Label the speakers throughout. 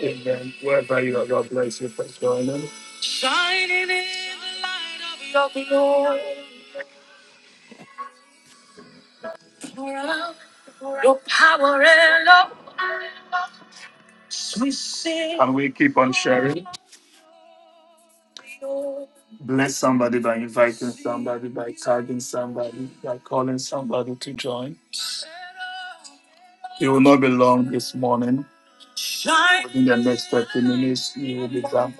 Speaker 1: Amen. Wherever you are, God bless you for joining. And we keep on sharing. Bless somebody by inviting somebody, by tagging somebody, by calling somebody to join. It will not be long this morning. In the next 30 minutes, you will be done.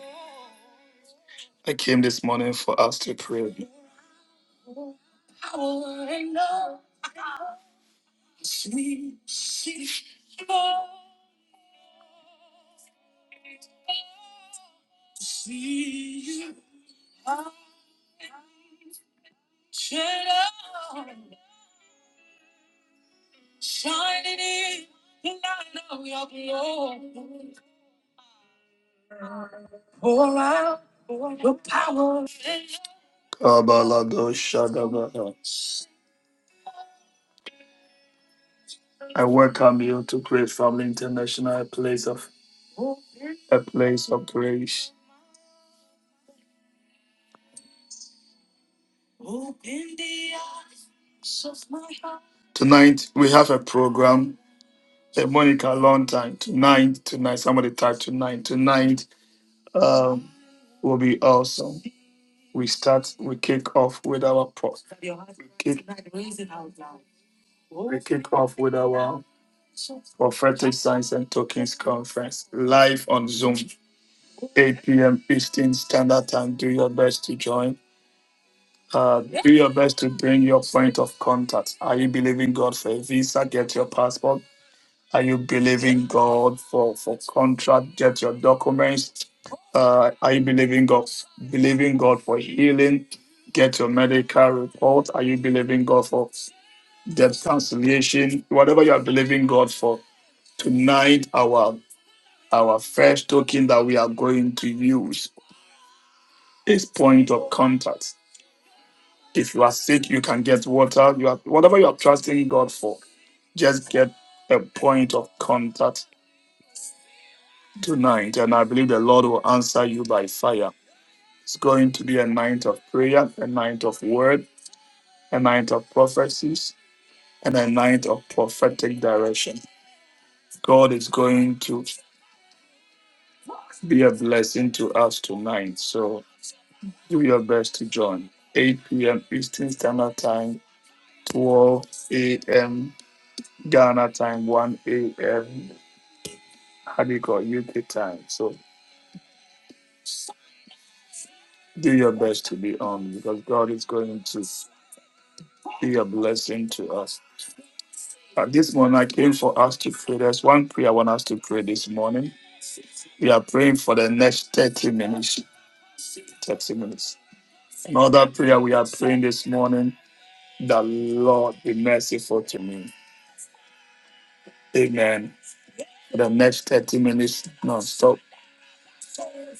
Speaker 1: I came this morning for us to pray. Kabalado Shadabada. I welcome you to Grace Family International, a place of a place of grace. Tonight we have a program Hey, Monica, long time. Tonight, tonight, somebody type tonight. Tonight um, will be awesome. We start, we kick off with our pro. We kick, we kick off with our prophetic signs and tokens conference live on Zoom, 8 p.m. Eastern Standard Time. Do your best to join. Uh, do your best to bring your point of contact. Are you believing God for a visa? Get your passport Are you believing God for, for contract? Get your documents. Uh, are you believing God believing God for healing? Get your medical report. Are you believing God for debt cancellation? Whatever you are believing God for tonight, our our first token that we are going to use is point of contact. If you are sick, you can get water. You are whatever you are trusting God for. Just get a point of contact tonight, and I believe the Lord will answer you by fire. It's going to be a night of prayer, a night of word, a night of prophecies, and a night of prophetic direction. God is going to be a blessing to us tonight. So do your best to join. 8 p.m. Eastern Standard Time, 12 a.m. Ghana time, 1 a.m. How do you call it? UK time. So do your best to be on because God is going to be a blessing to us. At this moment, I came for us to pray. There's one prayer I want us to pray this morning. We are praying for the next 30 minutes. 30 minutes. Another prayer we are praying this morning, the Lord be merciful to me. Amen. For the next 30 minutes, non stop,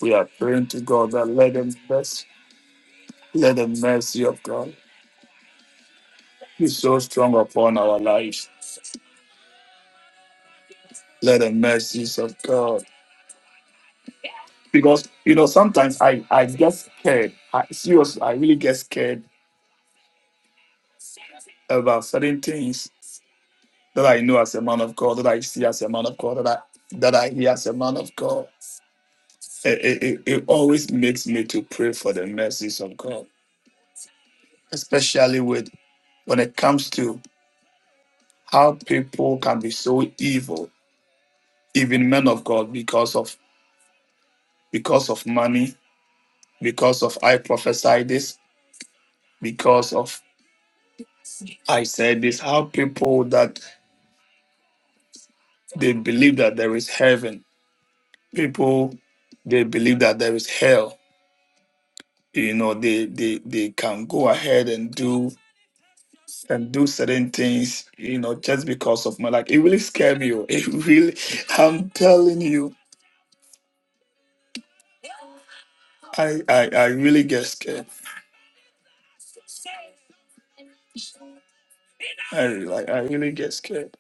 Speaker 1: we are praying to God that let the mercy, let the mercy of God be so strong upon our lives. Let the mercies of God. Because, you know, sometimes I, I get scared. I, seriously, I really get scared about certain things that I know as a man of God, that I see as a man of God, that I that I hear as a man of God. It, it, it it always makes me to pray for the mercies of God, especially with when it comes to how people can be so evil, even men of God, because of because of money, because of I prophesy this, because of I said this, how people that they believe that there is heaven, people they believe that there is hell, you know they they they can go ahead and do and do certain things you know just because of my like it really scared me oh. it really i'm telling you i i, I really get scared i re- like i really get scared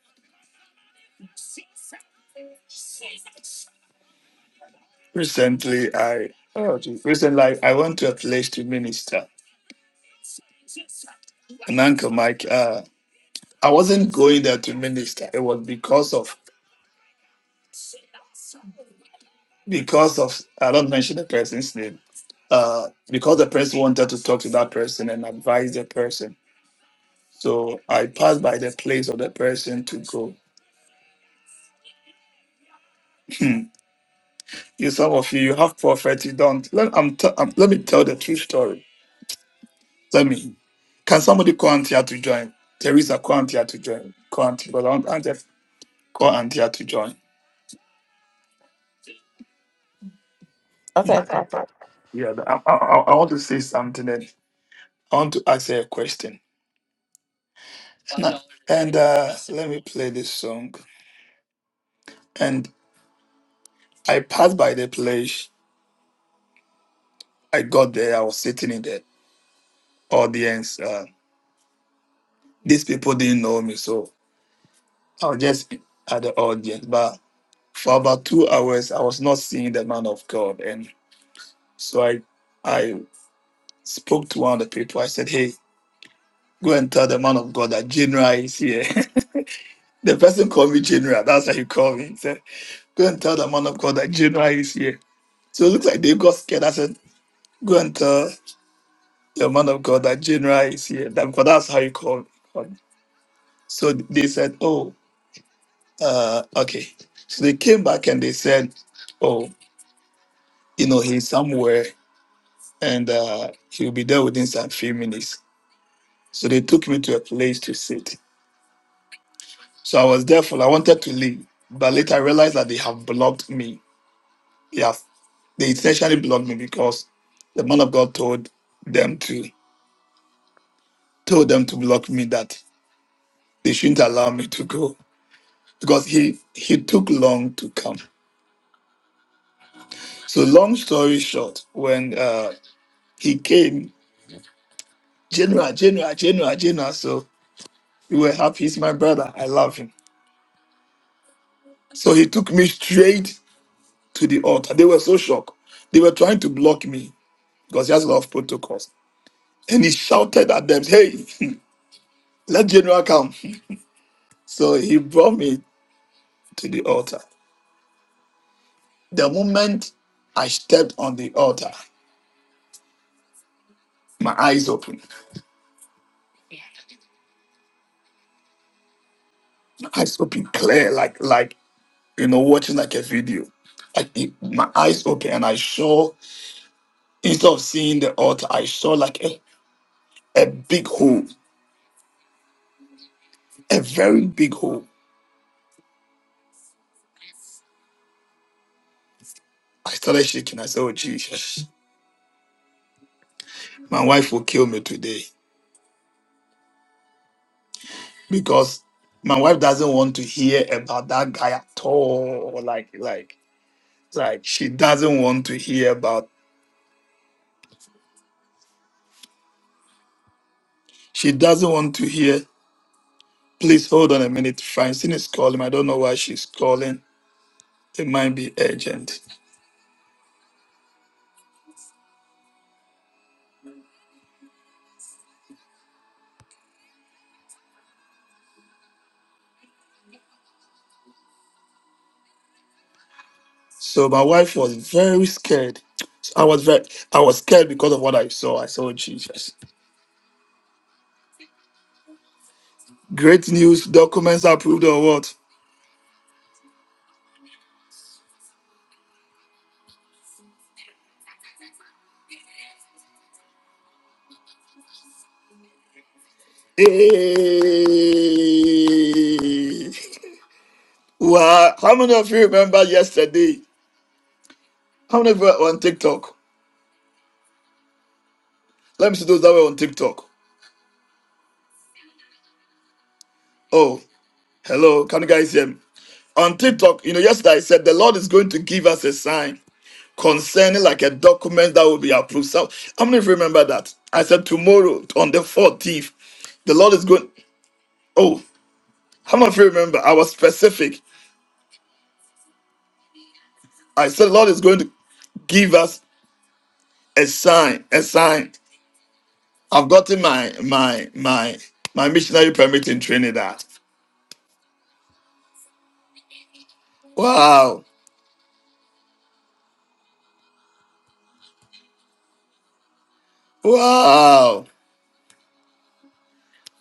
Speaker 1: recently i oh geez, recently I, I went to a place to minister and uncle mike uh i wasn't going there to minister it was because of because of i don't mention the person's name uh because the person wanted to talk to that person and advise the person So I pass by the place of the person to go. Hmm. you some of you, you have prophet, you don't. Let, I'm t- I'm- let me tell the true story. Let me. Can somebody call Auntie here to join? Teresa, call Auntie here to join. Call Auntie, but I want Auntie, call Auntie Anthea to join. Hmm.
Speaker 2: Okay, Prophet.
Speaker 1: Yeah, I, I, I I want to say something and I want to ask her a question. And, I- and uh, let me play this song. And I passed by the place. I got there. I was sitting in the audience. Uh, these people didn't know me, so I was just at the audience, but for about two hours, I was not seeing the man of God. And so I, I spoke to one of the people. I said, Hey, go and tell the man of God that General is here. the person called me General. That's how he called me. He said, Go and tell the man of God that General is here. So it looks like they got scared. I said, Go and tell the man of God that General is here. That, because that's how he called me. So they said, Oh, uh, okay. So they came back and they said, Oh, you know, he's somewhere and uh, he'll be there within some few minutes. So they took me to a place to sit. So I was there for, I wanted to leave, but later I realized that they have blocked me. Yes, they essentially blocked me because the man of God told them to told them to block me that they shouldn't allow me to go because he he took long to come. So long story short, when uh, he came, General, General, General, General. So we were happy. He's my brother. I love him. So he took me straight. to the altar. They were so shocked. They were trying to block me because he has a lot of protocols. And he shouted at them, Hey, let General come. So he brought me to the altar. The moment I stepped on the altar, my eyes opened. My eyes opened clear, like like you know, watching like a video. Like it- my eyes open and I saw instead of seeing the altar, I saw like a, a big hole, a very big hole. I started shaking. I said, Oh Jesus, my wife will kill me today. because my wife doesn't want to hear about that guy at all. Like, like, like she doesn't want to hear about. She doesn't want to hear. Please hold on a minute. Francine is calling. I don't know why she's calling. It might be urgent. So my wife was very scared. I was very, I was scared because of what I saw. I saw Jesus. Great news. Documents approved or what? Hey! Wow! How many of you remember yesterday? How many of you are on TikTok? Let me see those that were on TikTok. Oh, hello. Can you guys hear me? On TikTok, you know, yesterday I said the Lord is going to give us a sign concerning like a document that will be approved. So, how many of you remember that? I said tomorrow on the 14th, the Lord is going. Oh, how many of you remember? I was specific. I said, the Lord is going to give us a sign, a sign. I've gotten my my my my missionary permit in Trinidad. Wow. Wow.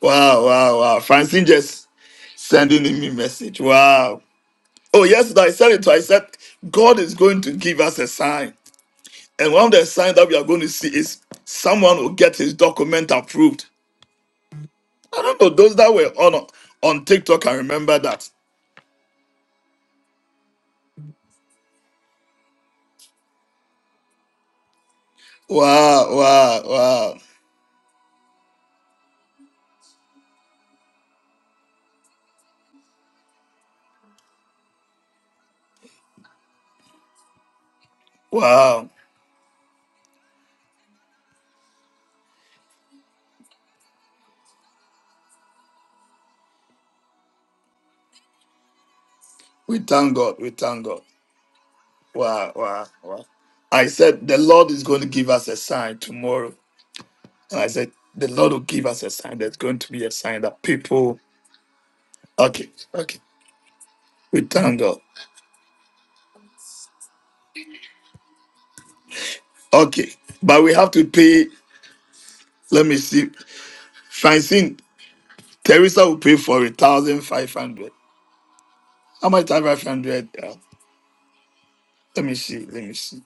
Speaker 1: Wow, wow, wow. Francine just sending me a message. Wow. Oh, yesterday I said it too. I said, God is going to give us a sign. And one of the signs that we are going to see is someone will get his document approved. I don't know, those that were on on TikTok, I remember that. Wow, wow, wow, wow. We thank God. We thank God. Wow, wow, wow. I said, the Lord is going to give us a sign tomorrow. And I said, the Lord will give us a sign. There's going to be a sign that people Okay, okay. We thank God. Okay, but we have to pay. Let me see. Francine, Teresa will pay for a thousand five hundred. How much five hundred? Uh, let me see. Let me see.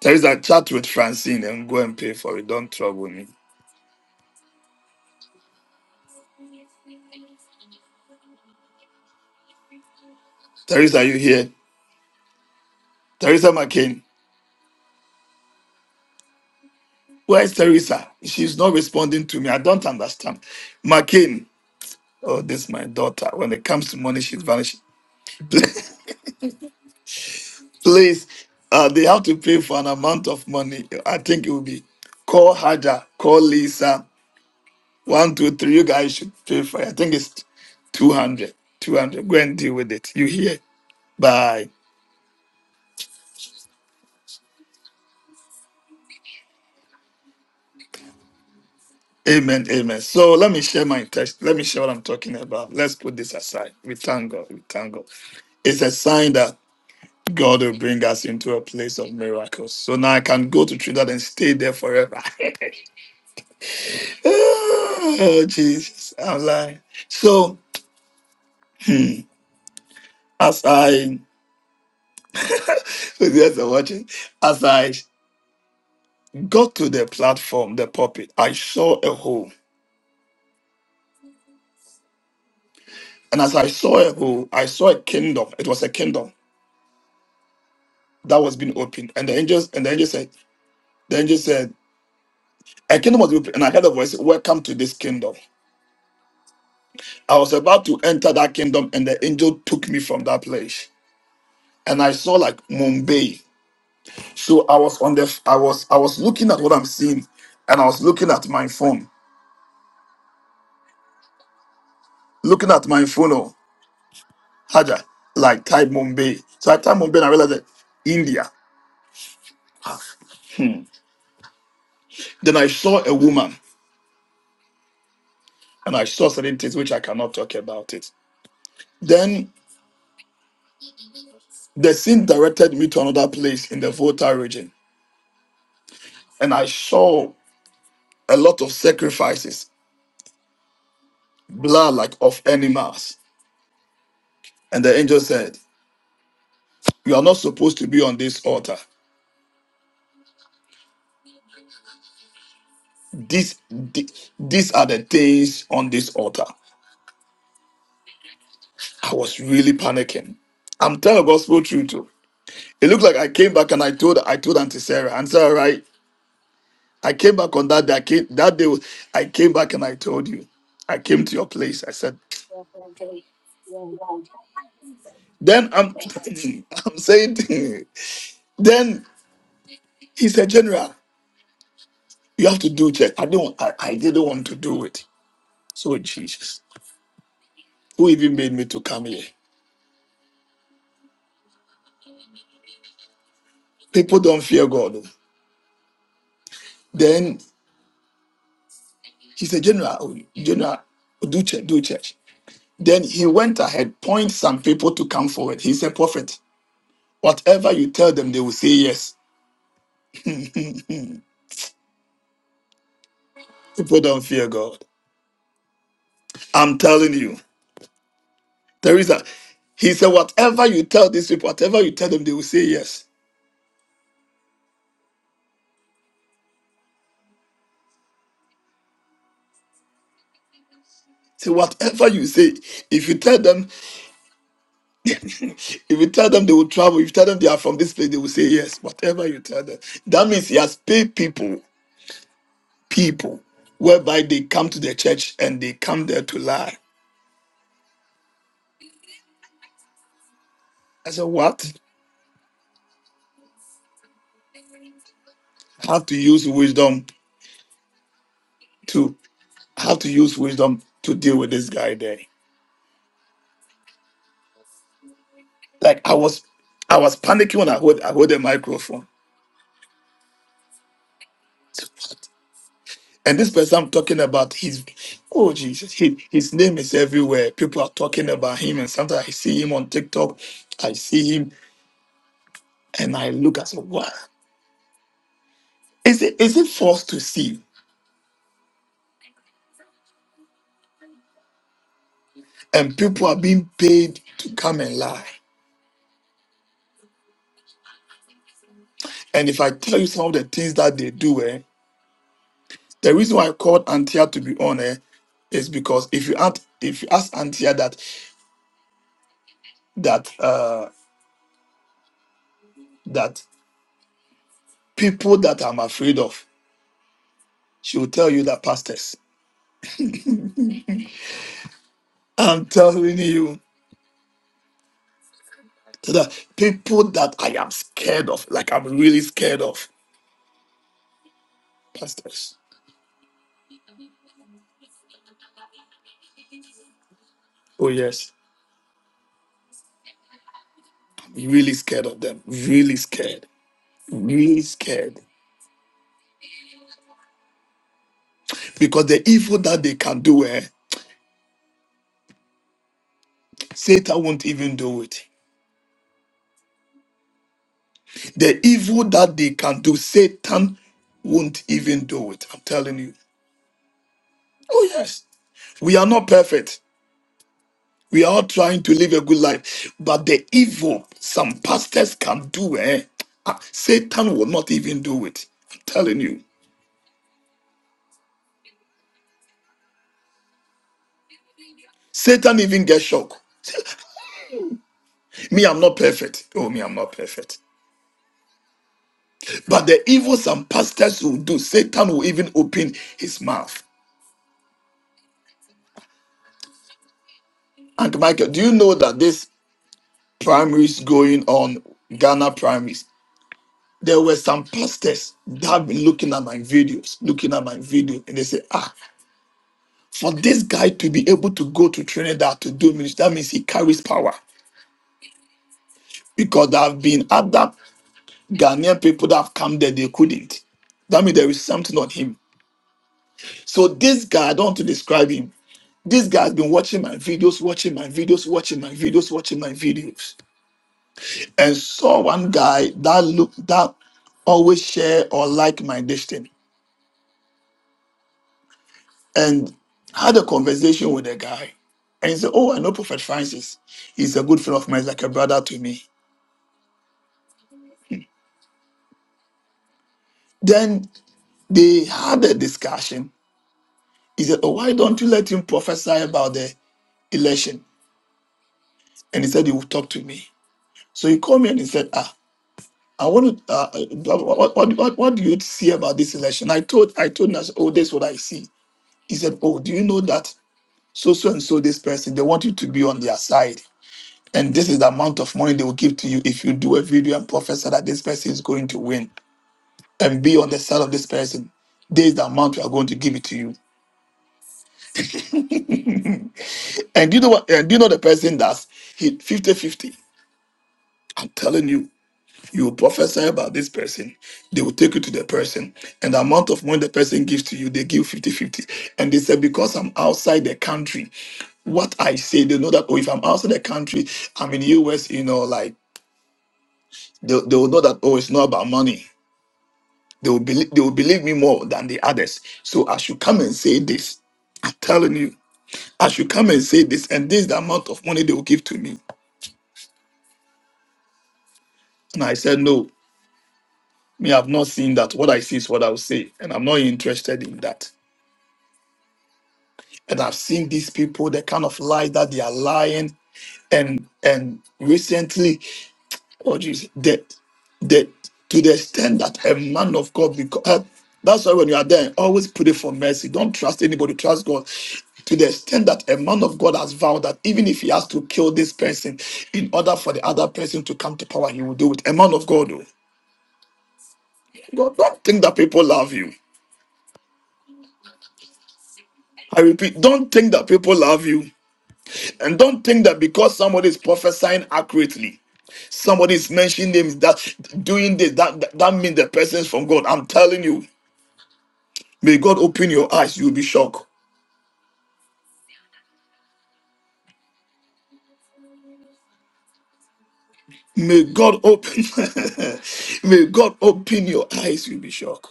Speaker 1: Teresa, chat with Francine and go and pay for it. Don't trouble me. Teresa, you here? Teresa McCain. Where is Teresa? She's not responding to me. I don't understand. McCain. Oh, this is my daughter. When it comes to money, she's vanishing. Please, uh, they have to pay for an amount of money. I think it will be call Haja, call Lisa. One, two, three. You guys should pay for it. I think it's 200. 200. Go and deal with it. You hear? Bye. Amen. Amen. So let me share my text. Let me share what I'm talking about. Let's put this aside. We thank God. We thank God. It's a sign that God will bring us into a place of miracles. So now I can go to Trinidad and stay there forever. oh, Jesus. I'm lying. So as I yes, I'm watching, as I got to the platform, the pulpit, I saw a hole. And as I saw a hole, I saw a kingdom. It was a kingdom that was being opened. And the angels and the angel said, the angel said, a kingdom was opened. And I heard a voice, welcome to this kingdom. I was about to enter that kingdom, and the angel took me from that place. And I saw like Mumbai. So I was on the I was I was looking at what I'm seeing, and I was looking at my phone. Looking at my phone. Oh. Haja, like Thai Mumbai. So at typed Mumbai and I realized that India. Then I saw a woman and I saw certain things which I cannot talk about it. Then the scene directed me to another place in the Volta region and I saw a lot of sacrifices, blood like of animals. And the angel said, You are not supposed to be on this altar. This, thi- these are the things on this altar. I was really panicking. I'm telling the gospel truth. It looked like I came back and I told I told Auntie Sarah, Auntie Sarah, right? I came back on that day. I came, that day I came back and I told you. I came to your place. I said,
Speaker 3: Yes,
Speaker 1: then I'm I'm saying then he said, General, you have to do church. I don't I, I didn't want to do it. So Jesus, who even made me to come here? People don't fear God. oh. Then he said, General, oh, General, do church, do church. Then he went ahead, point some people to come forward. He said, Prophet. Whatever you tell them, they will say yes. People don't fear God. I'm telling you. Teresa, he said, whatever you tell these people, whatever you tell them, they will say yes. So whatever you say, if you tell them, if you tell them they will travel, if you tell them they are from this place, they will say yes. Whatever you tell them. That means he has paid people, people, whereby they come to the church and they come there to lie. I said, what? I Have to use wisdom to I have to use wisdom to deal with this guy there. Like I was, I was panicking when I hold, I hold the microphone. And this person I'm talking about, he's oh Jesus, he, his name is everywhere. People are talking about him, and sometimes I see him on TikTok, I see him, and I look I say, "What is it? Is it forced to see?" And people are being paid to come and lie. And if I tell you some of the things that they do, eh, the reason why I called Antia to be on, eh, is because if you ask, if you ask Antia that that uh, that people that I'm afraid of. She will tell you that pastors. I'm telling you so that people that I am scared of, like I'm really scared of, pastors. Oh yes, I'm really scared of them. Really scared. Really scared because the evil that they can do, eh, Satan won't even do it. The evil that they can do, Satan won't even do it. I'm telling you. Oh yes, we are not perfect. We are all trying to live a good life, but the evil some pastors can do, eh? ah, Satan will not even do it. I'm telling you. Satan even gets shocked. me, I'm not perfect. Oh, me, I'm not perfect. But the evil some pastors will do, Satan will even open his mouth. And Michael, do you know that this primaries going on, Ghana primaries, there were some pastors that have been looking at my videos, looking at my video, and they say, ah, for this guy to be able to go to Trinidad to do ministry, that means he carries power. Because there have been other Ghanaian people that have come there, they couldn't. That means there is something on him. So this guy, I don't want to describe him. This guy has been watching my videos, watching my videos, watching my videos, watching my videos, and saw one guy that looked that always share or like my destiny, and had a conversation with the guy, and he said, "Oh, I know Prophet Francis. He's a good friend of mine. He's like a brother to me." Then they had a discussion. He said, Oh, why don't you let him prophesy about the election? And he said, He will talk to me. So he called me and he said, Ah, I want to, uh, uh, what, what, what, what do you see about this election? I told, I told him, I said, Oh, this is what I see. He said, Oh, do you know that so, so, and so, this person, they want you to be on their side. And this is the amount of money they will give to you if you do a video and prophesy that this person is going to win and be on the side of this person. This is the amount we are going to give it to you. And do you know what? And do you know the person that's hit 5050 I'm telling you, you will prophesy about this person. They will take you to the person. And the amount of money the person gives to you, they give fifty-fifty. And they said, because I'm outside the country, what I say, they know that, oh, if I'm outside the country, I'm in the US, you know, like, they, they will know that, oh, it's not about money. They will, believe, they will believe me more than the others. So I should come and say this. I'm telling you, I should come and say this. And this is the amount of money they will give to me. And I said, no. Me, I've not seen that. What I see is what I'll say, and I'm not interested in that. And I've seen these people, the kind of lie that they are lying, and and recently, oh Jesus, that that to the extent that a man of God because that's why when you are there, always pray for mercy. Don't trust anybody. Trust God. To the extent that a man of God has vowed that even if he has to kill this person in order for the other person to come to power, he will do it. A man of God, oh. God, don't think that people love you. I repeat, don't think that people love you. And don't think that because somebody is prophesying accurately, somebody is mentioning names that doing this, that, that, that means the person is from God. I'm telling you, may God open your eyes, you'll be shocked. May God open, may God open your eyes, you'll be shocked.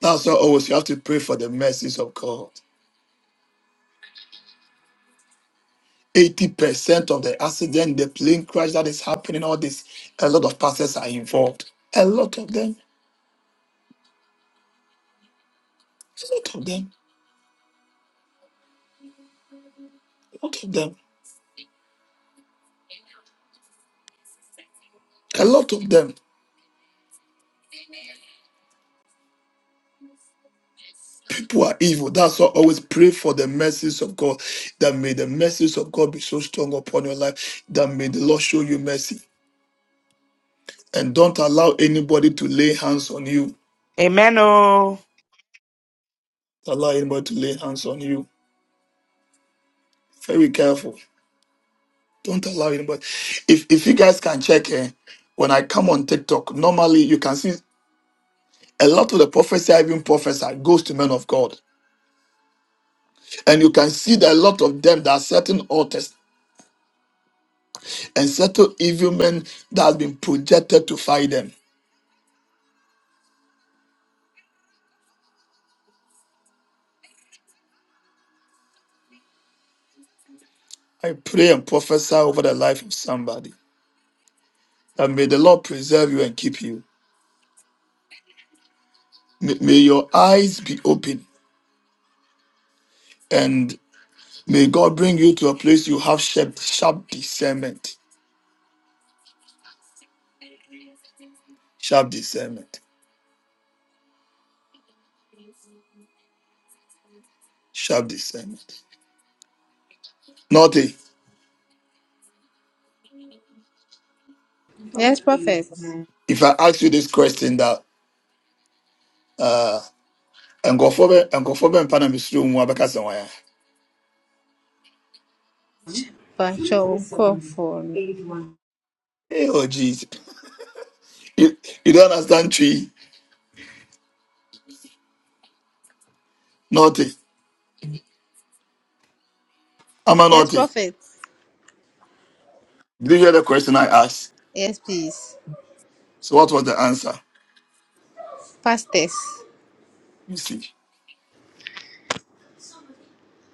Speaker 1: That's why always you have to pray for the mercies of God. 80% of the accident, the plane crash that is happening, all this, a lot of pastors are involved. A lot of them, a lot of them, a lot of them. A lot of them, people are evil. That's why I always pray for the mercies of God. That may the mercies of God be so strong upon your life. That may the Lord show you mercy. And don't allow anybody to lay hands on you.
Speaker 4: Amen. Oh.
Speaker 1: Don't allow anybody to lay hands on you. Very careful. Don't allow anybody. If if you guys can check here, when I come on TikTok, normally you can see a lot of the prophecy I even prophesy goes to men of God. And you can see that a lot of them that are certain altars. and settle evil men that has been projected to fight them. I pray and prophesy over the life of somebody that may the Lord preserve you and keep you. May, may your eyes be open and may God bring you to a place you have sharp, sharp discernment. Sharp discernment. Sharp discernment. Naughty,
Speaker 5: Yes, Prophet.
Speaker 1: if I ask you this question that uh Nkorɔfoɔ bɛ- nkorɔfoɔ bɛmfa na mesuro mu abɛka sɛ wɔn a?
Speaker 5: Pacho Kofon.
Speaker 1: Hey, oh Jesus. You, you don't understand tree. Naughty. Am I
Speaker 5: Yes,
Speaker 1: naughty?
Speaker 5: Prophet.
Speaker 1: Did you hear the question I asked?
Speaker 5: Yes, please.
Speaker 1: So what was the answer?
Speaker 5: Pastors.
Speaker 1: You see.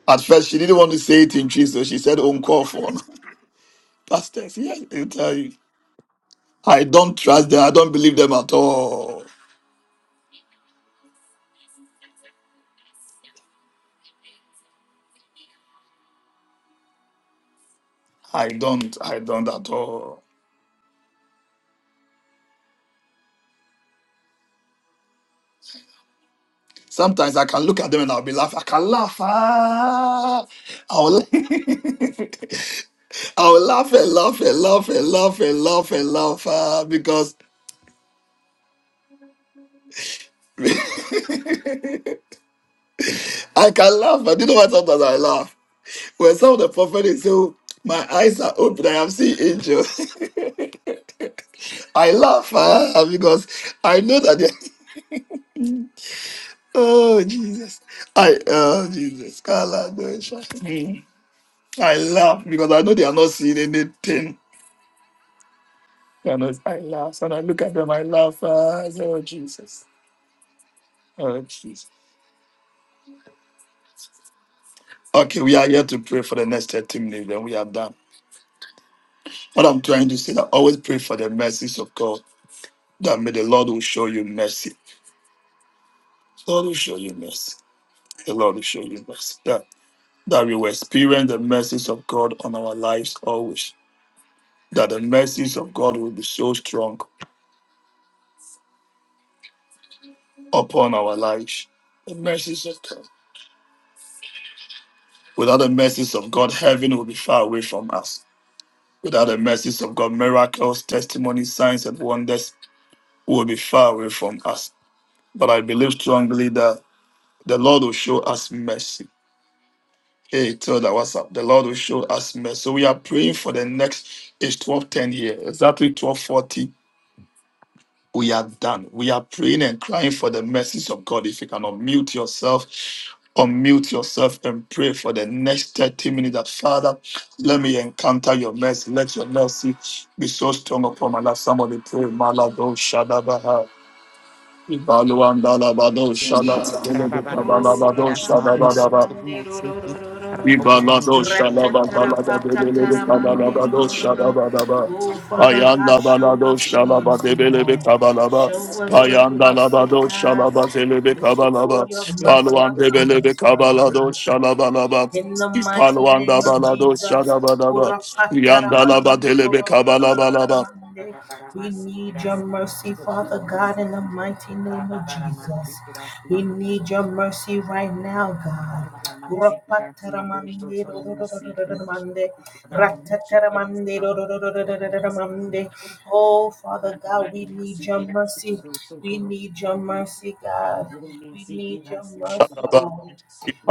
Speaker 1: At first she didn't want to say it in truth, so she said uncalled for. Pastors, yeah, they tell you. I don't trust them, I don't believe them at all. I don't, I don't at all. Sometimes I can look at them and I'll be laughing. I can laugh. Ah, I'll, la- I'll laugh and laugh and laugh and laugh and laugh and laugh ah, because I can laugh. But do you know what? Sometimes I laugh. Well, some of the prophet is so my eyes are open. I have seen angels. I laugh ah, because I know that. they- Oh Jesus! I oh Jesus! Kala dosha. Hmm. I laugh because I know they are not seeing anything. They are not- I laugh and I look at them. I laugh. ah, I say, oh Jesus! Oh Jesus! Okay, we are here to pray for the next 30 minutes. Then we are done. What I'm trying to say, that always pray for the mercies of God. That may the Lord will show you mercy Lord will show you mercy. The Lord will show you mercy. That, that we will experience the mercies of God on our lives always. That the mercies of God will be so strong upon our lives. The mercies of God. Without the mercies of God, heaven will be far away from us. Without the mercies of God, miracles, testimonies, signs, and wonders will be far away from us. But I believe strongly that the Lord will show us mercy. Hey, tell that WhatsApp. The Lord will show us mercy. So we are praying for the next age 12:10 10 year, exactly 1240. We are done. We are praying and crying for the mercies of God. If you can unmute yourself, unmute yourself and pray for the next 30 minutes that Father, let me encounter your mercy. Let your mercy be so strong upon my life. Somebody pray, Malado Shadabaha. Ibaluandalabado
Speaker 6: Oh, shut up.
Speaker 4: Rabba
Speaker 6: Oh, rapata
Speaker 1: Shadabadelebetabalabadoshadabadaba.
Speaker 6: taramande ro ro ro ro ro ro.
Speaker 1: Ibalado shalaba balada
Speaker 6: Ratatarapata
Speaker 1: bebelebe
Speaker 6: taramande
Speaker 1: kabalaba
Speaker 6: ro
Speaker 1: do
Speaker 6: ro ro ro.
Speaker 1: shalaba daba.
Speaker 6: Oh, Father God,
Speaker 1: Payanda
Speaker 6: show
Speaker 1: balado
Speaker 6: us your
Speaker 1: shalaba
Speaker 6: mercy,
Speaker 1: debelebe
Speaker 6: Lord.
Speaker 1: kabalaba.
Speaker 6: Show us your
Speaker 1: Payanda
Speaker 6: mercy,
Speaker 1: labado
Speaker 6: God.
Speaker 1: shalaba zelebe
Speaker 6: Bestow
Speaker 1: kabalaba.
Speaker 6: your mercy
Speaker 1: Palwan
Speaker 6: upon
Speaker 1: debelebe
Speaker 6: us, Father
Speaker 1: kabalado
Speaker 6: God.
Speaker 1: shalaba laba.
Speaker 6: In the mighty
Speaker 1: Palwanda
Speaker 6: name of
Speaker 1: balado
Speaker 6: Jesus.
Speaker 1: shalaba daba. Yanda laba delebe kabalaba laba.
Speaker 6: We need your mercy, Father God, in the mighty name of Jesus. We need your mercy right now, God. Oh, Father God, we need your mercy. We need your mercy, God. We need your mercy,
Speaker 1: Daba.
Speaker 6: Lord.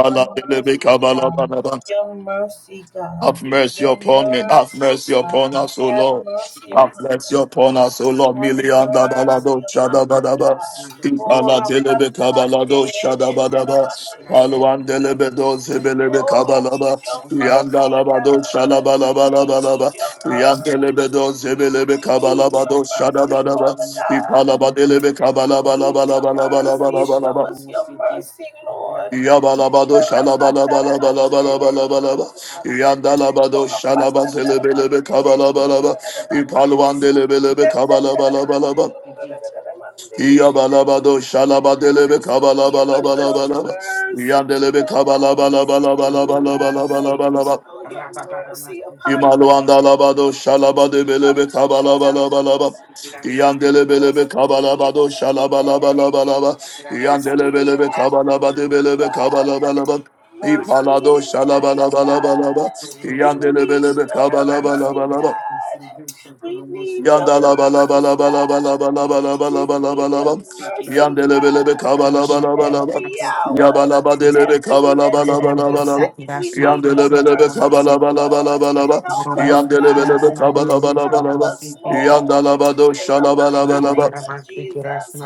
Speaker 6: Your
Speaker 1: delebe
Speaker 6: mercy,
Speaker 1: kabalaba
Speaker 6: God.
Speaker 1: laba.
Speaker 6: Your mercy, God.
Speaker 1: Have mercy
Speaker 6: Your
Speaker 1: upon me. Have
Speaker 6: mercy,
Speaker 1: mercy
Speaker 6: God.
Speaker 1: upon us, O
Speaker 6: Have
Speaker 1: Lord.
Speaker 6: mercy
Speaker 1: Have
Speaker 6: upon
Speaker 1: mercy
Speaker 6: us,
Speaker 1: upon
Speaker 6: Lord.
Speaker 1: us, O Lord.
Speaker 6: Have
Speaker 1: Million da da da
Speaker 6: mercy
Speaker 1: do
Speaker 6: upon
Speaker 1: shada ba
Speaker 6: us,
Speaker 1: da ba.
Speaker 6: God. Oh,
Speaker 1: Ipala delebe kabala do shada ba da ba. Paluan delebe do zebelebe
Speaker 6: Oh, we
Speaker 1: kabala
Speaker 6: need
Speaker 1: ba.
Speaker 6: your
Speaker 1: Yanda
Speaker 6: mercy,
Speaker 1: la ba do
Speaker 6: God.
Speaker 1: shala ba la ba
Speaker 6: We
Speaker 1: la delebe la
Speaker 6: need
Speaker 1: ba.
Speaker 6: your mercy.
Speaker 1: Yandelebe do zebelebe
Speaker 6: We need
Speaker 1: kabala ba
Speaker 6: your
Speaker 1: do shada
Speaker 6: mercy,
Speaker 1: ba da ba.
Speaker 6: Father God.
Speaker 1: Ipala delebe
Speaker 6: We
Speaker 1: kabala ba la
Speaker 6: need
Speaker 1: ba la
Speaker 6: your
Speaker 1: ba la ba la ba
Speaker 6: mercy.
Speaker 1: la ba la
Speaker 6: Show
Speaker 1: ba.
Speaker 6: us your mercy, Lord.
Speaker 1: Yabalabado
Speaker 6: Give
Speaker 1: shalabalabalabalabalabalabalaba. Yandalabado shalabazelebelebe bala ba. Ipalwan delebelebe kabala bala kabalabalabalaba. Yabalabado shalaba delebe kabala bala
Speaker 6: us your
Speaker 1: kabalabalabalaba.
Speaker 6: mercy,
Speaker 1: Yandelebe
Speaker 6: God. Your mercy,
Speaker 1: kabalabalabalabalabalabalaba.
Speaker 6: bestow your mercy upon us.
Speaker 1: İmaluanda labado şalabade belebe kabala bala bala bala. İyandele belebe
Speaker 6: Mercy in
Speaker 1: kabala
Speaker 6: the
Speaker 1: bado şalabala
Speaker 6: noonday,
Speaker 1: bala bala bala.
Speaker 4: Gracias.
Speaker 6: mercy in
Speaker 1: İyandele
Speaker 6: the
Speaker 1: belebe kabala bade
Speaker 6: afternoon,
Speaker 1: belebe
Speaker 6: God.
Speaker 1: kabala bala bala.
Speaker 6: Mercy
Speaker 1: İpalado
Speaker 6: at
Speaker 4: Thank
Speaker 6: night,
Speaker 1: şalabala bala
Speaker 6: God.
Speaker 1: bala bala.
Speaker 6: We
Speaker 1: İyandele
Speaker 6: need
Speaker 1: belebe
Speaker 6: your
Speaker 1: kabala bala
Speaker 6: mercy,
Speaker 1: bala bala.
Speaker 6: God. We need your
Speaker 1: Yandala bala
Speaker 6: mercy,
Speaker 1: bala bala bala
Speaker 6: God.
Speaker 1: bala bala bala
Speaker 6: We
Speaker 1: bala
Speaker 6: need
Speaker 1: bala
Speaker 6: your
Speaker 1: bala.
Speaker 6: mercy,
Speaker 1: Yandele bele be
Speaker 6: God.
Speaker 1: kabala bala bala bala.
Speaker 6: Every hour,
Speaker 1: Yabala badele be
Speaker 6: every
Speaker 1: kabala
Speaker 6: minute,
Speaker 1: bala bala
Speaker 6: every
Speaker 1: bala bala.
Speaker 6: second, we need your
Speaker 1: Yandele bele be
Speaker 6: mercy,
Speaker 1: kabala bala
Speaker 6: Lord.
Speaker 1: bala bala bala.
Speaker 6: Help us,
Speaker 1: Yandele bele be
Speaker 6: God.
Speaker 1: kabala bala bala
Speaker 6: Help
Speaker 1: bala.
Speaker 6: us, Lord.
Speaker 1: Yandala bado
Speaker 6: In the
Speaker 1: şala bala
Speaker 6: mighty
Speaker 1: bala
Speaker 6: name
Speaker 1: bala.
Speaker 6: of Jesus.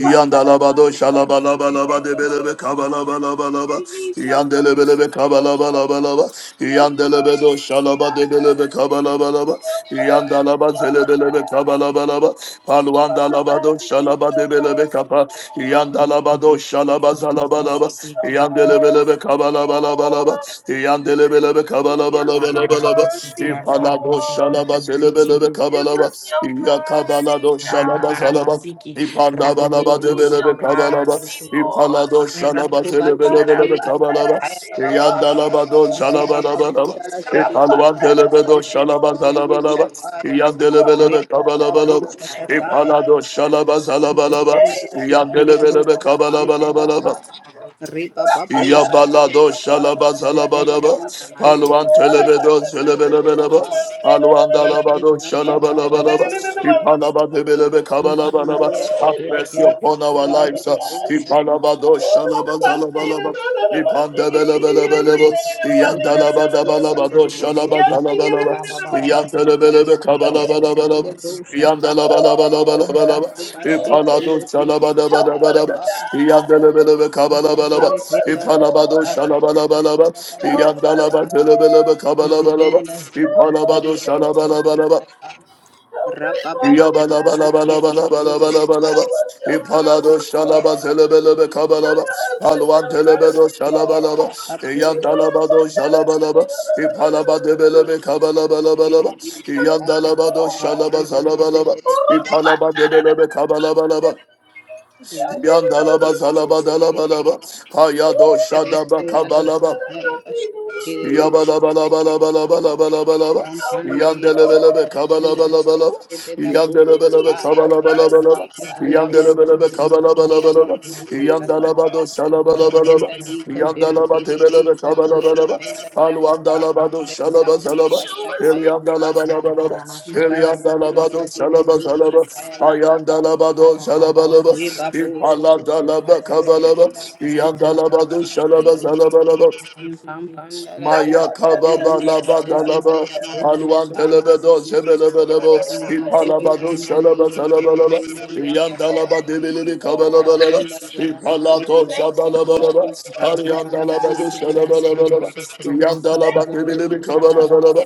Speaker 1: Yandalabado Shalabalabalaba de Belebe Kabalabalaba
Speaker 6: We need your
Speaker 1: Yandelebelebe
Speaker 6: mercy, Lord.
Speaker 1: Kabalabalaba
Speaker 6: Your
Speaker 1: Yandelebedo
Speaker 6: mercy,
Speaker 1: Shalaba de
Speaker 6: God.
Speaker 1: Belebe Kabalabalaba
Speaker 6: Your mercy,
Speaker 1: Yandalaba
Speaker 6: Father
Speaker 1: Zelebelebe
Speaker 6: God.
Speaker 1: Kabalabalaba Paluanda
Speaker 6: Father God,
Speaker 1: Labado
Speaker 6: we need
Speaker 1: Shalaba
Speaker 6: your
Speaker 1: de Belebe
Speaker 6: mercy,
Speaker 1: Kapa
Speaker 6: Lord.
Speaker 1: Yandalabado Shalaba
Speaker 6: We
Speaker 1: Zalabalaba
Speaker 6: need
Speaker 4: you.
Speaker 6: your
Speaker 1: Yandelebelebe
Speaker 6: mercy,
Speaker 1: Kabalabalabalaba
Speaker 6: Lord.
Speaker 1: Yandelebelebe
Speaker 6: Give us your
Speaker 1: Kabalabalabalaba
Speaker 4: Rababaramasiki,
Speaker 6: mercy,
Speaker 1: Ipalado
Speaker 6: Lord.
Speaker 1: Shalaba
Speaker 4: Rasmabrosotoromosiki,
Speaker 1: Zelebelebe
Speaker 6: Give
Speaker 1: Kabalaba
Speaker 6: us your mercy,
Speaker 1: Yakabalado Shalaba
Speaker 6: God.
Speaker 1: Zalaba
Speaker 4: Rababaramasiki,
Speaker 1: Ipanda
Speaker 6: We
Speaker 1: bala bade
Speaker 6: need
Speaker 1: bele
Speaker 4: Raboboromosiki,
Speaker 1: be
Speaker 6: your
Speaker 1: kabala ba
Speaker 6: mercy,
Speaker 1: Ipala
Speaker 6: Lord.
Speaker 1: do
Speaker 4: Rasmabrosotoromosiki,
Speaker 1: shala ba tele bele
Speaker 6: Para
Speaker 1: bele be kabala ba Iyanda la ba do shala
Speaker 6: patarande,
Speaker 1: ba la ba. la ba
Speaker 4: Rasmabrosotoromosiki,
Speaker 1: Ipalwa tele be do
Speaker 4: Rababaramasiki,
Speaker 1: shala ba zala ba
Speaker 4: Rasmabrosotoromosiki, Rababaramasiki,
Speaker 1: la ba. Iyandele bele be kabala ba la ba Ipala do shala ba zala ba la ba. do do do do
Speaker 4: Rasmabrosotoromosiki,
Speaker 1: ba shalaba ba yandelebelebe ba.
Speaker 4: Rabrosotoromosiki,
Speaker 1: Yabalado Shalaba Salabadaba, Paluan
Speaker 4: Rasmabrosotoromosiki,
Speaker 1: Telebedo Celebelebeleba, Paluan Dalabado Shalabalabalaba,
Speaker 4: Rasmabrosotoromosiki,
Speaker 6: Hey,
Speaker 1: Ipalababelebe Kabalabalaba, have
Speaker 4: Raboboromosiki,
Speaker 6: Oh, your
Speaker 1: mercy upon
Speaker 6: mercy,
Speaker 1: our
Speaker 6: Father
Speaker 1: lives,
Speaker 6: God.
Speaker 4: Rasmabrosotoromosiki,
Speaker 1: Ipalabado
Speaker 6: Oh, your
Speaker 1: Shalaba
Speaker 6: mercy,
Speaker 1: Salabalaba, Yandala
Speaker 4: Rabba
Speaker 6: Lord. Help us, God. Help us, Lord. Help us, Lord. Help us, Lord. Help us, Father God.
Speaker 1: Yabalabalabalabalabalabalabalaba.
Speaker 6: Show us your
Speaker 1: Ipalado
Speaker 6: mercy,
Speaker 1: shalaba
Speaker 6: Lord.
Speaker 1: zelebelebe kabalaba.
Speaker 6: Cover us with
Speaker 1: Alwan
Speaker 6: your
Speaker 1: telebedo
Speaker 6: mercy,
Speaker 1: shalabalaba.
Speaker 6: Lord.
Speaker 1: Iyandalabado shalabalaba. Ipalaba debelebe
Speaker 6: Help
Speaker 1: kabalabalabalaba.
Speaker 6: us,
Speaker 1: Iyandalabado
Speaker 6: Lord.
Speaker 1: shalaba zalabalaba.
Speaker 6: Help us,
Speaker 1: Ipalaba debelebe kabalabalaba. Iyandalaba zalaba dalabalaba. Hayado shadaba kabalaba. Yabalabalabalabalabalabalabalaba. Yandelebelebe
Speaker 6: Lord.
Speaker 1: kabalabalabalaba.
Speaker 6: We
Speaker 1: Yandelebelebe
Speaker 6: need your
Speaker 1: kabalabalabalaba.
Speaker 6: mercy, God.
Speaker 1: Yandelebelebe kabalabalabalaba.
Speaker 6: We need your
Speaker 1: Yandalabado
Speaker 6: mercy, Lord.
Speaker 1: şalabalabalaba. Yandalabatelebelebe
Speaker 6: Show us your
Speaker 1: kabalabalaba.
Speaker 6: mercy, Lord.
Speaker 1: Alwandalabado şalabazalaba.
Speaker 6: Show us your mercy,
Speaker 1: Yandalabalabalaba.
Speaker 6: God.
Speaker 1: Yandalabado
Speaker 6: Your
Speaker 1: şalabazalaba.
Speaker 6: mercy, God.
Speaker 1: Ayandalabado
Speaker 6: Your
Speaker 1: şalabalaba.
Speaker 6: mercy, Lord.
Speaker 1: İpaladalaba kabalaba. Yandalabado şalabazalabalaba. Maya kababa la ba da Alwan telebe do zebelebe de bo.
Speaker 6: Oh,
Speaker 1: İpala
Speaker 6: Father
Speaker 1: ba do
Speaker 6: God,
Speaker 1: şalaba salaba la ba. İyan da la ba
Speaker 6: thank you,
Speaker 1: dibili bi kabala
Speaker 6: Lord.
Speaker 1: ba la ba. İpala to
Speaker 6: Thank you
Speaker 1: şabala ba
Speaker 6: for your mercy,
Speaker 1: do şalaba
Speaker 6: God.
Speaker 1: la ba İyan da la
Speaker 6: Thank you, Jesus.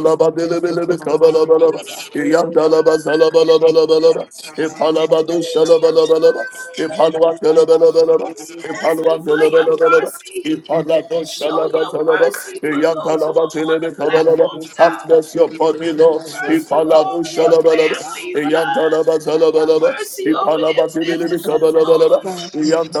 Speaker 6: Thank you, Lord.
Speaker 1: Shalabalabalaba, Ipalabado
Speaker 6: Thank you,
Speaker 1: Shalabalabalaba,
Speaker 6: God.
Speaker 1: Ipalwa Telebalabalaba,
Speaker 6: We ask
Speaker 1: Ipalwa
Speaker 6: you for your
Speaker 1: Telebalabalaba,
Speaker 6: mercy.
Speaker 1: Ipalado
Speaker 6: Show your
Speaker 1: Shalabalaba,
Speaker 6: mercy for those who
Speaker 1: Yantalaba
Speaker 6: are on the platform,
Speaker 1: Telebalabalaba,
Speaker 4: Thank
Speaker 1: have
Speaker 6: God.
Speaker 1: mercy upon me, Lord,
Speaker 6: Mercy
Speaker 4: That's
Speaker 1: Ipalado
Speaker 6: over their
Speaker 1: Shalabalaba,
Speaker 6: families, God.
Speaker 1: Yantalaba Talabalaba,
Speaker 6: Mercy over
Speaker 1: Ipalaba
Speaker 6: their businesses,
Speaker 1: Telebalabalaba,
Speaker 6: Lord.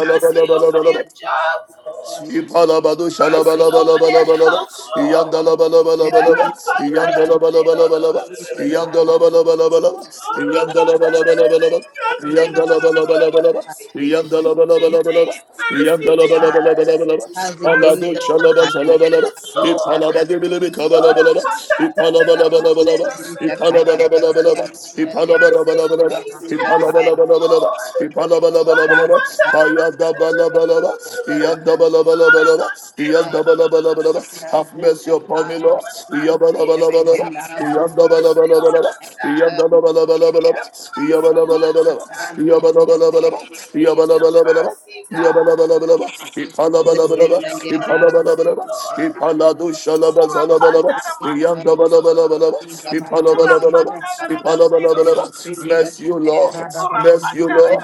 Speaker 6: Mercy over their jobs, Lord.
Speaker 1: Ipalabado
Speaker 6: Mercy over their
Speaker 1: shalabalabalabalabalaba.
Speaker 6: health, Lord.
Speaker 1: Iyandalabalabalabalaba. Iyandalabalabalabalaba. Iyandalabalabalabalaba. Iyandalabalabalabalaba. Iyandalabalabalabalaba.
Speaker 6: We
Speaker 1: Iyandalabalabalabalaba.
Speaker 6: need mercy, God.
Speaker 1: Iyandalabalabalabalaba. Alado
Speaker 6: Mercy over the
Speaker 1: shalabalabalaba.
Speaker 6: leaders, Lord.
Speaker 1: Ipalabadibilibi
Speaker 6: Mercy over these pastors,
Speaker 1: kabalabalaba. Ipalabalabalaba.
Speaker 6: Lord.
Speaker 1: Ipalabalabalaba. Have mercy
Speaker 6: Mercy over these pastors,
Speaker 4: my Rabba
Speaker 6: Lord.
Speaker 1: upon me,
Speaker 4: Baba
Speaker 1: Lord.
Speaker 6: Have
Speaker 4: Mashiki,
Speaker 6: mercy on us, God. Have mercy on us, God. We need your
Speaker 1: Yabba
Speaker 6: mercy,
Speaker 1: Mercy,
Speaker 6: God. We need your mercy, Lord.
Speaker 4: that's
Speaker 1: you Lord. Mercy, you Lord.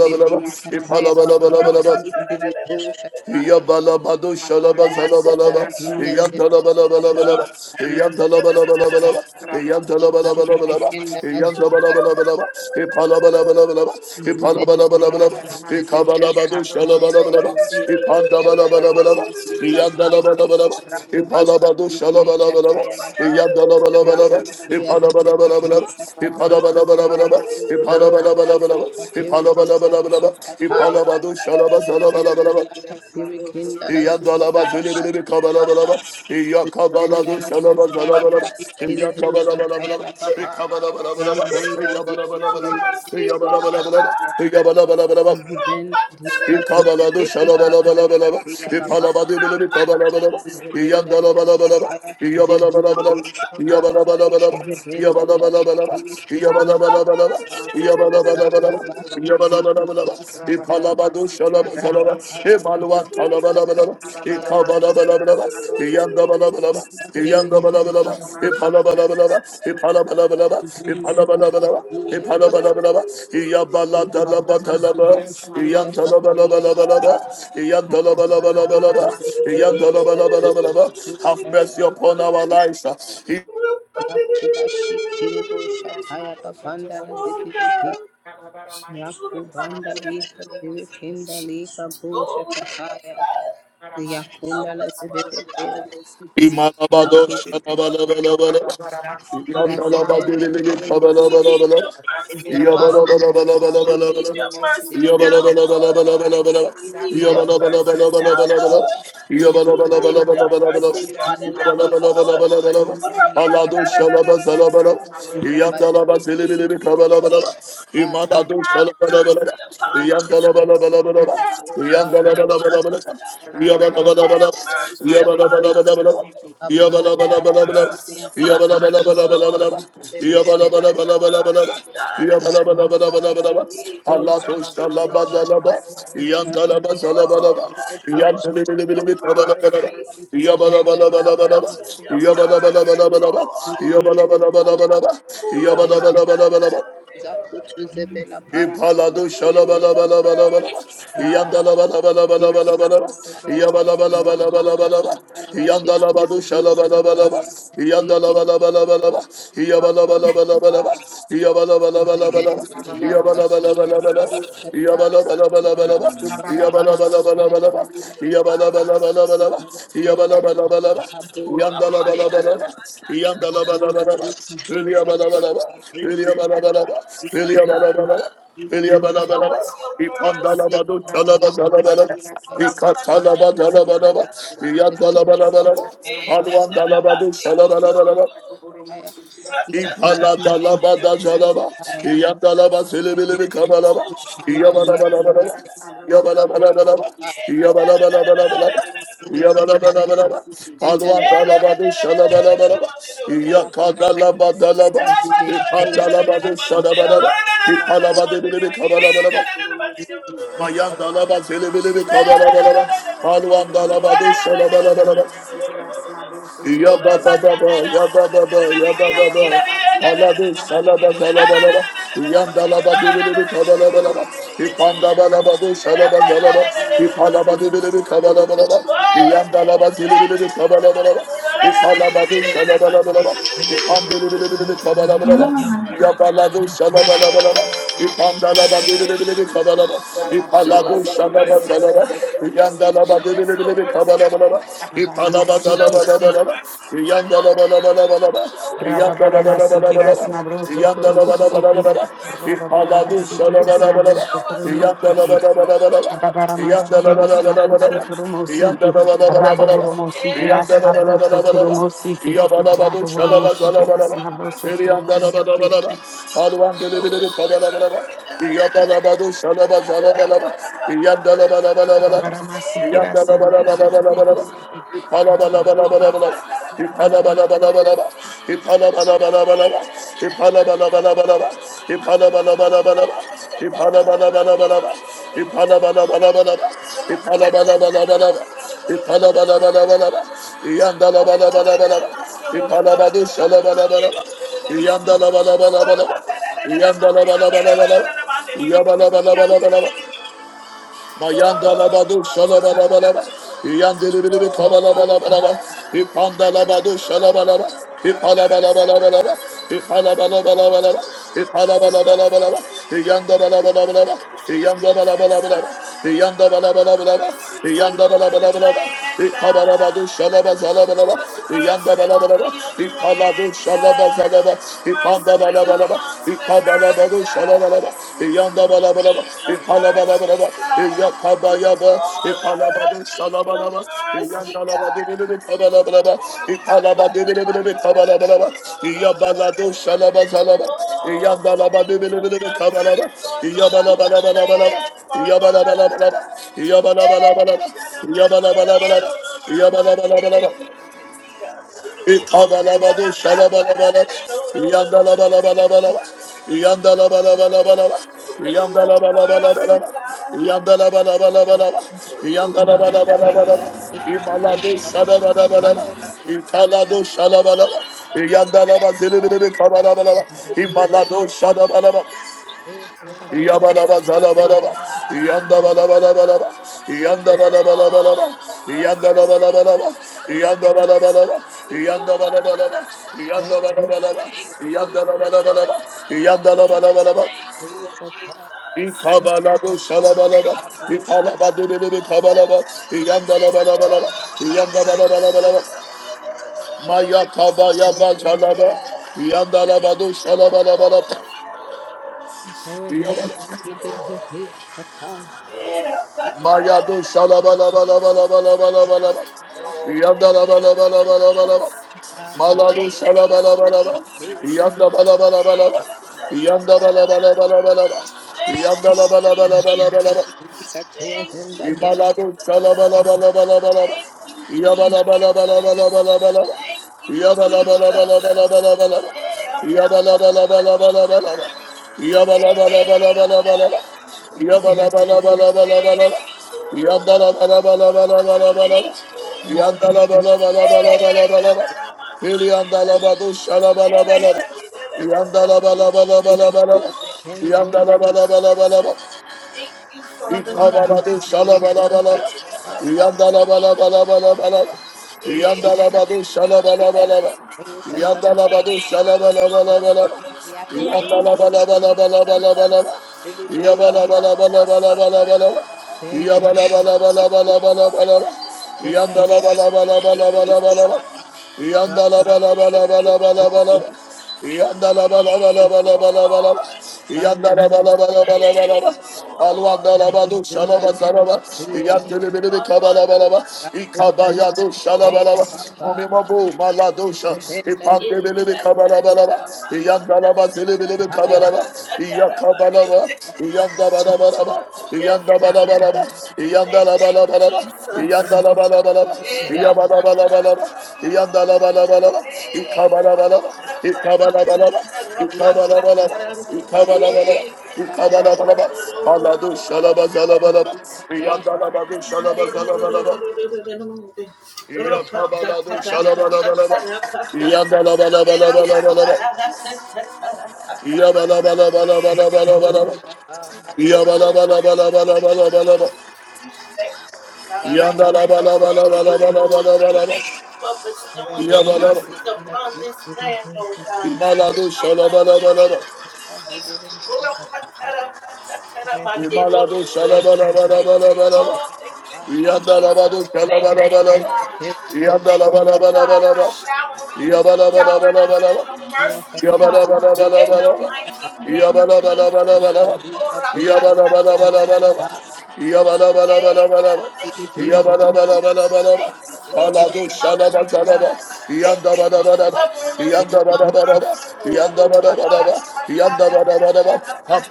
Speaker 4: my verse of Turmo Sinking.
Speaker 1: Yabalabado
Speaker 4: Abadaramasiki
Speaker 1: shalabazalabalaba.
Speaker 4: dasma brosoto churumosi.
Speaker 1: Yantalabalabalabalaba. Yantalabalabalabalaba.
Speaker 4: Abadaramasiki
Speaker 1: Yantalabalabalabalaba.
Speaker 4: dasma brosoto churumosi.
Speaker 1: Yantabalabalabalaba. Ipalabalabalabalaba. Ipalabalabalabalaba.
Speaker 4: Abadaramasiki
Speaker 1: Ikabalabado
Speaker 4: dasma brosoto
Speaker 1: shalabalabalaba.
Speaker 4: churumosi.
Speaker 1: Ipandabalabalaba.
Speaker 4: Abadaramasiki dasma
Speaker 1: Yandalabalabalaba.
Speaker 4: brosoto churumosi.
Speaker 1: Ipalabado shalabalabalaba. Yandalabalabalaba.
Speaker 4: Abadaramasiki
Speaker 1: Ipalabalabalaba. Ipalabalabalaba.
Speaker 4: dasma brosoto churumosi.
Speaker 1: Ipalabalabalaba. Ipalabalabalaba. Ipalabado shalabazalabalaba.
Speaker 4: Abadaramasiki dasma
Speaker 6: Thank you.
Speaker 4: brosoto churumosi.
Speaker 1: Iyadalaba zilibili kabalabalaba. Iyakabalabu
Speaker 4: Abadaramasiki
Speaker 1: shalaba zalabalaba.
Speaker 4: dasma
Speaker 1: Iyakabalabalabalaba. Ikabalabalabalaba.
Speaker 6: Heal us with
Speaker 4: brosoto
Speaker 6: your
Speaker 1: Iyabalabalaba.
Speaker 6: mercy, Father
Speaker 1: Iyabalabalaba.
Speaker 6: God.
Speaker 4: churumosi.
Speaker 1: Iyabalabalaba.
Speaker 4: Rabba
Speaker 1: Ikabalado shalabalabalaba. Ipalabadibili kabalabalaba. Iyandalabalabalaba. Iyabalabalaba. Iyabalabalaba. Iyabalabalaba. Iyabalabalaba. Iyabalabalaba. Iyabalabalaba. Ipalabado shalabalabalaba. Ifalwa kalabalabalaba. Ipalabalabalaba, Iyandabalabalaba, Iyandabalabalaba, Ipalabalabalaba, Ipalabalabalaba, Ipalabalabalaba, Ipalabalabalaba, Iyabaladalabatalaba, Iyantalabalabalaba, Iyantalabalabalaba, Iyantalabalabalaba. Have mercy upon our lives.
Speaker 4: Yes, my worship to the Lord seeking. Rabba Baramati, yes, my worship to the Lord seeking.
Speaker 6: Oh, God.
Speaker 4: Baramati,
Speaker 6: Help
Speaker 4: yes,
Speaker 6: us,
Speaker 4: my
Speaker 6: Father
Speaker 4: worship to the
Speaker 6: God.
Speaker 4: Lord seeking.
Speaker 6: Help
Speaker 1: Imalabado
Speaker 6: us, Lord.
Speaker 1: shalabalabalabala.
Speaker 4: Rabba Baramati,
Speaker 6: Help us,
Speaker 4: yes, my
Speaker 6: Lord.
Speaker 4: worship to the
Speaker 1: Yandalabadiriligi
Speaker 4: Lord
Speaker 6: We
Speaker 4: seeking.
Speaker 6: need
Speaker 1: kabalabalabalabala.
Speaker 6: your
Speaker 4: Rabba
Speaker 6: mercy,
Speaker 4: Baramati,
Speaker 6: Lord.
Speaker 4: yes, my
Speaker 6: We
Speaker 4: worship
Speaker 6: need
Speaker 1: Yabalabalabalabalabalabala.
Speaker 4: to the
Speaker 6: your
Speaker 4: Lord
Speaker 6: mercy
Speaker 4: seeking.
Speaker 6: now,
Speaker 4: Rabba
Speaker 6: Lord.
Speaker 4: Baramati,
Speaker 1: Yabalabalabalabalabala.
Speaker 6: We
Speaker 4: yes,
Speaker 6: need
Speaker 4: my
Speaker 6: your
Speaker 4: worship to
Speaker 6: mercy
Speaker 4: the Lord
Speaker 6: now,
Speaker 4: seeking.
Speaker 1: Yabalabalabalabalabala.
Speaker 6: Lord. We
Speaker 4: Rabba
Speaker 6: need your
Speaker 1: Yabalabalabalabalabala.
Speaker 4: Baramati,
Speaker 6: mercy more
Speaker 4: yes,
Speaker 6: than
Speaker 4: my
Speaker 6: ever,
Speaker 4: worship to the
Speaker 6: Lord.
Speaker 4: Lord
Speaker 1: Yabalabalabalabalabala.
Speaker 4: seeking. Rabba
Speaker 1: Alado
Speaker 4: Baramati,
Speaker 1: shalabazalabala.
Speaker 4: yes, my worship to the Lord
Speaker 6: We
Speaker 4: seeking.
Speaker 6: need
Speaker 1: Yandalabadiriligi
Speaker 6: you,
Speaker 1: kabalabala.
Speaker 6: Lord.
Speaker 1: Imalado
Speaker 6: Have
Speaker 4: Ziki,
Speaker 1: shalabalabala.
Speaker 6: mercy upon us.
Speaker 4: Rabaramasiki,
Speaker 1: Yandalabalabalabala.
Speaker 6: Have
Speaker 4: Rasnabo,
Speaker 6: mercy
Speaker 4: Sotoro,
Speaker 6: upon
Speaker 1: Yandalabalabalabala.
Speaker 4: Siki,
Speaker 6: us,
Speaker 1: Yabba
Speaker 6: God. Have
Speaker 4: Rabaramasiki,
Speaker 6: mercy
Speaker 4: Rasnabo,
Speaker 6: upon us,
Speaker 4: Sotoro,
Speaker 6: Lord.
Speaker 4: Siki,
Speaker 6: Have
Speaker 4: Rabaramasiki,
Speaker 6: mercy upon
Speaker 4: Rasnabo,
Speaker 6: us, Lord.
Speaker 4: Sotoro, Siki,
Speaker 6: Your mercy,
Speaker 4: Rabaramasiki,
Speaker 6: God.
Speaker 4: Rasnabo, Sotoro,
Speaker 6: We
Speaker 4: Siki, Rabaramasiki, Rasnabo, Sotoro, Siki,
Speaker 6: need your mercy, Lord.
Speaker 4: Rabaramasiki, Rasnabo, Sotoro,
Speaker 6: Oh, God, cover us with your mercy.
Speaker 4: Siki,
Speaker 6: Cover
Speaker 4: Rabaramasiki,
Speaker 6: us with your
Speaker 4: Rasnabo,
Speaker 6: mercy, Lord. Pull up my God, my head.
Speaker 4: Sotoro,
Speaker 6: We
Speaker 1: Ipalado
Speaker 4: Siki,
Speaker 6: need your
Speaker 1: shalabalabalabalabalaba.
Speaker 6: mercy, God.
Speaker 4: Rabba
Speaker 1: Iyandalabalabalabalaba.
Speaker 6: Mercy, Lord.
Speaker 1: Iyabalabalabalaba. Iyandalabado shalabalabalaba. Iyandalabalabalaba. Iyabalabalabalaba. Iyabalabalabalaba.
Speaker 6: Show us your
Speaker 1: Iyabalabalabalaba.
Speaker 6: mercy, Lord.
Speaker 1: Iyabalabalabalaba. Iyabalabalabalaba. Yabba
Speaker 6: Mercy, God.
Speaker 1: Ilia bala bala
Speaker 6: Show
Speaker 1: bala,
Speaker 6: us your
Speaker 1: ipanda la
Speaker 6: mercy,
Speaker 1: bado chala
Speaker 6: Lord.
Speaker 1: bala bala bala, ikata la bala bala bala,
Speaker 6: Rapatarapatarapata.
Speaker 1: iyanda la bala bala bala,
Speaker 6: Eh,
Speaker 1: alwanda la bado
Speaker 6: tatarabate, do,
Speaker 1: chala
Speaker 6: do,
Speaker 1: bala
Speaker 6: do,
Speaker 1: bala bala,
Speaker 6: do. Ratataramate, da, da,
Speaker 1: Ipalatalabadajalaba,
Speaker 6: da, da, da, da, da, da, da, da, da,
Speaker 1: Iyandalaba
Speaker 6: da.
Speaker 1: selebelebe kabalaba,
Speaker 6: Oh,
Speaker 4: I'm going to see
Speaker 1: Iyabalabalabalaba,
Speaker 6: rapatarapatarapate.
Speaker 4: you
Speaker 1: Iyabalabalabalaba,
Speaker 6: Eh, da, da, da, da, da, da,
Speaker 1: Iyabalabalabalaba,
Speaker 6: da, da, da,
Speaker 1: Iyabalabalabalaba, Palwandalabadushalabalabalaba, Iyakadalabadalaba, Ipandalabadushalabalabalaba, Ipalabadebelebe kabalabalaba, Mayandalaba selebelebe kabalabalaba, Palwandalabadushalabalabalaba, Ya ba ba ba ba, ya ba ba ba, ya ba ba ba Aladu, salaba, salaba, salaba. Yanda la ba, di di di di, kabala ba la ba Ipanda ba, Yabababa,
Speaker 4: again.
Speaker 1: yabababa, yabababa. Alabu, salaba, dalaba, laba.
Speaker 4: Rabba
Speaker 6: Thank
Speaker 1: Yandalaba,
Speaker 6: you.
Speaker 1: dibilibi, kabalaba, laba. Ipandaba, lababu, salaba, dalaba. Ipalaba, dibilibi, kabalaba, laba. Yandalaba, dibilibi, kabalaba, laba. Ipalaba, du, salaba, laba, laba. Yandala
Speaker 6: Show us your mercy, God. Show us your mercy, Lord. Show us your mercy, Lord. Show us your mercy, Lord. Show us your mercy, God. Show us your mercy,
Speaker 1: Yanda
Speaker 6: Lord.
Speaker 4: Adabaramansi giras nabro sotoromo siki.
Speaker 6: Rapatatarapatatarapate.
Speaker 4: Raboboromo giras nabro sotoromo siki. Raboboromo
Speaker 6: Oh, show us
Speaker 4: giras
Speaker 6: your
Speaker 4: nabro
Speaker 6: mercy,
Speaker 4: sotoromo
Speaker 6: Lord.
Speaker 4: siki.
Speaker 6: Show us your mercy, God. Rapatarapatara.
Speaker 4: Adabaramansi
Speaker 6: Eh,
Speaker 4: giras
Speaker 6: tataramatara. Oh, rapatarapatara.
Speaker 1: Yandala bala
Speaker 6: Eh,
Speaker 1: bala bala bala, yandala bala bala
Speaker 6: tataramatara.
Speaker 1: bala, yabala bala bala bala. Mayanda
Speaker 6: Oh,
Speaker 1: labadu
Speaker 6: Father God.
Speaker 1: şalabalabalaba. Yandilibili bir
Speaker 6: Oh, Father
Speaker 1: kabalabalabalaba.
Speaker 6: God.
Speaker 1: İpanda labadu şalabalaba.
Speaker 6: Show us
Speaker 1: İpalabalabalabalaba. İpalabalabalabalaba.
Speaker 6: your mercy,
Speaker 1: İpalabalabalabalaba.
Speaker 6: God.
Speaker 1: Yanda balabalabalaba.
Speaker 6: Show us your mercy. Show us your
Speaker 1: Yanda
Speaker 6: mercy,
Speaker 1: balabalabalaba.
Speaker 6: God.
Speaker 1: Yanda balabalabalaba.
Speaker 6: Mercy over
Speaker 1: Yanda
Speaker 6: your
Speaker 1: balabalabalaba.
Speaker 6: land, God.
Speaker 1: İkabalabadu
Speaker 6: Show
Speaker 1: şalabazalabalaba.
Speaker 6: us
Speaker 1: Yanda
Speaker 6: mercy over
Speaker 1: balabalaba.
Speaker 6: your land,
Speaker 1: İpaladu
Speaker 6: God.
Speaker 1: şalabazalaba. İpanda
Speaker 6: Mercy
Speaker 1: balabalaba balaba,
Speaker 6: amongst the earth,
Speaker 1: ikabalabaru
Speaker 6: God.
Speaker 1: şalabalaba,
Speaker 6: We
Speaker 1: iyandabalabalaba,
Speaker 6: need your mercy,
Speaker 1: ipalabalabalaba,
Speaker 6: God.
Speaker 1: iyakabayaba,
Speaker 6: All the earth
Speaker 1: ipalabaru
Speaker 6: needs your
Speaker 1: şalabalaba,
Speaker 6: mercy, God.
Speaker 1: iyandalabadibidibid kabalabalaba, ipalabadibidibidibid kabalabalaba, iyabalaru şalabazalaba,
Speaker 6: Oh, we need your
Speaker 1: iyandalabadibidibidibid
Speaker 6: mercy,
Speaker 1: kabalaba,
Speaker 6: Lord, throughout the
Speaker 1: iyabalabalabalaba,
Speaker 6: land, Father God.
Speaker 1: iyabalabalabalaba,
Speaker 6: Show
Speaker 1: iyabalabalabalaba, iyabalabalabalaba, iyabalabalabalaba, Ikadalabado shalabalabala. Yandalabalabalabalaba. Yandalabalabalabalaba.
Speaker 6: us your mercy, God.
Speaker 1: Yandalabalabalabalaba.
Speaker 6: Oh, we need your
Speaker 1: Yandalabalabalabalaba.
Speaker 6: mercy,
Speaker 1: Yandalabalabalabalaba.
Speaker 6: God.
Speaker 1: Imalado shadabalabalaba. Italado shalabalaba. Yandalabazilibili kabalabalaba.
Speaker 6: Mercy,
Speaker 1: Imalado
Speaker 6: Lord.
Speaker 1: shadabalaba.
Speaker 6: Your
Speaker 1: Yabadaba
Speaker 6: mercy,
Speaker 1: zalabadaba.
Speaker 6: Father God.
Speaker 1: Yandabadabadabadaba.
Speaker 6: Oh,
Speaker 1: Yandabadabadabadaba.
Speaker 6: your mercy.
Speaker 1: Yandabadabadabadaba. Yandabadabadaba.
Speaker 6: Thank you,
Speaker 1: Yandabadabadaba.
Speaker 6: God. Thank you,
Speaker 1: Yandabadabadaba.
Speaker 6: Lord.
Speaker 1: Yandabadabadaba.
Speaker 6: Thank you,
Speaker 1: Yandabadabadaba.
Speaker 6: Jesus.
Speaker 1: İkabaladu şalabalaba.
Speaker 6: Ora patara
Speaker 1: İkalabadidididi
Speaker 6: patara
Speaker 1: kabalaba.
Speaker 6: mate.
Speaker 1: Yandalabalabalaba.
Speaker 6: Ora patara
Speaker 1: Yandalabalabalaba.
Speaker 6: mate.
Speaker 1: Maya kabaya
Speaker 6: Eh,
Speaker 1: bazalaba.
Speaker 6: God.
Speaker 1: Yandalabadu
Speaker 6: Oh,
Speaker 1: şalabalabalaba.
Speaker 6: yes, Lord. Thank you, Lord. Era
Speaker 1: Maya
Speaker 6: patara
Speaker 1: do Salabala
Speaker 6: patara.
Speaker 1: Balabala Balabala Balabala
Speaker 6: Oh, thank
Speaker 1: Yabdala
Speaker 6: you,
Speaker 1: Balabala Balabala
Speaker 6: Jesus.
Speaker 1: Maladu Mayado
Speaker 6: Thank you,
Speaker 1: shalabalabalabalabalabalabalaba.
Speaker 6: Jesus. Eh,
Speaker 1: Yandalabalabalabalaba.
Speaker 6: ta, ta,
Speaker 1: Malado shalabalabalaba.
Speaker 6: ta, ta, da, mande.
Speaker 1: Yandabalabalabalaba.
Speaker 6: Thank you,
Speaker 1: Yandabalabalabalaba. Yandabalabalabalaba.
Speaker 6: Jesus. Thank you,
Speaker 1: Imalado
Speaker 6: Jesus.
Speaker 1: shalabalabalabalabalaba.
Speaker 6: Thank you, Jesus.
Speaker 1: Iyabalabalabalabalabalaba.
Speaker 6: Thank you, Jesus.
Speaker 1: Iyabalabalabalabalabalaba.
Speaker 6: Hey, God, thank
Speaker 1: Iyabalabalabalabalabalaba. Iyabalabalabalabalabalaba.
Speaker 6: you, Lord. Thank
Speaker 1: Iyabalabalabalabalabalaba.
Speaker 6: you, Lord. Thank you,
Speaker 1: Iyabalabalabalabalabalaba.
Speaker 6: Lord. Hey,
Speaker 1: Iyabalabalabalabalabalaba. Iliyandalabadu shalabalabalaba. Iyandalabalabalabalabalaba.
Speaker 6: Oh, thank you, Jesus.
Speaker 1: Iyandalabalabalabalabalaba.
Speaker 6: Thank you, Father God.
Speaker 1: İkabaladu şalabalabala. İyandalabalabalabala.
Speaker 6: Hey, thank Thank you,
Speaker 1: İyandalabadu
Speaker 6: Jesus.
Speaker 1: şalabalabala.
Speaker 6: Thank
Speaker 1: İyandalabadu
Speaker 6: you, Lord.
Speaker 1: şalabalabala.
Speaker 6: Thank you, Jesus.
Speaker 1: İyandalabalabalabalabala. İyabalabalabalabalabalabala.
Speaker 6: Ra-pa-ta-ra-pa-ta-ta-ra-pa-ta. Oh, Father
Speaker 1: İyabalabalabalabalabala.
Speaker 6: God. Thank you, Lord.
Speaker 1: İyandalabalabalabalabala.
Speaker 6: Thank you, Lord.
Speaker 1: İyandalabalabalabalabala.
Speaker 6: Thank you, Lord.
Speaker 1: Yandalabalabalabalabalabalaba.
Speaker 6: Thank you,
Speaker 1: Yandalabalabalabalabalabalaba.
Speaker 6: Lord.
Speaker 1: Alwandalabadu shalabazaraba.
Speaker 6: Oh,
Speaker 1: Yandelebelebe
Speaker 6: Father God.
Speaker 1: kabalabalaba. Ikabayadu
Speaker 6: Oh,
Speaker 1: shalabalaba.
Speaker 6: Father
Speaker 1: Umimabu maladosha. Ipandebelebe kabalabalaba. Yandalabazelebelebe kabalaba. Iyakabalaba. Yabala
Speaker 6: Oh, yes, God. Thank you, Jesus. Hey. Hey, Father God, In the mighty name of Jesus, we thank you, God, for your mercies, Lord. We
Speaker 1: Yandalabalabalabalabalabalaba.
Speaker 6: thank you for bestowing your
Speaker 1: Yabalaba.
Speaker 6: mercies upon this land, Lord God. In
Speaker 1: Imalado
Speaker 6: the mighty name
Speaker 1: shalabalabalaba.
Speaker 6: of Jesus.
Speaker 1: Imalado shalabalabalabalaba.
Speaker 6: Oh, thank you, Jesus.
Speaker 1: Yandalabado
Speaker 6: Thank you,
Speaker 1: shalabalabalaba.
Speaker 6: God. Thank you, God, for
Speaker 1: Yandalabalabalabalaba.
Speaker 6: showering you, showering us with
Speaker 1: Yabalabalabalaba.
Speaker 6: your mercies,
Speaker 1: Have
Speaker 6: God. In the mighty name of Jesus. Ora pa Hey, God, thank you, Jesus. Thank you for your covering, God. Thank you for covering us with your mercy, Lord. Ora pa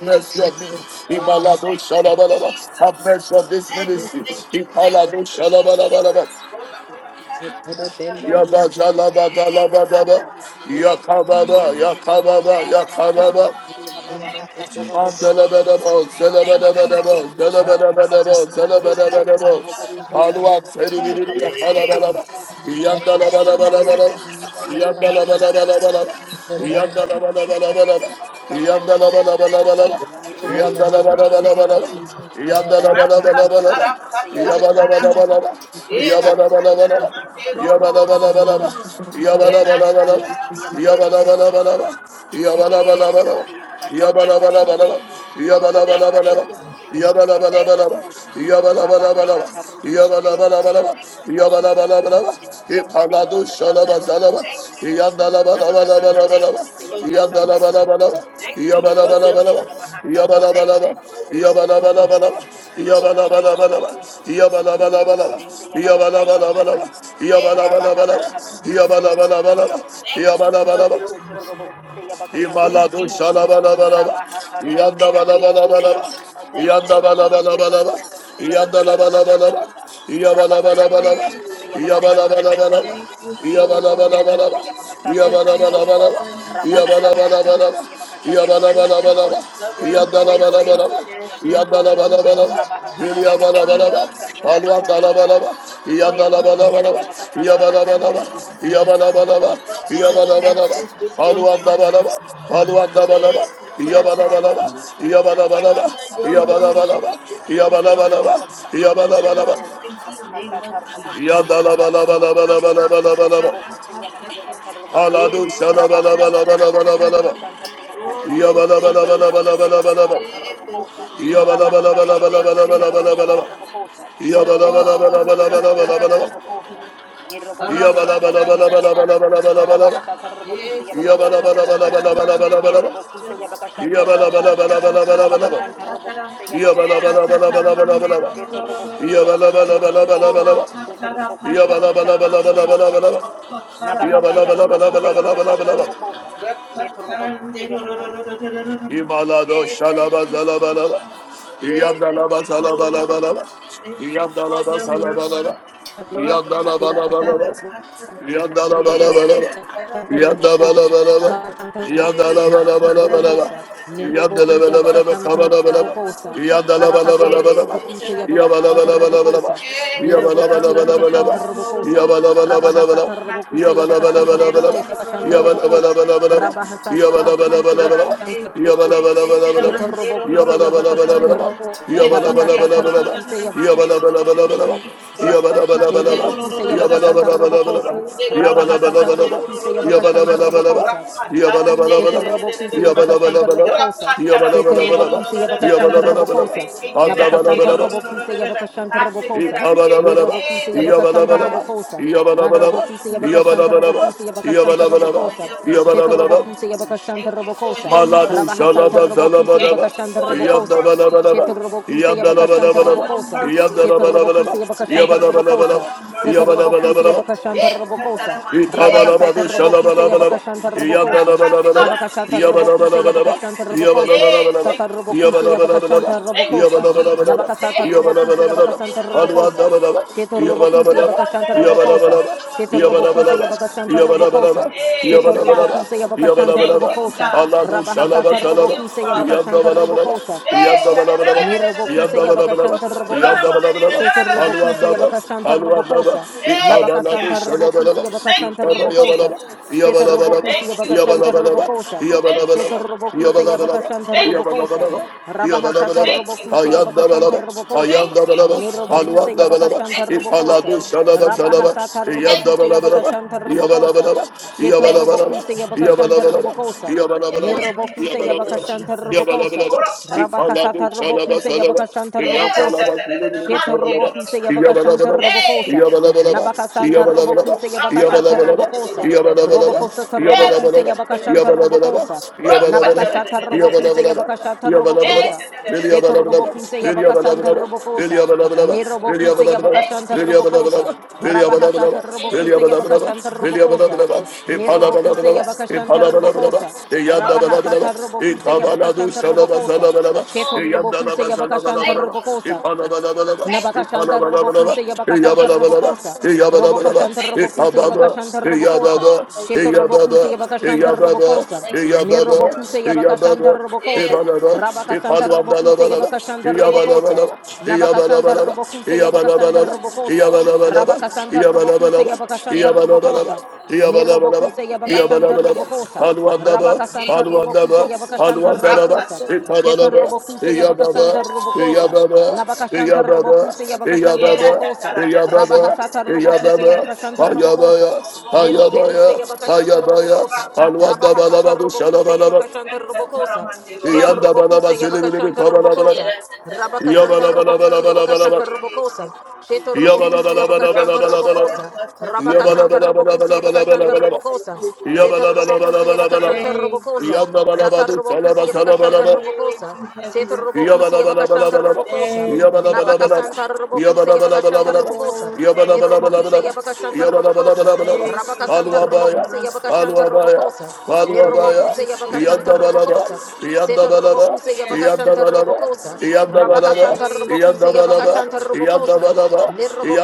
Speaker 1: mercy on me,
Speaker 6: Oh,
Speaker 1: Imalado
Speaker 6: thank you,
Speaker 1: Shalabalaba. Have
Speaker 6: Jesus.
Speaker 1: mercy on this
Speaker 6: Thank you,
Speaker 1: ministry,
Speaker 6: thank you, thank
Speaker 1: Imalado
Speaker 6: you, Jesus.
Speaker 1: Shalabalaba.
Speaker 6: Ora patara patara.
Speaker 1: Yabba Jalaba
Speaker 7: Tia
Speaker 6: Hey,
Speaker 1: Dalaba
Speaker 7: bahasa
Speaker 6: God.
Speaker 1: Daba,
Speaker 7: karabokosa.
Speaker 6: Thank you,
Speaker 1: Yakababa,
Speaker 6: Lord.
Speaker 7: Nirbokusi
Speaker 1: Yakababa,
Speaker 6: Thank
Speaker 7: bara
Speaker 6: you, God.
Speaker 1: Yakababa,
Speaker 7: rabokusi tia
Speaker 6: Thank
Speaker 7: rabahasa
Speaker 6: you,
Speaker 1: Yabba Yabala bala bala bala, yabala bala
Speaker 6: Lord.
Speaker 7: karaboko.
Speaker 6: Thank you,
Speaker 7: Nabakasa
Speaker 6: Jesus.
Speaker 7: karabokusi tia bakasa
Speaker 6: Ora
Speaker 7: karabokosa.
Speaker 6: patara
Speaker 7: Robokusi
Speaker 6: patara.
Speaker 7: karabokusi tia bakasa
Speaker 6: Hey.
Speaker 7: karabokosa.
Speaker 6: Thank you,
Speaker 7: Nabakasa
Speaker 6: Lord.
Speaker 7: karabokusi tia
Speaker 6: Ora
Speaker 7: bakasa karaboko.
Speaker 6: patara patara.
Speaker 7: Robokusi karabokusi tia bakasa
Speaker 6: Oh, thank
Speaker 7: karabokosa.
Speaker 6: you, Jesus.
Speaker 4: Thank
Speaker 7: Nirbokusi tia
Speaker 6: Thank you, Lord. Rapatarapatatata.
Speaker 1: bala,
Speaker 7: Yetorobokusa
Speaker 6: Erataramande no!
Speaker 7: Yabakasanta
Speaker 6: ro
Speaker 1: yabala
Speaker 6: ro ro ro
Speaker 7: Robokusa.
Speaker 6: ro.
Speaker 7: Nabakasata Robokusa
Speaker 6: Eratataramande
Speaker 4: you.
Speaker 6: ro
Speaker 7: Yabakasanta
Speaker 6: no,
Speaker 1: bala
Speaker 6: no, no,
Speaker 7: Robokusa.
Speaker 1: bala,
Speaker 6: no!
Speaker 1: yabala
Speaker 6: Eh,
Speaker 1: bala
Speaker 7: Yetorobokusa
Speaker 6: God.
Speaker 1: bala.
Speaker 7: Yabakasata
Speaker 6: Thank you,
Speaker 1: Yabalabalabala,
Speaker 7: Robokusa.
Speaker 6: Lord. Thank
Speaker 7: Nabakasata
Speaker 6: you,
Speaker 1: yabalabalabalaba,
Speaker 6: God.
Speaker 7: Robokusa Yabakasanta
Speaker 6: Thank
Speaker 1: yabalabalabalaba,
Speaker 6: you,
Speaker 7: Robokusa.
Speaker 6: God. Thank
Speaker 1: yabalabalabalaba,
Speaker 6: you,
Speaker 7: Rabahasata
Speaker 6: Jesus.
Speaker 7: Robokusa
Speaker 1: yabalabalabalaba,
Speaker 7: Yabakasanta
Speaker 6: Thank you,
Speaker 7: Robokusa.
Speaker 6: Father God.
Speaker 1: yabalabalabalaba,
Speaker 6: Thank you,
Speaker 7: Yetorobokusa
Speaker 1: ipaladu
Speaker 6: God.
Speaker 7: Yabakasata
Speaker 1: shalabazalaba,
Speaker 7: Robokusa.
Speaker 6: Thank you for mercy.
Speaker 7: Nabakasata
Speaker 6: Thank
Speaker 1: yandalabalabalabalaba,
Speaker 6: you
Speaker 7: Robokusa
Speaker 6: for your
Speaker 7: Yabakasata
Speaker 6: mercy.
Speaker 1: yandalabalabalaba,
Speaker 7: Robokusa.
Speaker 6: Thank you for your
Speaker 7: Nirobokusa
Speaker 1: yabalabalabalaba,
Speaker 6: mercy.
Speaker 7: Yabahasata
Speaker 6: Thank
Speaker 1: yabalabalaba,
Speaker 6: you
Speaker 7: Robokusa.
Speaker 6: for your mercy.
Speaker 7: Robokusa
Speaker 1: yabalabalabalaba,
Speaker 7: Rabokusa
Speaker 6: Thank you
Speaker 7: Yabakasanta
Speaker 6: for your
Speaker 1: yabalabalabalaba,
Speaker 7: Robokusa.
Speaker 6: mercy, God.
Speaker 1: yabalabalabalaba,
Speaker 6: Thank
Speaker 7: Nirobokuse
Speaker 6: you for
Speaker 7: Yabakasa
Speaker 6: your mercy.
Speaker 1: yabalabalabalaba,
Speaker 7: Tabukosa,
Speaker 6: Hey, thank you
Speaker 7: Rabahasa
Speaker 1: yabalabalabalaba,
Speaker 6: for your mercy,
Speaker 7: Tabukuse Yabakasanta
Speaker 1: yabalabalabalaba,
Speaker 6: God. Thank
Speaker 7: Robosa,
Speaker 6: you for
Speaker 1: yabalabalabalaba,
Speaker 6: your mercy, Lord.
Speaker 7: Setorobokuse Yabakasanta
Speaker 6: Thank
Speaker 1: İmalado
Speaker 6: you,
Speaker 7: Robosa,
Speaker 6: Jesus.
Speaker 1: şalabalabalaba.
Speaker 7: Rabahasa
Speaker 6: Thank you,
Speaker 1: İyanda
Speaker 7: Tarobokuse
Speaker 6: Jesus.
Speaker 1: balabalabalaba.
Speaker 7: Yabakasanta
Speaker 6: Thank
Speaker 7: Robosa,
Speaker 1: İyanda
Speaker 6: you, Jesus.
Speaker 1: balabalabalaba.
Speaker 7: Setorobokuse
Speaker 6: Thank
Speaker 1: İyanda
Speaker 6: you,
Speaker 7: Yabakasanta
Speaker 1: labalabalaba.
Speaker 7: Robosa,
Speaker 6: Jesus.
Speaker 7: Rabahasa
Speaker 6: Thank
Speaker 1: İyabalabalabalaba.
Speaker 6: you,
Speaker 7: Tarobokuse
Speaker 6: Lord.
Speaker 7: Yabakasanta
Speaker 1: İyabalabalabalaba.
Speaker 7: Robosa,
Speaker 6: Thank you for your covering.
Speaker 7: Setorobokuse
Speaker 1: İyabalabalabalaba.
Speaker 7: Yabakasanta
Speaker 6: Thank you for
Speaker 7: Robosa,
Speaker 1: İyabalabalabalaba.
Speaker 6: covering us with your
Speaker 7: Rabahasa
Speaker 6: mercy,
Speaker 1: İyabalabalabalaba.
Speaker 7: Tarobokuse
Speaker 6: God.
Speaker 7: Yabakasanta
Speaker 6: Thank you
Speaker 7: Robosa,
Speaker 6: for
Speaker 1: İyabalabalabalaba.
Speaker 6: covering
Speaker 1: İyanda
Speaker 6: Grace
Speaker 7: Setorobokuse
Speaker 1: labalabalaba.
Speaker 7: Yabakasanta
Speaker 6: International with
Speaker 1: Yabala
Speaker 6: your
Speaker 7: Robosa,
Speaker 1: yabala
Speaker 6: mercy, God.
Speaker 7: Rabahasa
Speaker 1: yabala
Speaker 7: Tarobokuse
Speaker 6: God,
Speaker 1: bala
Speaker 6: help
Speaker 1: bala,
Speaker 6: us,
Speaker 7: Yabakasanta
Speaker 6: help us,
Speaker 1: alwa
Speaker 7: Robosa,
Speaker 1: bala
Speaker 6: help
Speaker 1: bala
Speaker 6: us.
Speaker 1: bala, yabala bala
Speaker 6: Help
Speaker 1: bala,
Speaker 7: Nirrobokuseya Bakasanta
Speaker 1: yabala bala bala,
Speaker 6: Lead
Speaker 7: Robokosa.
Speaker 6: God.
Speaker 1: yabala bala bala
Speaker 6: Cover the
Speaker 1: yabala bala, bala
Speaker 6: pastors with your
Speaker 1: alwa bala,
Speaker 6: mercies,
Speaker 1: bala
Speaker 6: God.
Speaker 1: alwa bala
Speaker 6: Eh,
Speaker 1: bala,
Speaker 6: ta, ta, ra,
Speaker 1: yabala
Speaker 6: pa, ta, ta.
Speaker 1: bala bala
Speaker 6: Cover your
Speaker 1: yabala bala,
Speaker 7: Rabahasa
Speaker 1: bala
Speaker 6: ministries with your
Speaker 1: yabala bala
Speaker 6: mercy,
Speaker 7: Tarbokuse
Speaker 1: bala, yabala
Speaker 7: Yabakasanta
Speaker 6: God. In
Speaker 1: bala
Speaker 6: the
Speaker 1: bala
Speaker 7: Robokosa,
Speaker 6: mighty name of Jesus.
Speaker 1: yabala bala, bala yabala bala
Speaker 6: Ra,
Speaker 1: bala,
Speaker 6: pa,
Speaker 1: bala
Speaker 6: ta, ta, ra, pa, ta, ta. Eh, ra, ta, ta, ra, ta,
Speaker 1: bala bala
Speaker 6: ta, ra,
Speaker 1: bala bala, Yabalabalaba, Alwabalabalaba, bala Yabalabalaba, bala bala Alwabalabalaba, bala bala,
Speaker 6: mm. Oh, thank you,
Speaker 1: Yabalabalaba, bala bala
Speaker 6: Jesus.
Speaker 1: bala bala Aladu bala bala.
Speaker 6: Eh, thank you, Lord. Thank you, Father
Speaker 1: Yabalabalabalabalabalabalabalaba.
Speaker 6: God. Oh,
Speaker 1: Yabalabalabalabalabalabalabalaba.
Speaker 6: rapataratara.
Speaker 7: Nerobokuse
Speaker 6: Rapatatatara.
Speaker 1: Yabalabalabalabalabalabalabalaba.
Speaker 6: Hey, thank you,
Speaker 1: Yabalabalabalabalabalabalabalaba.
Speaker 7: Yabakasanta Robokosa,
Speaker 1: Yabalabalabalabalabalaba.
Speaker 7: Nabakasanta Robocuse Yabakasanta Robocosa, Keto Robocuse Yabakasanta Robocosa,
Speaker 1: Yabalabalabalabalabalaba.
Speaker 7: Keto
Speaker 1: Yabalabalabalabalabalaba.
Speaker 7: Robocuse Yabakasanta Robocosa,
Speaker 1: Yabalabalabalabalabalaba.
Speaker 7: Nabakasanta Robocuse Yabakasanta
Speaker 1: Yabalabalabalabalabalaba.
Speaker 7: Robocosa,
Speaker 1: Imalado shalaba zalaba laba.
Speaker 6: Jesus. Hey, thank
Speaker 1: Iyandalaba
Speaker 6: you,
Speaker 1: salaba
Speaker 6: Lord.
Speaker 1: laba laba.
Speaker 6: Thank you for
Speaker 1: Iyandalaba
Speaker 6: your
Speaker 1: salaba laba.
Speaker 6: mercy.
Speaker 1: Iyandalaba laba laba.
Speaker 7: Rabakasanta
Speaker 6: Rapatatarapata.
Speaker 7: Rabokuse
Speaker 1: Iyandalaba laba laba.
Speaker 7: Yabakasanta
Speaker 6: Eratataratata.
Speaker 1: Iyandalaba laba laba. Iyandalaba laba laba
Speaker 6: Erapatataratata.
Speaker 1: laba. Yabba
Speaker 6: Rapatatarapatutu. Eretetarapatata. Etataramanero. Rapataran
Speaker 7: Robo, Nabakashata Rabokuse Shansa.
Speaker 1: Yabalabalaba,
Speaker 7: Nerobokuse Yabakasata
Speaker 1: yabalabalabalaba,
Speaker 7: Robokosa. Rabahasata
Speaker 1: yabalabalabalaba,
Speaker 7: Robokuse Yabakashanta
Speaker 1: yabalabalabalaba,
Speaker 7: Robokosa. Shete
Speaker 1: yabalabalabalaba,
Speaker 7: robokusa yabaka shanta
Speaker 1: yabalabalabalaba,
Speaker 7: robokosa. Sete
Speaker 1: yabalabalabalaba,
Speaker 7: robokusa yabaka shanta
Speaker 1: yabalabalabalaba,
Speaker 7: robokosa. Nabaka santa
Speaker 1: andabalabalaba,
Speaker 7: robokusa yabaka shanta
Speaker 6: I lifted
Speaker 7: robokosa.
Speaker 6: every day.
Speaker 7: Ni
Speaker 1: ikabalabalaba,
Speaker 6: Hey,
Speaker 7: robokusa
Speaker 6: thank
Speaker 7: yabaka
Speaker 6: you,
Speaker 7: shanta
Speaker 1: yabalabalaba,
Speaker 6: God.
Speaker 7: robokosa.
Speaker 6: Thank you
Speaker 7: Nada
Speaker 6: for
Speaker 1: yabalabalaba,
Speaker 7: robokusa
Speaker 6: your
Speaker 7: yabaka
Speaker 6: mercy,
Speaker 7: shanta
Speaker 1: yabalabalaba,
Speaker 6: God.
Speaker 7: robokusa yabaka
Speaker 6: Thank
Speaker 7: shanta
Speaker 6: you
Speaker 1: yabalabalaba,
Speaker 6: for
Speaker 7: robokosa.
Speaker 6: your mercy,
Speaker 7: Shete
Speaker 6: God.
Speaker 1: yabalabalaba,
Speaker 7: robokusa yabaka
Speaker 6: Thank
Speaker 7: shanta
Speaker 6: you for
Speaker 7: robokosa.
Speaker 6: your
Speaker 1: Malado
Speaker 6: mercy,
Speaker 7: Rabaha santa
Speaker 6: Lord.
Speaker 1: shalaba
Speaker 7: robokusa
Speaker 1: zalaba
Speaker 6: Thank
Speaker 1: laba.
Speaker 7: yabaka
Speaker 6: you
Speaker 7: shanta
Speaker 6: for your
Speaker 1: Yanda
Speaker 7: robokosa.
Speaker 1: laba
Speaker 6: mercy,
Speaker 1: laba laba.
Speaker 7: Shete
Speaker 6: Lord.
Speaker 7: robokusa
Speaker 1: Yanda
Speaker 6: Thank
Speaker 7: yabaka
Speaker 1: laba
Speaker 6: you
Speaker 7: shanta
Speaker 1: laba
Speaker 6: for
Speaker 1: laba.
Speaker 6: your
Speaker 7: robokosa.
Speaker 1: Yanda
Speaker 6: mercy,
Speaker 7: Sete
Speaker 1: laba
Speaker 6: Lord.
Speaker 1: laba
Speaker 7: robokusa
Speaker 1: laba.
Speaker 7: yabaka shanta
Speaker 1: Yaba
Speaker 6: Thank you
Speaker 1: laba laba
Speaker 6: for
Speaker 7: robokosa.
Speaker 1: laba.
Speaker 6: your
Speaker 7: Sete
Speaker 1: Yaba
Speaker 6: mercy,
Speaker 1: laba laba
Speaker 7: robokusa
Speaker 6: God.
Speaker 1: laba.
Speaker 7: yabaka shanta
Speaker 6: Eh,
Speaker 7: robokosa.
Speaker 6: tataramande,
Speaker 7: Rabaha
Speaker 6: eh,
Speaker 7: santa
Speaker 1: İtabalabadı
Speaker 7: robokusa yabaka
Speaker 1: şalabalabalaba.
Speaker 7: shanta
Speaker 6: tataramandiriririririririr.
Speaker 7: robokosa.
Speaker 1: İyandalabalabalaba.
Speaker 6: Rapatana,
Speaker 7: Nabakashanta Robokuse
Speaker 1: İyabalabalabalaba.
Speaker 7: Yabakashanta
Speaker 6: eh,
Speaker 7: Robokosa.
Speaker 1: İyabalabalabalaba.
Speaker 6: thank
Speaker 7: Sata
Speaker 6: you,
Speaker 7: Robokuse
Speaker 6: God.
Speaker 1: İyabalabalabalaba.
Speaker 7: Yabakashanta
Speaker 6: Thank you,
Speaker 7: Robokosa.
Speaker 6: Jesus.
Speaker 1: İyabalabalabalaba.
Speaker 7: Nabakasata
Speaker 6: Hey,
Speaker 7: Robokuse
Speaker 1: İyabalabalabalaba.
Speaker 7: Yabakasanta Robokosa.
Speaker 1: Alvandabalaba.
Speaker 7: Sheto Robokuse
Speaker 1: İyabalabalaba.
Speaker 7: Yabakashanta Robokosa.
Speaker 1: İyabalabalaba.
Speaker 7: Sheto Robokuse
Speaker 1: İyabalabalaba.
Speaker 7: Yabakashanta Robokosa.
Speaker 1: İyabalabalaba.
Speaker 7: Seto
Speaker 6: Hey, God.
Speaker 1: İyabalabalaba.
Speaker 7: Robokuse Yabakashanta
Speaker 6: Thank
Speaker 1: İyabalabalaba.
Speaker 6: you,
Speaker 7: Robokosa.
Speaker 6: God.
Speaker 1: Allah bu şalaba
Speaker 7: Rabahasata
Speaker 6: Thank
Speaker 1: şalaba.
Speaker 6: you,
Speaker 7: Robokuse
Speaker 6: Father.
Speaker 7: Yabakashanta
Speaker 1: İyandabalabalaba.
Speaker 7: Robokosa.
Speaker 6: Hey,
Speaker 1: İyandabalabalaba.
Speaker 7: Nirobokuse
Speaker 1: Yandabalabalaba,
Speaker 7: Yabakashanta Robokosa,
Speaker 1: yandabalabalaba,
Speaker 7: Seta Robokuse
Speaker 1: haluandaba,
Speaker 7: Yabakashanta
Speaker 1: haluandaba,
Speaker 7: Robokosa,
Speaker 6: hey,
Speaker 1: ikabalabu
Speaker 7: Nabakasanta
Speaker 6: God.
Speaker 7: Robokuse
Speaker 1: shalabalaba,
Speaker 6: Thank
Speaker 7: Yabakashanta
Speaker 6: you,
Speaker 7: Robokosa,
Speaker 1: ikabayabalaba,
Speaker 6: Jesus.
Speaker 7: Seta
Speaker 1: yabalabalaba,
Speaker 6: Thank
Speaker 7: Robokuse
Speaker 6: you,
Speaker 7: Yabakashanta
Speaker 6: Lord.
Speaker 1: yabalabalaba,
Speaker 7: Robokosa,
Speaker 6: Thank
Speaker 7: Seta
Speaker 1: yabalabalaba,
Speaker 6: you. Lord.
Speaker 7: Robokuse
Speaker 1: yabalabalaba,
Speaker 7: Yabakashanta
Speaker 6: Thank you,
Speaker 7: Robokosa,
Speaker 1: yabalabalaba,
Speaker 6: God.
Speaker 7: Rabahasata
Speaker 1: yabalabalaba,
Speaker 6: Thank you,
Speaker 7: Robokuse
Speaker 6: Father God.
Speaker 7: Yabakashanta
Speaker 1: ayandabalaba,
Speaker 7: Robokosa,
Speaker 6: Thank you,
Speaker 1: ayandabalaba,
Speaker 6: Jesus.
Speaker 7: Nirobokuse
Speaker 1: haluandabalaba,
Speaker 7: Yabakashanta
Speaker 6: Thank you for
Speaker 7: Robokosa,
Speaker 1: ifalabu
Speaker 6: your mercy,
Speaker 1: shalabalaba,
Speaker 6: God.
Speaker 7: Rabahasata
Speaker 6: Thank
Speaker 7: Robokuse
Speaker 6: you for
Speaker 1: yandabalabalaba,
Speaker 6: your
Speaker 7: Yabakashanta
Speaker 6: mercy,
Speaker 7: Robokosa,
Speaker 1: yabalabalaba,
Speaker 6: God.
Speaker 7: Sheta
Speaker 6: Thank you
Speaker 1: yabalabalaba,
Speaker 6: for
Speaker 7: Robokuse
Speaker 6: your
Speaker 7: Yabakashanta
Speaker 6: mercy.
Speaker 1: yabalabalaba,
Speaker 7: Robokosa,
Speaker 6: In
Speaker 1: Yabalabalaba,
Speaker 6: the mighty
Speaker 7: Nirobokuse
Speaker 6: name of
Speaker 1: yabalabalaba,
Speaker 7: Yabakashanta
Speaker 6: Jesus.
Speaker 7: Robokosa,
Speaker 1: yabalabalaba.
Speaker 7: Rabakasata
Speaker 1: İkaladu çalaba
Speaker 7: Robokuse
Speaker 1: salaba,
Speaker 7: Yabakashanta
Speaker 1: İlyam çalaba
Speaker 7: Robokosa.
Speaker 1: kulübünü
Speaker 7: Sheto
Speaker 1: çalaba.
Speaker 7: Robokuse Yabakashanta
Speaker 1: Yabalabalaba,
Speaker 6: Hey,
Speaker 7: Robokosa.
Speaker 6: God, thank
Speaker 1: yabalabalaba,
Speaker 6: you,
Speaker 7: Nabakasanta
Speaker 1: yabalabalaba,
Speaker 7: Robokuse Yabakashata
Speaker 1: yabalabalaba,
Speaker 7: Robokosa.
Speaker 1: yabalabalaba,
Speaker 7: Robokosata Robokuse
Speaker 1: yabalabalaba,
Speaker 7: Yabakashanta
Speaker 1: yabalabalaba,
Speaker 6: Jesus.
Speaker 7: Robokosa.
Speaker 6: Thank
Speaker 1: yabalabalaba,
Speaker 7: Nabakashata Robokuse
Speaker 1: yabalabalaba,
Speaker 7: Yabakashata
Speaker 1: yabalabalaba.
Speaker 7: Robokosa.
Speaker 1: Really
Speaker 7: Seto
Speaker 1: yabalabalaba,
Speaker 7: Robokuse
Speaker 1: really
Speaker 7: Yabakasanta
Speaker 1: yabalabalaba, really
Speaker 7: Robokosa.
Speaker 1: yabalabalaba, really
Speaker 7: Nerobokuse
Speaker 1: yabalabalaba,
Speaker 7: Yabakashanta
Speaker 1: really
Speaker 6: you, Jesus.
Speaker 7: Robokosa.
Speaker 1: yabalabalaba, really
Speaker 7: Rabahasata
Speaker 1: yabalabalaba. Yabba
Speaker 7: Robokuse Yabakashanta Robokosa. Nerobokuse Yabakashanta Robokosa. Rabahasata Robokuse Yabakashanta Robokosa.
Speaker 6: Oh, God.
Speaker 7: Shetorobokuse
Speaker 6: Thank you.
Speaker 7: Yabakashantarbokosa.
Speaker 6: Thank you,
Speaker 7: Nabakashanta
Speaker 6: Jesus.
Speaker 7: Robokuse Yabakasanta
Speaker 6: Thank you, Lord.
Speaker 7: Robokosa. Robokoshanta
Speaker 6: Thank you,
Speaker 7: Robokuse Yabakashanta
Speaker 6: Lord.
Speaker 7: Robokosa.
Speaker 6: Oh, thank you
Speaker 7: Sheto
Speaker 6: for your
Speaker 7: Robokuse
Speaker 6: mercy.
Speaker 7: Yabakashanta Robokosa.
Speaker 6: Thank you for your
Speaker 7: Nirobokuse
Speaker 6: mercy, God.
Speaker 7: Yabakashanta
Speaker 6: Eh,
Speaker 7: Robokosa.
Speaker 6: ta, ta, ta,
Speaker 7: Rabakasanta
Speaker 6: ta.
Speaker 7: Robokuse Yabakashanta
Speaker 6: Eh,
Speaker 7: Robokosa. Nabakasanta
Speaker 1: Iyabalabalaba,
Speaker 7: Robokuse Yabakasanta
Speaker 1: iyabalabalaba,
Speaker 7: Robokosa.
Speaker 6: Oh,
Speaker 1: iyabalabalaba,
Speaker 6: thank you.
Speaker 7: Rabakasanta Robokuse
Speaker 1: iyabalabalaba,
Speaker 7: Yabakashanta
Speaker 6: Thank you,
Speaker 1: iyabalabalaba,
Speaker 7: Robokosa.
Speaker 6: Jesus.
Speaker 1: iyabalabalaba,
Speaker 7: Nirobokuse
Speaker 6: Thank you,
Speaker 7: Yabakashanta
Speaker 1: iyabalabalaba.
Speaker 6: God.
Speaker 7: Robokosa.
Speaker 1: Haluandaba,
Speaker 6: Thank
Speaker 7: Rabakasanta
Speaker 6: you,
Speaker 1: haluandaba,
Speaker 6: God.
Speaker 7: Robokuse Yabakashanta
Speaker 1: haluandalaba,
Speaker 7: Robokosa.
Speaker 6: Rapata, rapata.
Speaker 7: Sheto
Speaker 1: itabalaba,
Speaker 7: Robokuse
Speaker 1: iyababa,
Speaker 7: Yabakasanta
Speaker 6: Oh,
Speaker 7: Robokosa.
Speaker 6: rapata,
Speaker 1: iyababa,
Speaker 7: Nabakashanta
Speaker 1: iyababa,
Speaker 7: Robokuse
Speaker 6: rapata.
Speaker 7: Yabakashanta
Speaker 6: Eh, ra,
Speaker 1: iyababa,
Speaker 6: ta, ta,
Speaker 7: Robokosa.
Speaker 6: ra, da, da, da,
Speaker 1: iyababa,
Speaker 6: da,
Speaker 7: Rabahasata
Speaker 6: da, da, da, da, da,
Speaker 7: Robokuse
Speaker 6: da,
Speaker 1: iyababa,
Speaker 6: da, da, da,
Speaker 7: Yabakashanta
Speaker 6: da, da.
Speaker 1: hayabaya,
Speaker 7: Robokosa.
Speaker 1: hayabaya,
Speaker 7: Nirobokuse
Speaker 6: Oh,
Speaker 7: Yabakashanta
Speaker 1: hayabaya,
Speaker 7: Robokosa.
Speaker 6: rapata, ta,
Speaker 1: haluandabalaba,
Speaker 7: Rabahasata Robokuse
Speaker 1: duşalabalaba,
Speaker 6: ta,
Speaker 7: Yabakashanta
Speaker 6: ta, ta, ra,
Speaker 7: Robokosa.
Speaker 6: man, de, ro, ro,
Speaker 7: Sheta
Speaker 6: ro.
Speaker 1: iyandabalaba,
Speaker 7: Robokuse
Speaker 1: zilibilibi,
Speaker 7: Yabakashanta
Speaker 6: Hey,
Speaker 1: kabalabalaba.
Speaker 7: Robokosa. Rabakasanta Robokuse Yabakashanta
Speaker 6: Thank
Speaker 7: Robokosa.
Speaker 6: you,
Speaker 7: Sheta
Speaker 6: Jesus.
Speaker 7: Robokuse Yabakashanta Robokosa.
Speaker 6: Rapatara-patara.
Speaker 7: Rabakasanta Robokuse Yabakashanta
Speaker 6: Hey, Thank
Speaker 7: Robokosa.
Speaker 6: you, God.
Speaker 7: Seta Robokuse Yabakashanta
Speaker 6: Thank you,
Speaker 7: Robokosa.
Speaker 6: God.
Speaker 7: Sata Robokuse Yabakashanta
Speaker 1: Yabba
Speaker 6: Thank
Speaker 7: Robokosa.
Speaker 6: you,
Speaker 7: Seta
Speaker 6: Heavenly
Speaker 7: Robocusi
Speaker 6: Father.
Speaker 7: Yabakashanta
Speaker 1: Yabalabalabalabalaba.
Speaker 7: Robocosa.
Speaker 6: Thank you,
Speaker 1: Yabalabalabalaba.
Speaker 7: Nabakasanta
Speaker 6: Omnipotent One.
Speaker 7: Robocusi Yabakashanta
Speaker 1: Yabalabalabalaba.
Speaker 7: Robocosa.
Speaker 6: Oh, thank you,
Speaker 7: Nirobocusi
Speaker 1: Yabalabalabalaba.
Speaker 6: Holy
Speaker 7: Yabakashanta
Speaker 6: Spirit.
Speaker 7: Robocosa.
Speaker 1: Yabalabalabalaba.
Speaker 6: Thank you for
Speaker 7: Rabakasanta
Speaker 6: your
Speaker 1: Aluabaya.
Speaker 7: Robocusi
Speaker 6: mercies.
Speaker 7: Yabakashanta
Speaker 1: Aluabaya.
Speaker 7: Robocosa.
Speaker 6: Thank
Speaker 1: Aluabaya.
Speaker 6: you
Speaker 7: Nirobocusi
Speaker 6: for your
Speaker 7: Yabakashanta
Speaker 1: Yandabalaba.
Speaker 7: Robocosa.
Speaker 6: mercies, God.
Speaker 7: Seta
Speaker 1: Yandabalaba.
Speaker 7: Robocusi
Speaker 6: We ask
Speaker 7: Yabakashanta
Speaker 6: you for
Speaker 1: Yandabalaba.
Speaker 6: your
Speaker 7: Robocosa.
Speaker 6: mercy. We
Speaker 1: Yandabalaba.
Speaker 7: Rabakasanta
Speaker 6: beg you
Speaker 7: Robocusi
Speaker 6: for
Speaker 1: Yandabalaba.
Speaker 6: your
Speaker 7: Yabakashanta
Speaker 6: mercies,
Speaker 7: Robocosa.
Speaker 6: Lord.
Speaker 1: Yandabalaba.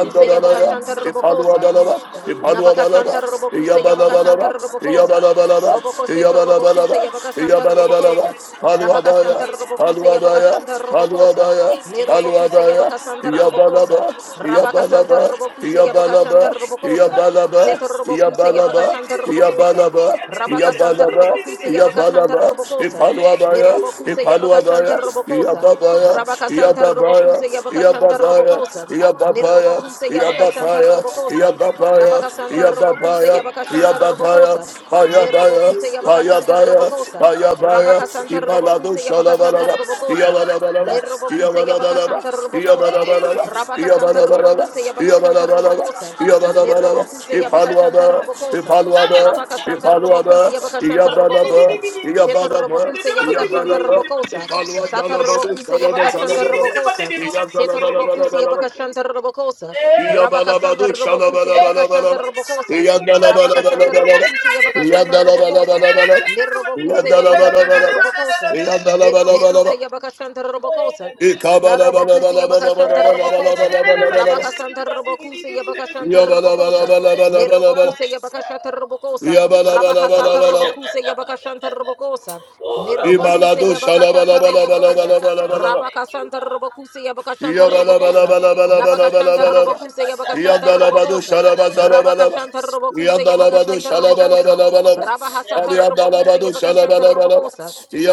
Speaker 6: And in the
Speaker 7: Yabakashanta
Speaker 6: mighty
Speaker 7: Robocosa.
Speaker 6: name
Speaker 1: Ipaluabalaba.
Speaker 6: of Jesus.
Speaker 1: Ipaluabalaba.
Speaker 7: Nabakashanta Robokuse
Speaker 1: Yabalabalaba.
Speaker 7: Yabakashanta
Speaker 6: Thank
Speaker 7: Robokosa.
Speaker 1: Yabalabalaba.
Speaker 7: Robokosheta Robokuse
Speaker 1: Yabalabalaba.
Speaker 7: Yabakashanta
Speaker 1: Yabalabalaba.
Speaker 7: Robokosa. Nabakashanta
Speaker 1: Aluabaya.
Speaker 7: Robokuse
Speaker 1: Aluabaya,
Speaker 7: Yabakashanta Robokosa.
Speaker 1: Aluabaya,
Speaker 7: Nerobokuse
Speaker 1: Aluabaya,
Speaker 7: Yabakasanta Robokosa.
Speaker 1: Yabalaba,
Speaker 7: Rabakasanta
Speaker 1: Yabalaba,
Speaker 7: Robokuse Yabakashanta
Speaker 1: Yabalaba,
Speaker 7: Robokosa.
Speaker 1: Yabalaba,
Speaker 7: Seta Robokuse
Speaker 1: Yabalaba,
Speaker 7: Yabakashanta Robokosa.
Speaker 1: Yabalaba,
Speaker 7: Rabakasanta
Speaker 1: Yabalaba,
Speaker 7: Robokuse Yabakashanta
Speaker 1: Yabalaba,
Speaker 7: Robokosa.
Speaker 1: Ipaluabaya,
Speaker 6: you for
Speaker 7: Nerobokuse
Speaker 6: your
Speaker 1: Ipaluabaya,
Speaker 7: Yabakashanta
Speaker 6: mercy, God.
Speaker 7: Robokosa.
Speaker 1: Yababaya,
Speaker 7: Rabakasanta
Speaker 6: Thank
Speaker 1: Yababaya,
Speaker 7: Robokuse
Speaker 6: you for
Speaker 7: Yabakashanta
Speaker 1: Yababaya,
Speaker 6: covering us,
Speaker 7: Robokosa.
Speaker 6: God.
Speaker 1: Yababaya,
Speaker 7: Nerobokuse
Speaker 6: Thank
Speaker 7: Yabakashanta
Speaker 6: you
Speaker 1: Yababaya,
Speaker 6: for
Speaker 7: Robokosa.
Speaker 6: covering us
Speaker 1: Yababaya,
Speaker 6: with your
Speaker 7: Nabakasanta Robokuse
Speaker 6: mercy,
Speaker 1: Yababaya,
Speaker 7: Yabakashanta
Speaker 1: Yababaya,
Speaker 6: God.
Speaker 7: Robokosa.
Speaker 1: Hayabaya,
Speaker 6: Thank
Speaker 1: Hayabaya,
Speaker 6: you
Speaker 7: Nerobokuse
Speaker 6: for
Speaker 7: Yabakashanta
Speaker 6: covering
Speaker 1: Hayabaya,
Speaker 6: us with
Speaker 7: Robokosa.
Speaker 6: your
Speaker 1: Hayabaya,
Speaker 6: mercy,
Speaker 7: Rabakasanta
Speaker 1: Imalado
Speaker 6: Lord.
Speaker 7: Robokuse Yabakashanta
Speaker 1: Shalabalaba,
Speaker 7: Robokosa.
Speaker 1: Yabalabalaba,
Speaker 7: Nerobokuse
Speaker 1: Yabalabalaba,
Speaker 7: Yabakashanta Robokosa.
Speaker 1: Yabalabalaba,
Speaker 7: Rabakasanta
Speaker 1: Yabalabalaba,
Speaker 7: Robokuse
Speaker 6: Hey,
Speaker 7: Yabakashanta Robokosa.
Speaker 1: Yabalabalaba, Yabalabalaba,
Speaker 7: Nerobokuse
Speaker 1: Ipaluaba,
Speaker 7: Yabakashanta Robokosa.
Speaker 1: Ipaluaba,
Speaker 7: Rabakasanta Robokuse
Speaker 1: Ipaluaba,
Speaker 7: Yabakashanta
Speaker 1: Yabalaba,
Speaker 7: Robokosa. Shetar
Speaker 1: Yabalaba,
Speaker 7: Robokuse Yabakashanta
Speaker 1: Yabalaba,
Speaker 7: Robokosa. Satar
Speaker 1: Ipaluandalabadu
Speaker 7: Robokuse
Speaker 1: Shalabalaba,
Speaker 7: Yabakashanta Robokosa. Setar Robokuse
Speaker 1: Yabalabalaba,
Speaker 7: Yabakashanta Robokosa. Rabakasanta
Speaker 1: Yabalabado
Speaker 7: Robocusa Yabakashanta
Speaker 1: shalabalabalabala.
Speaker 7: Robocosa. Rabakashanta
Speaker 1: Yadalabalabalabala.
Speaker 7: Robocusa Yabakashanta Robocosa.
Speaker 1: Yadalabalabalabala.
Speaker 7: Nirobocusa Yabakashanta
Speaker 1: Yadalabalabalabala.
Speaker 7: Robocosa. Nirobocusa
Speaker 1: Yadalabalabalabala.
Speaker 7: Yabakashanta Robocosa.
Speaker 6: Thank you.
Speaker 7: Narabocusa
Speaker 6: My
Speaker 7: Yabakashanta Robocosa.
Speaker 1: Ikabalabalabalabalabalabalabalabalabalabala.
Speaker 7: Rabakasanta Robocusa Yabakashanta Robocosa.
Speaker 1: Yabalabalabalabalabalabala.
Speaker 7: Nirobocusa Yabakashanta Robocosa. Rabahasata
Speaker 1: Yabalabalabalabala.
Speaker 7: Robocusa Yabakashanta
Speaker 6: God.
Speaker 7: Robocosa.
Speaker 6: Oh,
Speaker 7: Nirobocusa
Speaker 1: Imalado
Speaker 7: Yabakashanta Robocosa.
Speaker 1: shalabalabalabalabalabalabala.
Speaker 6: thank you,
Speaker 7: Rabakasanta
Speaker 6: God.
Speaker 7: Robocusa Yabakashanta
Speaker 6: Thank you,
Speaker 7: Robocosa.
Speaker 6: Jesus.
Speaker 7: Nabakashanta
Speaker 1: Yabalabalabalabalabalabalabalaba.
Speaker 7: Robokuse Yabakashanta
Speaker 1: Yandalabado
Speaker 7: Robokosa.
Speaker 1: şalabazalabalaba.
Speaker 7: Rabakashanta Robokuse
Speaker 1: Yandalabado
Speaker 7: Yabakashanta Robokosa.
Speaker 1: şalabalabalabalaba.
Speaker 6: Thank
Speaker 1: Ali
Speaker 7: Rabahasata
Speaker 6: you,
Speaker 7: Robokuse
Speaker 1: yandalabado
Speaker 6: Jesus.
Speaker 7: Yabakashanta
Speaker 1: şalabalabalaba.
Speaker 7: Robokosa.
Speaker 6: Oh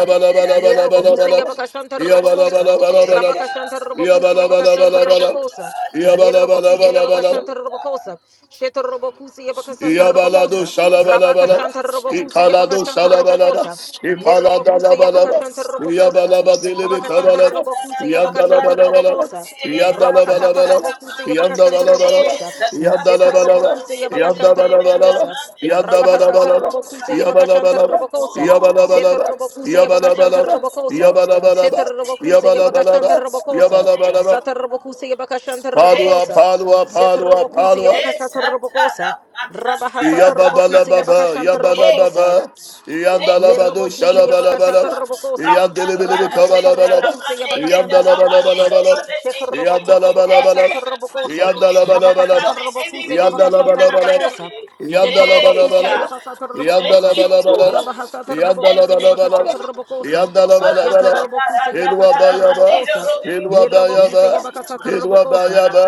Speaker 7: Nerobokusa Yabakashanta Robokosa,
Speaker 1: Yabalabalabalabalaba.
Speaker 7: Rabakashanta Robokusa Yabakashanta
Speaker 1: Yabalabalabalabalaba.
Speaker 7: Robokosa, Nerobokusa Yabakashanta
Speaker 1: Yabalabalabalabalaba.
Speaker 7: Robokosa, Shetor Robokusa Yabakasanta
Speaker 1: Yabalado
Speaker 7: Robokosa,
Speaker 1: shalabalabalaba.
Speaker 7: Rabakashanta Robokusa
Speaker 1: Ikalado
Speaker 7: Yabakashanta
Speaker 1: shalabalaba.
Speaker 7: Robokosa, Nerobokusa
Speaker 1: Ipaladalabalaba.
Speaker 7: Yabakashanta Robokosa,
Speaker 1: Yabalaba dilibi
Speaker 7: Nabakashanta
Speaker 1: kabalaba.
Speaker 7: Robokusa Yabakashanta
Speaker 1: Yandalabalabalaba.
Speaker 7: Robokosa, Rabakasata
Speaker 1: Yandalabalabalaba.
Speaker 7: Robokusa Yabakashanta
Speaker 1: Yandalabalabalaba.
Speaker 7: Robokosa, Setor
Speaker 1: Yandalabalabalaba.
Speaker 7: Robokusa Yabakashanta
Speaker 1: Yandalabalabalaba.
Speaker 7: Robokosa, Rabahasata
Speaker 1: Yandalabalabalaba.
Speaker 7: Robokusa
Speaker 6: God.
Speaker 7: Yabakashanta
Speaker 1: Yabalabalaba.
Speaker 7: Robokosa,
Speaker 6: Oh
Speaker 1: Yabalabalaba.
Speaker 7: Setarabokuse
Speaker 6: Thank you, Lord.
Speaker 7: Yabakashantarabokosa.
Speaker 1: Yabalabalaba.
Speaker 6: Thank
Speaker 7: Setarabokuse
Speaker 6: you, Lord.
Speaker 1: Yabalabalaba. Yabalabalaba.
Speaker 7: Yabakashantarabokosa.
Speaker 6: Thank
Speaker 1: Yabalabalaba.
Speaker 6: you, Lord.
Speaker 7: Satarabokuse
Speaker 6: Thank
Speaker 1: Padua,
Speaker 7: Yabakashantarabokosa.
Speaker 6: you,
Speaker 1: Padua,
Speaker 6: God.
Speaker 1: Padua,
Speaker 7: Setarabokuse
Speaker 1: Padua.
Speaker 6: Eh, ta, ta, ra,
Speaker 7: Yabakashantarabokosa.
Speaker 6: pa, ta, ta, ra,
Speaker 1: Ya
Speaker 6: pa,
Speaker 1: baba
Speaker 6: ta,
Speaker 1: la
Speaker 7: Rabahasatarbokuse
Speaker 6: ta, ta.
Speaker 1: baba, ya bala
Speaker 6: Eh,
Speaker 7: Yabakashantarabokosa.
Speaker 6: God.
Speaker 1: baba, yanda
Speaker 6: Thank
Speaker 1: la bado
Speaker 6: you,
Speaker 7: Nerobokuse
Speaker 1: şala bala
Speaker 6: Jesus.
Speaker 7: Yabakashata
Speaker 1: bala
Speaker 6: Ra,
Speaker 7: Robokosa,
Speaker 6: pa,
Speaker 1: yanda le
Speaker 6: ta,
Speaker 1: bile bir
Speaker 6: ra, te,
Speaker 7: Rabahasata
Speaker 1: kavala
Speaker 6: ta,
Speaker 1: bala
Speaker 6: ra,
Speaker 1: bala
Speaker 6: ma,
Speaker 7: Robokuse
Speaker 6: te, te, ta,
Speaker 7: Yabakashanta
Speaker 1: yanda
Speaker 6: ra,
Speaker 1: la
Speaker 6: ma,
Speaker 1: bala
Speaker 6: te,
Speaker 1: bala
Speaker 7: Robokosa,
Speaker 6: go,
Speaker 1: bala
Speaker 6: go, te, te,
Speaker 7: Shefer
Speaker 6: ki, ki.
Speaker 1: yanda la
Speaker 7: Robokuse
Speaker 1: bala
Speaker 6: Eh,
Speaker 1: bala
Speaker 6: ta,
Speaker 7: Yabakashata
Speaker 6: ta, ra, ma, te,
Speaker 7: Robokosa,
Speaker 6: ro,
Speaker 1: yanda
Speaker 6: go, ta, ta, ra, ma,
Speaker 7: Nabakasata
Speaker 1: yanda
Speaker 6: te, te, te,
Speaker 7: Robokuse
Speaker 6: te, te, te,
Speaker 1: yanda la la bado la
Speaker 6: te, te, te,
Speaker 7: Yabakashata
Speaker 1: bala bala
Speaker 6: te, te,
Speaker 7: Robokosa,
Speaker 6: te.
Speaker 7: Shetor
Speaker 1: yanda la
Speaker 6: Eh,
Speaker 1: bala bala yanda la bala
Speaker 7: Robokuse
Speaker 6: God.
Speaker 1: bala
Speaker 7: Yabakasata
Speaker 6: Thank
Speaker 7: Robokosa,
Speaker 1: Yandala
Speaker 6: you,
Speaker 1: bala bala,
Speaker 6: Lord.
Speaker 7: Rabahasata
Speaker 6: Thank
Speaker 1: yandala
Speaker 7: Robokuse
Speaker 6: you,
Speaker 1: bala bala,
Speaker 7: Yabakashata
Speaker 6: Father God.
Speaker 7: Robokosa,
Speaker 1: yandala bala
Speaker 7: Shetor
Speaker 1: bala.
Speaker 7: Robokuse
Speaker 1: ilwa
Speaker 7: Yabakashata
Speaker 1: Yandalabalabala. Yandalabalabala.
Speaker 7: Robokosa,
Speaker 1: Yandalabalabala. Ilwabayaba.
Speaker 7: Nirobokuse Yabakasata Robokosa,
Speaker 1: Ilwabayaba.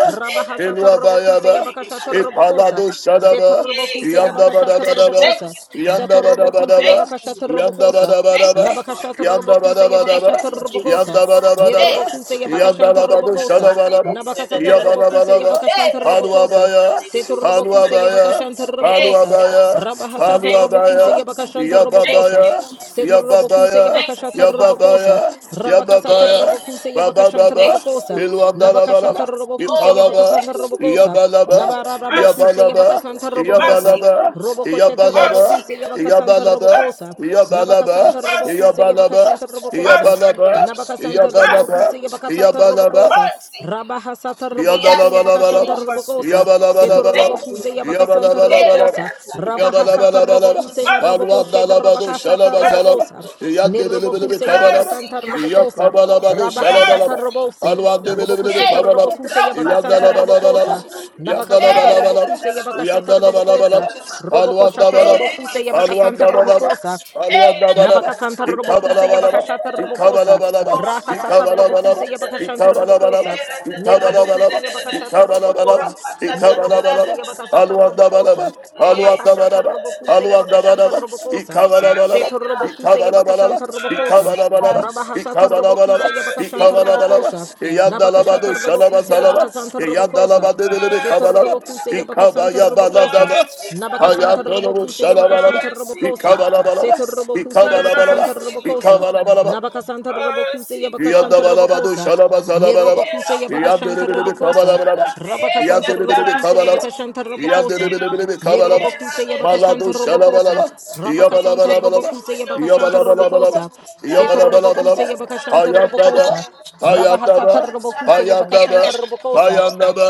Speaker 1: Ilwabayaba.
Speaker 7: Rabahasata Robokuse
Speaker 1: Ilwabayaba.
Speaker 7: Yabakashata Robokosa,
Speaker 1: Ipalado Shadaba.
Speaker 7: Setor
Speaker 6: Hey,
Speaker 7: Robokuse
Speaker 6: God.
Speaker 7: Yabakashata
Speaker 1: Yandabadabadaba.
Speaker 6: Thank
Speaker 7: Robokosa,
Speaker 6: you, God.
Speaker 7: Satorobokuse
Speaker 1: Yandabadabadaba.
Speaker 6: Thank you,
Speaker 1: Yandabadabadaba.
Speaker 7: Yabakashata
Speaker 1: ba.
Speaker 6: Lord.
Speaker 1: yanda
Speaker 7: Robokosa,
Speaker 1: bada bada
Speaker 6: Thank
Speaker 1: ba,
Speaker 6: you, Father
Speaker 7: Nabakashata
Speaker 1: yanda
Speaker 6: God.
Speaker 1: bada
Speaker 7: Robokuse
Speaker 1: bada ba, yanda bada
Speaker 6: Thank
Speaker 1: bada
Speaker 7: Yabakashata
Speaker 1: ba.
Speaker 6: you,
Speaker 7: Robokosa,
Speaker 1: Yanda
Speaker 6: Jesus.
Speaker 1: bana bana
Speaker 6: Hey,
Speaker 1: ba.
Speaker 6: that's
Speaker 7: Nirobokuse
Speaker 6: a part of
Speaker 1: Yanda
Speaker 7: Yabakashanta
Speaker 6: it.
Speaker 1: bana
Speaker 6: That's
Speaker 1: bu
Speaker 6: a
Speaker 7: Robokosa,
Speaker 1: şana
Speaker 6: Monday.
Speaker 1: bana ba.
Speaker 6: Hey, that's
Speaker 7: Nabakasata
Speaker 1: Ya
Speaker 6: a
Speaker 1: bana
Speaker 7: Robokuse
Speaker 6: Monday.
Speaker 1: bana ba.
Speaker 6: Hey,
Speaker 7: Yabakashanta
Speaker 6: that's
Speaker 1: Halva
Speaker 7: Robokosa,
Speaker 1: baya. Halva
Speaker 7: Setorobokuse
Speaker 1: baya.
Speaker 7: Yabakashanta
Speaker 6: Hey,
Speaker 1: Halva
Speaker 7: Robokosa,
Speaker 1: baya.
Speaker 6: God.
Speaker 7: Rabahasata
Speaker 6: Thank
Speaker 1: Halva
Speaker 6: you,
Speaker 7: Robokuse
Speaker 6: Lord.
Speaker 1: baya.
Speaker 7: Yabakashanta
Speaker 1: Ya
Speaker 6: Thank
Speaker 7: Robokosa,
Speaker 6: you,
Speaker 1: babaya. Ya
Speaker 6: Jesus.
Speaker 7: Setorobokuse
Speaker 1: babaya.
Speaker 6: Thank you,
Speaker 7: Yabakashata
Speaker 6: Father God.
Speaker 7: Robokosa, Rabakasata
Speaker 6: Hey,
Speaker 7: Robokuse
Speaker 1: Baba
Speaker 7: Yabakashanta
Speaker 6: God. Thank
Speaker 1: baba.
Speaker 6: you
Speaker 7: Robokosa,
Speaker 6: for your
Speaker 1: Hilvanda la bana
Speaker 6: love.
Speaker 7: Nabakashata
Speaker 1: ba.
Speaker 7: Robokuse
Speaker 6: Oh, thank
Speaker 1: İpalaba.
Speaker 6: you
Speaker 7: Yabakasanta
Speaker 6: for your
Speaker 1: Ya
Speaker 7: Robokosa,
Speaker 6: mercy,
Speaker 1: balaba.
Speaker 7: Nabara
Speaker 6: God.
Speaker 1: Ya
Speaker 6: Mercy,
Speaker 7: Robokuse
Speaker 1: balaba.
Speaker 7: Yabakasanta
Speaker 6: God.
Speaker 1: Ya
Speaker 7: Robokosa,
Speaker 6: Mercy, Lord.
Speaker 1: balaba. Ya
Speaker 7: Robokosheta
Speaker 1: balaba.
Speaker 6: Mercy,
Speaker 7: Robokuse
Speaker 6: God.
Speaker 7: Yabakasanta Robokosa,
Speaker 6: Mercy, Lord.
Speaker 1: Yabalaba,
Speaker 7: Nabakasanta
Speaker 6: Mercy,
Speaker 7: Robokuse
Speaker 6: God.
Speaker 1: Yabalaba,
Speaker 7: Yabakashanta Robokosa,
Speaker 6: Mercy,
Speaker 1: Yabalaba,
Speaker 6: Lord.
Speaker 7: Nabakasanta
Speaker 1: Yabalaba,
Speaker 6: Mercy,
Speaker 7: Robokuse
Speaker 6: Lord.
Speaker 7: Yabakasata
Speaker 1: Yabalaba,
Speaker 7: Robokosa,
Speaker 6: Mercy, God.
Speaker 7: Rabahasata
Speaker 6: We ask
Speaker 7: Robokuse
Speaker 6: you for
Speaker 7: Yabakashanta
Speaker 1: Yabalabalaba,
Speaker 6: your mercy,
Speaker 7: Robokosa,
Speaker 6: Lord.
Speaker 7: Seto
Speaker 1: Yabalabalabalaba,
Speaker 6: Thank you,
Speaker 7: Robokuse Yabakasanta
Speaker 1: Yabalabalabalaba,
Speaker 7: Robokosa,
Speaker 6: God.
Speaker 7: Rabahasata
Speaker 1: Yabalabalabalaba,
Speaker 7: Robokuse na
Speaker 6: Mercy, Lord.
Speaker 7: Robokoshe the
Speaker 1: Palwandalabado
Speaker 7: Rabakasata
Speaker 1: Shalabazalaba,
Speaker 6: Mercy,
Speaker 7: Robokosa,
Speaker 6: Lord.
Speaker 1: Yandibelibelibi
Speaker 7: Nirobokuse
Speaker 1: Kabalaba,
Speaker 6: Mercy,
Speaker 7: Yabakasanta
Speaker 6: God.
Speaker 7: Robokosa,
Speaker 1: Yakabalabado
Speaker 7: Rabahasata
Speaker 1: Shalabalaba,
Speaker 6: Mercy,
Speaker 7: Robose,
Speaker 6: Jesus.
Speaker 1: Palwandibelibelibi
Speaker 6: Hey.
Speaker 7: Robokosheta
Speaker 1: Kabalaba,
Speaker 7: Robokuse Yabakasanta Robokosa,
Speaker 1: Yandalabalabalaba,
Speaker 6: Rapataratatatamande. Hey,
Speaker 7: Nabakasanta
Speaker 1: Yandalabalabalaba,
Speaker 7: Robokuse
Speaker 6: ratataramande,
Speaker 7: Yabakashata
Speaker 6: de- de- de- de-
Speaker 7: Robokosa,
Speaker 1: Yandalabalabalaba,
Speaker 7: Roboko shata
Speaker 6: Hey,
Speaker 1: Palwandabalaba,
Speaker 7: robokuse
Speaker 6: mercy,
Speaker 7: yabaka santa
Speaker 6: God.
Speaker 1: Palwandabalaba,
Speaker 7: robokosa.
Speaker 6: Hey,
Speaker 1: Palwandabalaba,
Speaker 7: Nabakasanta
Speaker 6: Mercy, God.
Speaker 7: Robokuse
Speaker 6: Mercy,
Speaker 1: Ikabalabalaba,
Speaker 7: Yabakashata Robokosa.
Speaker 1: Ikabalabalaba,
Speaker 7: Raha Sata
Speaker 1: ikabalabalaba,
Speaker 7: Robokuse Yabakashanta
Speaker 1: ikabalabalaba,
Speaker 7: Robokosa.
Speaker 1: ikabalabalaba,
Speaker 7: Nirobokuse Yabakashata
Speaker 1: ikabalabalaba,
Speaker 7: Robokosa.
Speaker 1: ikabalabalaba,
Speaker 7: Nirobokuse Yabakasata
Speaker 1: aluandabalaba,
Speaker 7: Robokosa. Mabakashata
Speaker 1: aluandabalaba,
Speaker 7: Robokuse Yabakashanta
Speaker 1: aluandabalaba,
Speaker 7: Robokosa.
Speaker 1: ikabalabalaba,
Speaker 7: Seto Robokuse
Speaker 1: ikabalabalaba,
Speaker 7: Yabakasanta Robokosa.
Speaker 1: ikabalabalaba,
Speaker 6: God.
Speaker 7: Rabahasata
Speaker 1: ikabalabalaba,
Speaker 7: Robokuse Yabakashanta
Speaker 6: Mercy, God.
Speaker 1: ikabalabalaba,
Speaker 7: Robokosa.
Speaker 1: iyandalabadu
Speaker 7: Nabakashata
Speaker 6: Mercy,
Speaker 1: shalaba
Speaker 7: Robokuse
Speaker 1: salaba,
Speaker 6: God.
Speaker 7: Yabakasanta
Speaker 6: Mercy,
Speaker 7: Robokosa.
Speaker 1: iyandalabadu bilibi
Speaker 7: Shetor
Speaker 1: kabalaba,
Speaker 7: Robokuse
Speaker 6: God.
Speaker 7: Yabakasanta Robokosa.
Speaker 1: ikabayabaladaba,
Speaker 6: Mercy, God.
Speaker 7: Nabakasanta
Speaker 1: Ayadolabo
Speaker 7: Robokuse
Speaker 1: shalabalaba,
Speaker 7: Yabakashanta
Speaker 6: Mercy,
Speaker 7: Robokosa.
Speaker 6: God.
Speaker 1: ikabalabalaba,
Speaker 7: Seto robokuse
Speaker 1: ikabalabalaba,
Speaker 7: yabakasanta
Speaker 6: Mercy,
Speaker 7: robokosa.
Speaker 6: Lord.
Speaker 1: ikabalabalaba.
Speaker 7: Nabakasanta robokuse
Speaker 6: Mercy,
Speaker 7: yabakashanta
Speaker 6: Father
Speaker 1: Iyadabalabalaba,
Speaker 7: robokosa.
Speaker 6: God.
Speaker 1: shalabazalabalaba,
Speaker 6: Era
Speaker 7: Nerobokuse yabakashanta
Speaker 6: patara
Speaker 1: iyadelebilebe
Speaker 7: robokosa.
Speaker 1: kabalabalaba,
Speaker 6: patara de
Speaker 7: Rabakasanta
Speaker 1: iyadelebilebe
Speaker 6: tatara
Speaker 7: robokuse
Speaker 1: kabalaba,
Speaker 6: nero
Speaker 7: yabakashanta robokosa.
Speaker 6: piranero.
Speaker 1: iyadelebilebe kabalaba,
Speaker 6: Era
Speaker 7: Nerobokuse
Speaker 6: de de de
Speaker 1: malado
Speaker 7: yabakashanta
Speaker 6: de de de
Speaker 7: robokosa.
Speaker 1: shalabalaba,
Speaker 6: de. We
Speaker 7: Rabakasanta
Speaker 6: thank
Speaker 1: iyabalabalabalaba,
Speaker 6: you for
Speaker 7: robokuse
Speaker 6: your
Speaker 7: yabakashanta
Speaker 6: mercy.
Speaker 1: iyabalabalabalaba,
Speaker 7: robokosa. Seto
Speaker 6: Tara
Speaker 1: iyabalabalabalaba.
Speaker 7: robokuse
Speaker 6: tatara
Speaker 7: yabakashanta
Speaker 1: Ayandaba,
Speaker 6: tatara.
Speaker 7: robokosa.
Speaker 6: Ora
Speaker 1: ayandaba,
Speaker 7: Rabahasata
Speaker 6: patara
Speaker 7: robokuse
Speaker 1: ayandaba,
Speaker 7: yabakashanta
Speaker 6: tatara.
Speaker 7: robokosa.
Speaker 1: ayandaba,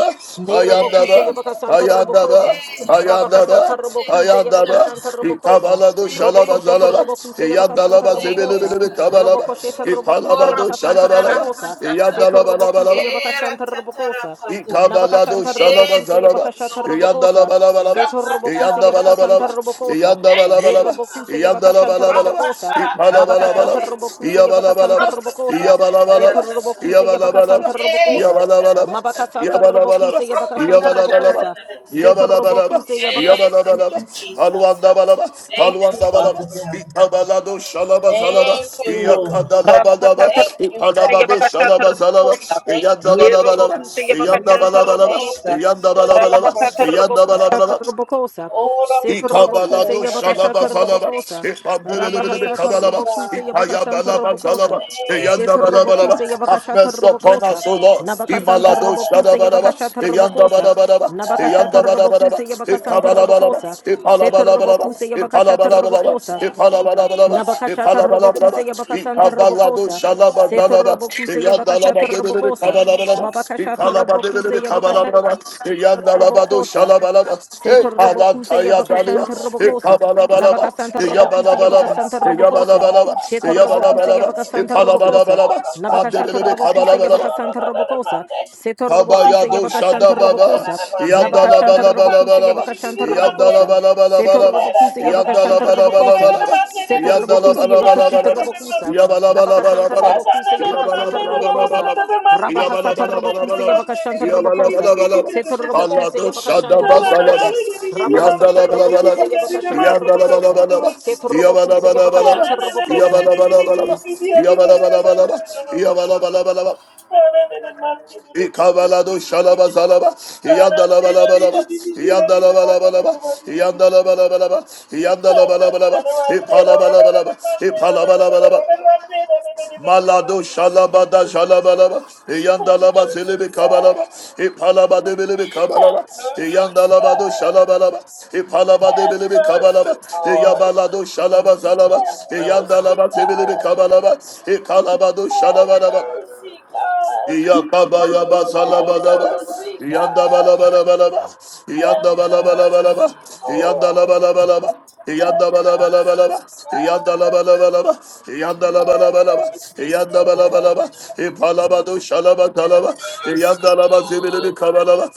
Speaker 6: Hey,
Speaker 7: Nerobokuse
Speaker 1: ayandaba.
Speaker 7: Yabakasanta
Speaker 1: Ayandaba,
Speaker 7: Robocosa,
Speaker 6: hey,
Speaker 7: Rabakasata
Speaker 1: ayandaba,
Speaker 6: thank you,
Speaker 7: Robocuse
Speaker 6: God.
Speaker 1: ayandaba.
Speaker 7: Yabakashanta Robocosa,
Speaker 1: İkabalado
Speaker 6: Thank
Speaker 1: şalaba
Speaker 6: you, God.
Speaker 7: Robocosheta
Speaker 1: zalaba.
Speaker 7: Robocuse Yabakasanta
Speaker 1: İyandalaba
Speaker 6: Thank
Speaker 7: Robocosa,
Speaker 6: you,
Speaker 1: zebelebelebe
Speaker 6: God.
Speaker 1: kabalaba.
Speaker 7: Robocosheta Robocuse
Speaker 6: Ora
Speaker 1: İpalabado
Speaker 7: Yabakasanta
Speaker 6: patara
Speaker 1: şalabalaba.
Speaker 7: Robocosa,
Speaker 6: patata.
Speaker 7: Seta
Speaker 1: İyandalaba laba
Speaker 7: Robocuse
Speaker 1: laba.
Speaker 6: Era
Speaker 7: Yabakashanta
Speaker 6: tatara
Speaker 7: Robocosa,
Speaker 6: pata.
Speaker 1: İkabalado
Speaker 7: Nabakasanta
Speaker 6: Hey,
Speaker 1: şalaba
Speaker 7: Robocuse
Speaker 6: thank
Speaker 1: zalaba.
Speaker 6: you,
Speaker 7: Yabakashata
Speaker 6: Lord.
Speaker 7: Robocosa,
Speaker 1: İyandalaba laba ba.
Speaker 7: Seto
Speaker 6: Rapatara
Speaker 7: Robocuse
Speaker 1: İyanda bala
Speaker 6: pata.
Speaker 1: bala
Speaker 7: Yabakasanta
Speaker 1: ba.
Speaker 7: Robocosa,
Speaker 1: İyanda
Speaker 6: Thank
Speaker 1: bala
Speaker 6: you,
Speaker 1: bala ba.
Speaker 6: God.
Speaker 7: Nerobocuse
Speaker 1: İyanda la
Speaker 7: Yabakashanta
Speaker 1: bala bala ba.
Speaker 7: Robocosa,
Speaker 1: İpala bala bala
Speaker 7: Mabakashata
Speaker 1: ba.
Speaker 6: Rapataratataratate.
Speaker 7: Robocuse
Speaker 1: Iya laba
Speaker 7: Yabakasanta
Speaker 1: laba.
Speaker 7: Robocosa,
Speaker 1: ba laba
Speaker 7: Seto
Speaker 1: laba.
Speaker 7: Robocuse
Speaker 6: Rapataratataratatatate.
Speaker 1: İyandalaba ba laba.
Speaker 7: Yabakasanta
Speaker 6: Hey,
Speaker 7: Robocosa,
Speaker 1: İpalaba laba ba.
Speaker 7: Mabakasa
Speaker 1: Iya laba.
Speaker 6: tataratataratate.
Speaker 1: İyabalaba ba İyabalaba
Speaker 7: tarroboku
Speaker 1: laba. İyabalaba ba
Speaker 7: se yabakashan
Speaker 1: İyabalaba laba. İyabalaba
Speaker 7: tarrobokosa.
Speaker 1: ba.
Speaker 6: Rapataratataratatatate.
Speaker 1: Yabalabalaba,
Speaker 7: Se
Speaker 6: Hey, thank
Speaker 1: yabalabalaba,
Speaker 6: you, Jesus.
Speaker 1: alwandabalaba,
Speaker 6: Thank you,
Speaker 1: alwandabalaba,
Speaker 6: Father God.
Speaker 1: ikabalado shalaba salaba,
Speaker 6: Thank you, Lord.
Speaker 1: iyakadalabalaba,
Speaker 6: Thank you,
Speaker 7: Rabakatatarabokute
Speaker 6: God.
Speaker 1: ikalabado shalaba salaba,
Speaker 7: yabakatatarabokota.
Speaker 6: Thank you,
Speaker 1: iyandabalabalaba,
Speaker 6: Jesus.
Speaker 7: Nerobokute
Speaker 1: iyandabalabalaba,
Speaker 6: Thank
Speaker 7: yabakatantarabokota.
Speaker 6: you for your
Speaker 1: iyandabalabalaba,
Speaker 6: mercy, God.
Speaker 1: iyandabalabalaba,
Speaker 7: Rabakatarabokusatarabokosa.
Speaker 6: Oh,
Speaker 7: Setarabokuse
Speaker 1: Ikabalado shalaba
Speaker 6: rapatatataratate.
Speaker 1: falaba.
Speaker 7: yabakashatarabokosa.
Speaker 1: Ikambelebelebe
Speaker 6: Thank you,
Speaker 1: kabalaba.
Speaker 7: Rabahasatarabokuse
Speaker 6: God.
Speaker 1: Ikayabalaba
Speaker 7: yabakashantarabokosa.
Speaker 1: shalaba.
Speaker 6: Thank you,
Speaker 1: Iyandabalabalaba.
Speaker 7: Setarabokuse
Speaker 6: God.
Speaker 1: Have mercy upon
Speaker 7: yabakashatarabokosa.
Speaker 1: us, O Lord.
Speaker 6: Thank you,
Speaker 1: Imalado
Speaker 6: God.
Speaker 7: Nabakasantarabokuse
Speaker 1: shadabaraba.
Speaker 7: yabakashatarabokosa.
Speaker 6: Thank you,
Speaker 1: Iyandabarabaraba.
Speaker 6: God.
Speaker 1: Iyandabarabaraba.
Speaker 7: Nabakashatarabokuse
Speaker 6: Oh, we
Speaker 1: Ikabalabalaba.
Speaker 7: yabakasantarabokosa.
Speaker 6: thank you,
Speaker 1: Ipalabalabalaba.
Speaker 7: Setarabokuse
Speaker 6: Jesus.
Speaker 1: Ipalabalabalaba.
Speaker 6: We
Speaker 7: yabakashatarabokosa.
Speaker 6: thank you,
Speaker 1: Ipalabalabalaba.
Speaker 6: Jesus.
Speaker 7: Nabakashata
Speaker 1: Ipalabalabalaba,
Speaker 7: Robokuse
Speaker 1: Kabalabalaba,
Speaker 6: We
Speaker 7: Yabakasanta
Speaker 6: thank you,
Speaker 1: Ikabalado
Speaker 7: Robokosa,
Speaker 6: Jesus.
Speaker 7: Seto
Speaker 1: Shalabalaba,
Speaker 7: Robokuse Yabakashata
Speaker 1: Yandalaba de
Speaker 6: Thank you,
Speaker 7: Robokosa,
Speaker 1: Kabalabalaba,
Speaker 6: Jesus.
Speaker 7: Mabakashata
Speaker 1: Ikalaba de
Speaker 7: Robokuse
Speaker 6: We thank
Speaker 7: Yabakashata
Speaker 1: Kabalabalaba,
Speaker 6: you, Jesus.
Speaker 1: Yandalabado
Speaker 7: Robokosa,
Speaker 1: Shalabalaba,
Speaker 7: Seto
Speaker 6: We thank
Speaker 7: robokuse
Speaker 6: you,
Speaker 1: Ekalataya Dalia,
Speaker 7: yabakashanta
Speaker 6: Jesus.
Speaker 7: robokosa.
Speaker 1: Ikabalabalaba,
Speaker 7: Nabakasanta robocuse,
Speaker 6: Tarapata,
Speaker 1: Yabalabalaba,
Speaker 7: yabakasanta
Speaker 6: tarapata,
Speaker 7: robokosa.
Speaker 1: Yabalabalaba,
Speaker 7: Sheto
Speaker 6: tarapata,
Speaker 7: robokuse
Speaker 1: Yabalabalaba,
Speaker 6: tarapata.
Speaker 7: yabakasanta robokosa.
Speaker 1: Ipalabalaba,
Speaker 7: Nabakashata
Speaker 1: Mandele
Speaker 7: robocuse,
Speaker 1: Kabalabalaba.
Speaker 7: yabakasanta robokosa.
Speaker 6: Monday.
Speaker 7: Seto robokuse
Speaker 1: Tabayado
Speaker 7: yabakashanta
Speaker 1: Shadababa,
Speaker 7: robokosa.
Speaker 1: Yadala
Speaker 7: Nabakashanta robocuse,
Speaker 1: Balabalabalaba,
Speaker 7: yabakashanta
Speaker 1: Yadala
Speaker 7: robokosa. Setor
Speaker 1: Balabalabalaba,
Speaker 7: robocuse,
Speaker 1: Yadala
Speaker 7: yabakashanta robokosa.
Speaker 1: Balabalabalaba,
Speaker 7: Setor
Speaker 1: Yadala
Speaker 7: robocuse, yabakashita
Speaker 1: Balabalabalaba,
Speaker 7: robokosa.
Speaker 1: Yabala
Speaker 7: Nabakasanta
Speaker 1: Balabalabalaba,
Speaker 7: robokuse
Speaker 1: Yabala
Speaker 7: yabakasata robokosa.
Speaker 1: Balabalabalaba, Yabala
Speaker 7: Rabahasata robokuse
Speaker 1: Balabalabalaba,
Speaker 7: yabakashanta
Speaker 1: Yabala
Speaker 7: robokosa.
Speaker 1: Balabalaba, Allah
Speaker 7: Setorobokuse
Speaker 1: do
Speaker 7: Yabakashanta Robokosa.
Speaker 1: Shadabasalaba,
Speaker 7: Rabahasata
Speaker 1: Yadala
Speaker 7: Robokuse
Speaker 1: Balabalaba,
Speaker 7: Yabakashanta
Speaker 1: Yadala
Speaker 7: Robokosa.
Speaker 1: Balabalaba, Yabala
Speaker 7: Setorobokuse
Speaker 1: Balabalaba,
Speaker 7: Yabakashanta Robokosa.
Speaker 1: Yabala Balabalaba, Yabala Balabalaba, Yabala Balabalaba, İkabalado
Speaker 6: Thank you.
Speaker 1: şalaba zalaba.
Speaker 6: Mercy,
Speaker 1: İyandala balaba laba. İyandala balaba laba. İyandala balaba laba. İyandala balaba laba. İpala balaba laba. İpala balaba laba. Malado şalaba da şalaba laba. İyandala basili bir kabalaba. İpala badı bili bir kabalaba. İyandala bado
Speaker 6: God.
Speaker 1: şalaba laba. İpala badı
Speaker 6: Have
Speaker 1: bili bir kabalaba.
Speaker 6: mercy,
Speaker 1: İyabalado şalaba zalaba. İyandala basili bir kabalaba. İkalabado şalaba laba. Yakabayaba Salabadaba, Yandabalabalaba, Yandabalabalabalaba,
Speaker 6: Lord.
Speaker 1: Yandalabalabalaba.
Speaker 6: Have mercy,
Speaker 1: Yandabalabalaba,
Speaker 6: God.
Speaker 1: yandalabalabalaba,
Speaker 6: Have
Speaker 1: yandalabalabalaba,
Speaker 6: mercy, Lord.
Speaker 1: yandabalabalaba, ipalabado
Speaker 6: Have
Speaker 1: shalabatalaba,
Speaker 6: mercy, Lord.
Speaker 1: yandalabazibiribi kabalaba,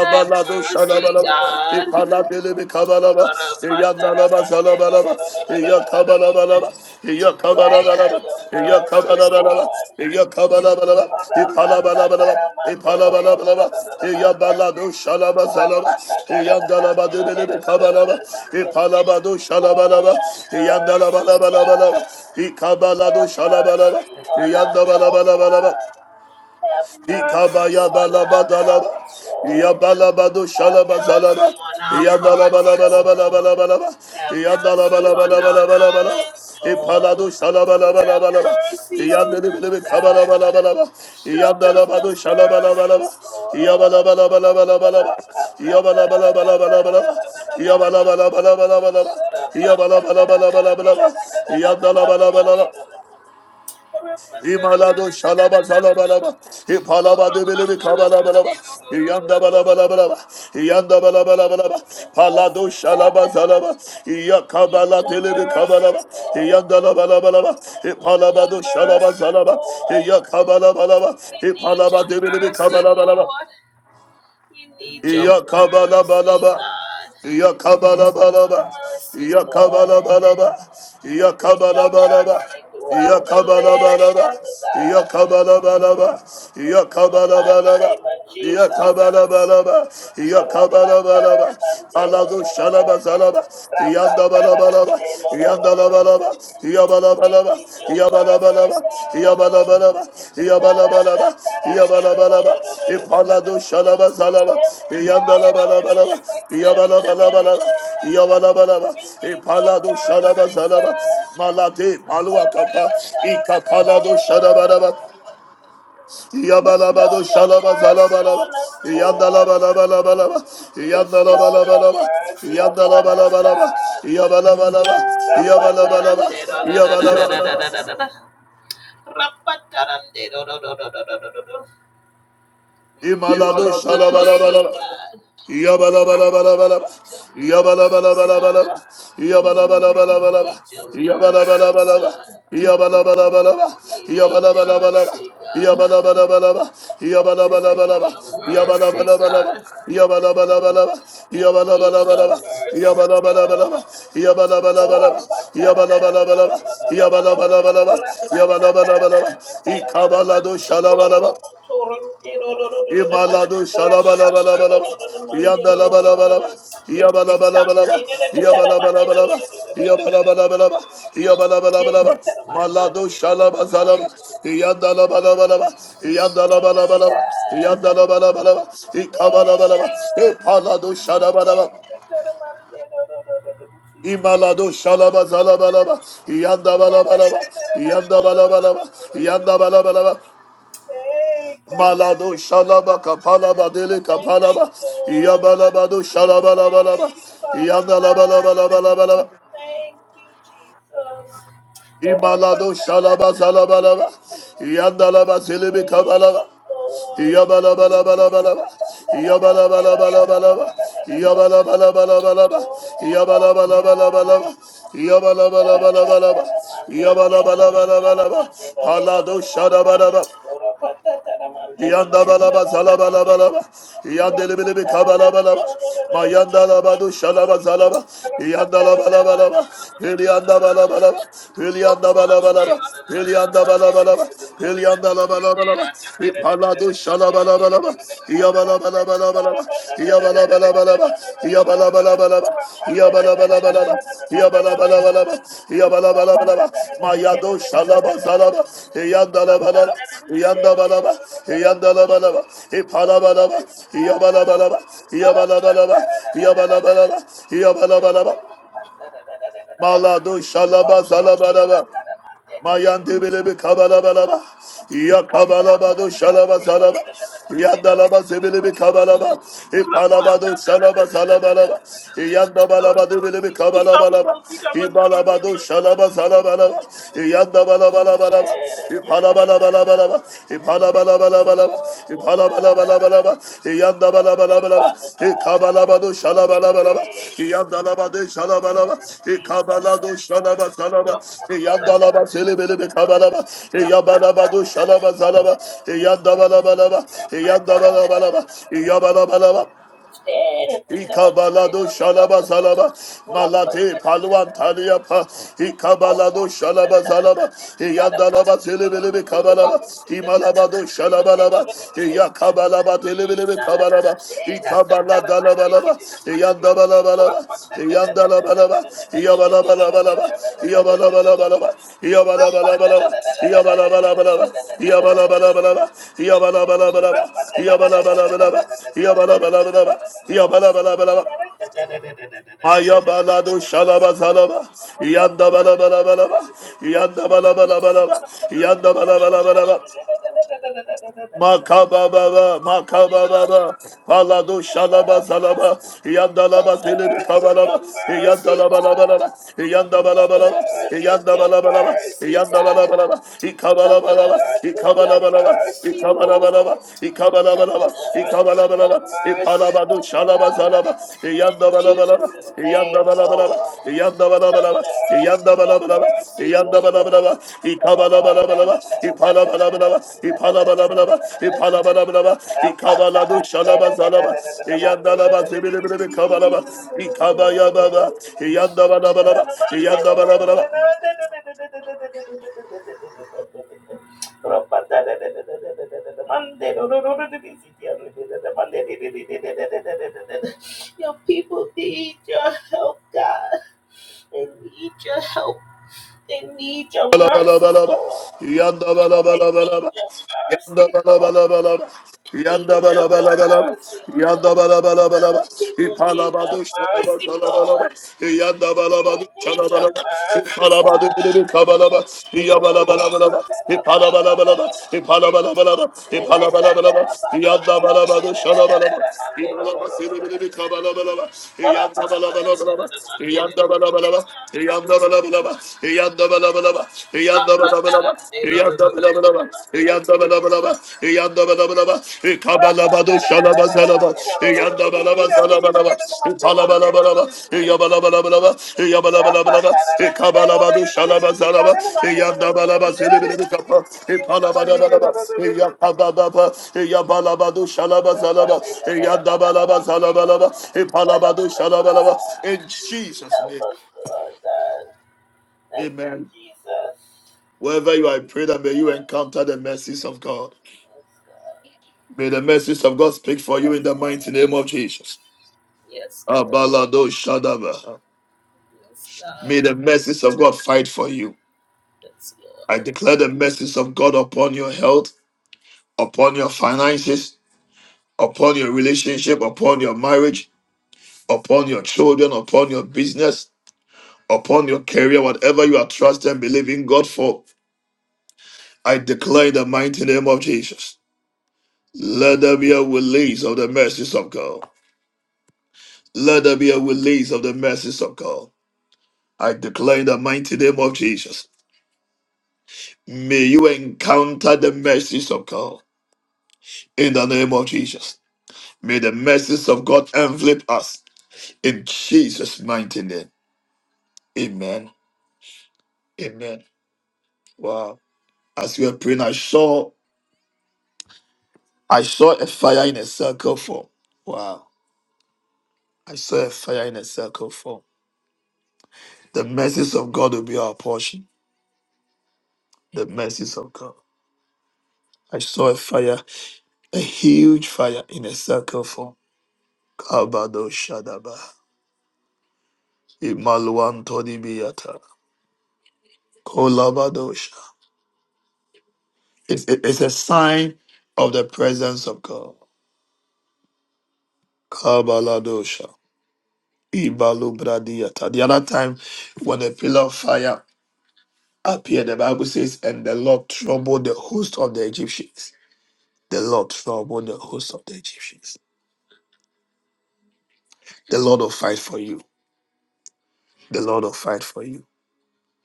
Speaker 6: Have mercy,
Speaker 1: bi
Speaker 6: God. We
Speaker 1: ipalabilibi kabalaba, Yandalabazalabalaba, Yakabalabalaba,
Speaker 6: ask for
Speaker 1: Yakabalabalaba,
Speaker 6: your mercy, Lord.
Speaker 1: Yakabalabalaba,
Speaker 6: Oh,
Speaker 1: Yakabalabalaba,
Speaker 6: have mercy, God.
Speaker 1: Ipalabalabalaba,
Speaker 6: Have
Speaker 1: Ipalabalabalaba, Yabalado Shalabazalaba, Yandalabadibidi Kabalaba, Ipalabado Shalabalaba, Yandalabalabalabalaba, Ikabalado Shalabalaba,
Speaker 6: mercy on our health,
Speaker 1: Yandabalabalabalaba.
Speaker 6: God. Have mercy on our
Speaker 1: Ikabayabalababalaba.
Speaker 6: homes, Lord.
Speaker 1: Yabalabado
Speaker 6: Have
Speaker 1: shalabazalaba.
Speaker 6: mercy on our hearts, Lord.
Speaker 1: Yadalabalabalabalaba.
Speaker 6: Have mercy on our
Speaker 1: Yadalabalabalabalaba.
Speaker 6: minds, Lord.
Speaker 1: Ipalado
Speaker 6: Have
Speaker 1: shalabalabalaba.
Speaker 6: mercy on us,
Speaker 1: Yandelibilibi
Speaker 6: God.
Speaker 1: kabalabalabalaba.
Speaker 6: Show us your
Speaker 1: Yandalabado shalabalabalaba.
Speaker 6: mercy, Lord.
Speaker 1: Yabalabalabalaba. Yabalabalabalaba. Yabalabalabalaba. Yabalabalabalaba. Yandalabalabalaba. İmalado şalaba şalaba laba. İpalaba debelebe kabalaba laba. İyanda balaba laba laba. İyanda balaba laba laba. Palado şalaba şalaba. İya kabala telebe kabalaba.
Speaker 6: Mercy, Lord.
Speaker 1: İyanda laba laba laba.
Speaker 6: We need your
Speaker 1: İpalaba do şalaba şalaba. İya kabala balaba. İpalaba debelebe kabalaba laba. Iyakabalabalaba. Iyakabalabalaba. Iyakabalabalaba. Iyakabalabalaba.
Speaker 6: mercy throughout the land,
Speaker 1: Iyakabalabalaba.
Speaker 6: Father God.
Speaker 1: Iyakabalabalaba.
Speaker 6: the mighty
Speaker 1: Iyakabalabalaba.
Speaker 6: name of Jesus.
Speaker 1: Iyakabalabalaba. Iyakabalabalaba. Alado shalaba zalaba. Iyandabalabalaba. Yabalabalaba,
Speaker 6: We
Speaker 1: Yabalabalaba,
Speaker 6: need your mercy,
Speaker 1: Yabalabalaba,
Speaker 6: God.
Speaker 1: Yabalabalaba, Yabalabalaba, Yabalabalaba, Ipalado Shalaba Salaba,
Speaker 6: Every hour, every
Speaker 1: Yandalabalabalaba,
Speaker 6: second, every minute,
Speaker 1: Yabalabalabalaba,
Speaker 6: God.
Speaker 1: Yabalabalaba,
Speaker 6: We need your
Speaker 1: Ipalado Shalaba
Speaker 6: mercy,
Speaker 1: Salaba,
Speaker 6: God.
Speaker 1: Malade, Maluakapa, Ikapalado Shalabalaba.
Speaker 6: Bestow
Speaker 1: Yabalabado
Speaker 6: your mercy
Speaker 1: Shalabazalabalaba,
Speaker 6: on us, Lord.
Speaker 1: Yandalabalabalabalaba,
Speaker 6: Bestow your
Speaker 1: Yandalabalabalaba,
Speaker 6: mercy upon us,
Speaker 1: Yandalabalabalaba,
Speaker 6: God.
Speaker 1: Yandalabalabalaba, Yabalabalaba, Yabalabalaba, Yabalaba.
Speaker 6: Rapataranderododododododododododod. Rapataranderododododododododod. We need your
Speaker 1: Imalado
Speaker 6: mercy,
Speaker 1: shalabalabala.
Speaker 6: God.
Speaker 1: Yabala bala bala
Speaker 6: your mercy,
Speaker 1: Yabalabalabalaba.
Speaker 6: God. We
Speaker 1: bala.
Speaker 6: need your
Speaker 1: Yabalabalabalaba.
Speaker 6: mercy,
Speaker 1: bala
Speaker 6: God.
Speaker 1: Yabalabalabalaba.
Speaker 6: We
Speaker 1: bala
Speaker 6: need your
Speaker 1: bala. Yabalabalabalaba.
Speaker 6: mercy, God.
Speaker 1: Yabalabalabalaba.
Speaker 6: We need your
Speaker 1: bala
Speaker 6: mercy, God. We need your mercy, Lord. Thank
Speaker 1: bala bala. Yabalabalabalaba. do shala bala bala. Imalado shalabalabalaba, yandalabalabalaba, yabalabalabalaba, yabalabalabalaba, yabalabalabalaba, yabalabalabalaba, malado shalabazalaba, yandalabalabalaba, yandalabalabalaba, yandalabalabalaba, ikabalabalaba, ipalado shalabalaba. İmalado şalaba zalaba laba.
Speaker 6: you.
Speaker 1: Yanda bala bala ba. Yanda bala bala ba. Yanda bala bala ba.
Speaker 6: Hey, God.
Speaker 1: Malado
Speaker 6: Thank you,
Speaker 1: shalaba
Speaker 6: Father.
Speaker 1: kapala badele
Speaker 6: Thank
Speaker 1: kapala
Speaker 6: you,
Speaker 1: ba
Speaker 6: Lord.
Speaker 1: yabala bado shalaba la dele
Speaker 6: Thank
Speaker 1: la
Speaker 6: you, Father
Speaker 1: yabalabado
Speaker 6: God.
Speaker 1: la yandalabalabalabalabalaba
Speaker 6: Thank you, Jesus. Thank
Speaker 1: imalado shalaba salaba la yandalaba zelebe
Speaker 6: you,
Speaker 1: kabalaba la
Speaker 6: Lord.
Speaker 1: yabalabalabalaba la, yabalabalabalaba yabalabalabalaba ba
Speaker 6: Oh,
Speaker 1: yabala
Speaker 6: Father
Speaker 1: ba la ba la ba la
Speaker 6: God.
Speaker 1: ba yabala ba la ba la ba la ba yabala ba la ba la ba la ba yabala ba la ba la ba la ba yabala ba la ba la ba la ba palado shalaba la ba. Yanda balaba salaba laba laba. Yanda lebele bir kabala balaba. Mayanda laba du şalaba salaba. Yanda laba laba laba. Hılyanda balaba laba. Hılyanda balaba laba. heli yanda balaba laba.
Speaker 6: Thank you.
Speaker 1: Hılyanda laba laba laba. Hıpala du şalaba laba laba. Yaba laba laba laba laba. Mayado shalaba salaba, yandala balaba, yandabalaba, yandalabalaba, ipalabalaba, yabalabalaba, yabalabalaba, yabalabalaba, yabalabalaba, malado shalaba salabalaba. Mayande belebe
Speaker 6: Thank you.
Speaker 1: kabalabalaba. Ya kabalabado şalaba salaba. Ya dalaba sebelebe kabalaba. İpalabado şalaba salabalaba. Ya dabalabado belebe kabalabalaba. İbalabado şalaba salabalaba. Ya dabalabalabalaba. İpalabalabalaba. Yabala balaba,
Speaker 6: Oh, God.
Speaker 1: yabala
Speaker 6: Thank you, Father God. Hey, thank you, Jesus. Purapachara manji, purapachara, purapachara, purapachara,
Speaker 1: balaba, yabala balaba,
Speaker 6: purapachara manji, lo
Speaker 1: Ikabalado
Speaker 6: lo lo
Speaker 1: shalaba
Speaker 6: lo, purapachara manji, lo lo lo lo,
Speaker 1: zalaba malate
Speaker 6: purapachara
Speaker 1: paluan
Speaker 6: manji,
Speaker 1: taliapa ikabalado
Speaker 6: lo lo lo
Speaker 1: shalaba
Speaker 6: lo, purapachara
Speaker 1: zalaba
Speaker 6: manji, lo lo lo lo,
Speaker 1: iyandalaba telebelebe kabalaba
Speaker 6: purapachara
Speaker 1: imalabado
Speaker 6: manji, lo lo lo
Speaker 1: shalabalaba
Speaker 6: lo, purapachara
Speaker 1: iyakabalaba
Speaker 6: manji, lo lo lo
Speaker 1: telebelebe kabalaba
Speaker 6: lo, purapachara
Speaker 1: ikabalada
Speaker 6: manji, lo lo lo lo,
Speaker 1: labalaba Yandalabalaba,
Speaker 6: purapachara
Speaker 1: yandalabalaba,
Speaker 6: manji, lo lo
Speaker 1: yabalabalabalaba,
Speaker 6: lo lo.
Speaker 1: yabalabalabalaba,
Speaker 6: Cover
Speaker 1: yabalabalabalaba, yabalabalabalaba, yabalabalabalaba, yabalabalabalaba, yabalabalabalaba, yabalabalabalaba, yabalabalabalaba. Ayabalado şalaba zalaba, yanda bala bala bala ba, yanda bala bala bala ba, yanda bala bala bala ba. Makababa,
Speaker 6: your,
Speaker 1: makababa, palado
Speaker 6: cover
Speaker 1: shalaba
Speaker 6: us, God.
Speaker 1: salaba, yandalaba
Speaker 6: Cover the
Speaker 1: silini
Speaker 6: earth with your
Speaker 1: kabalaba,
Speaker 6: mercy,
Speaker 1: yandalaba laba
Speaker 6: God.
Speaker 1: laba, yandalaba
Speaker 6: Cover the
Speaker 1: laba,
Speaker 6: earth with
Speaker 1: yandalaba
Speaker 6: your
Speaker 1: laba,
Speaker 6: mercy, God.
Speaker 1: yandalaba laba,
Speaker 6: Cover
Speaker 1: ikabalaba
Speaker 6: the
Speaker 1: laba,
Speaker 6: earth with your
Speaker 1: ikabalaba laba,
Speaker 6: mercy,
Speaker 1: ikabalaba
Speaker 6: Lord.
Speaker 1: laba, ikabalaba
Speaker 6: Cover
Speaker 1: laba,
Speaker 6: the earth with
Speaker 1: ikabalaba
Speaker 6: your mercy,
Speaker 1: ipalabado
Speaker 6: Father
Speaker 1: shalaba
Speaker 6: God.
Speaker 1: salaba,
Speaker 6: In
Speaker 1: Yanda bala bala ba.
Speaker 6: Jesus' name,
Speaker 1: Yanda bala bala ba.
Speaker 6: Lord.
Speaker 1: Yanda bala bala
Speaker 6: Cover
Speaker 1: ba.
Speaker 6: the earth
Speaker 1: Yanda
Speaker 6: with
Speaker 1: bala
Speaker 6: your
Speaker 1: bala ba.
Speaker 6: mercy,
Speaker 1: Yanda bala
Speaker 6: Lord.
Speaker 1: bala ba. Ikabala bala bala ba. Ipala bala bala ba. Ipala bala bala ba. Ipala bala bala ba. Ikabala du shalaba zalaba. Yanda la ba tebele bele kabala ba. Ikabaya baba. Yanda bala bala ba. Yanda bala bala ba.
Speaker 6: Your people need your help, God. They need your help. They need your
Speaker 1: Bala bala
Speaker 6: mercy,
Speaker 1: bala bala,
Speaker 6: Lord.
Speaker 1: Yanda bala
Speaker 6: They
Speaker 1: bala bala
Speaker 6: need
Speaker 1: bala.
Speaker 6: your
Speaker 1: Yanda
Speaker 6: mercy,
Speaker 1: bala
Speaker 6: Lord.
Speaker 1: bala bala bala.
Speaker 6: They
Speaker 1: Yanda
Speaker 6: need
Speaker 1: bala bala bala
Speaker 6: your
Speaker 1: bala.
Speaker 6: mercy,
Speaker 1: Yanda
Speaker 6: Lord.
Speaker 1: bala bala bala
Speaker 6: The
Speaker 1: bala.
Speaker 6: people
Speaker 1: İpala
Speaker 6: need your
Speaker 1: badu şala bala
Speaker 6: mercy,
Speaker 1: şala bala bala.
Speaker 6: Lord.
Speaker 1: Yanda bala
Speaker 6: They
Speaker 1: badu
Speaker 6: need
Speaker 1: şala
Speaker 6: your
Speaker 1: bala bala.
Speaker 6: mercy,
Speaker 1: İpala
Speaker 6: God.
Speaker 1: badu bili kabala bala. İya bala bala bala bala. İpala bala bala bala. İpala bala bala bala. İpala bala bala bala. Yanda bala badu şala bala bala. İbala basili bili kabala bala bala. Yanda bala bala bala bala. Yanda bala bala bala. Yanda bala bala bala. In
Speaker 6: Help us, God.
Speaker 1: Jesus'
Speaker 6: Help
Speaker 1: name,
Speaker 6: us, Lord God. Thank you,
Speaker 1: amen.
Speaker 6: Jesus.
Speaker 1: Wherever you are, I pray that may you encounter the mercies of God.
Speaker 6: Yes, God.
Speaker 1: May the mercies of God speak for you
Speaker 6: Yes,
Speaker 1: in the mighty
Speaker 6: God.
Speaker 1: name of Jesus.
Speaker 6: Yes, Lord.
Speaker 1: Abalado Shadaba.
Speaker 6: Yes, God.
Speaker 1: May the mercies of God fight for you.
Speaker 6: Yes, Lord.
Speaker 1: I declare the mercies of God upon your health, upon your finances, upon your relationship, upon your marriage, upon your children, upon your business, upon your career, whatever you are trusting and believing God for. I declare in the mighty name of Jesus. Let there be a release of the mercies of God. Let there be a release of the mercies of God. I declare in the mighty name of Jesus. May you encounter the mercies of God in the name of Jesus. May the mercies of God envelop us in Jesus' mighty name. Amen. Amen. Wow. As we were praying, I saw I saw a fire in a circle form. Wow. I saw a fire in a circle form. The mercies of God will be our portion. The mercies of God. I saw a fire a huge fire in a circle form. Kabado Shadaba. Imaluan Todibiata. Kolabadosha. It's, it- it's a sign of the presence of God. Kabaladosha. Ibalubradiata. The other time when the pillar of fire appeared, the Bible says, and the Lord troubled the host of the Egyptians. The Lord troubled the host of the Egyptians. The Lord will fight for you. The Lord will fight for you.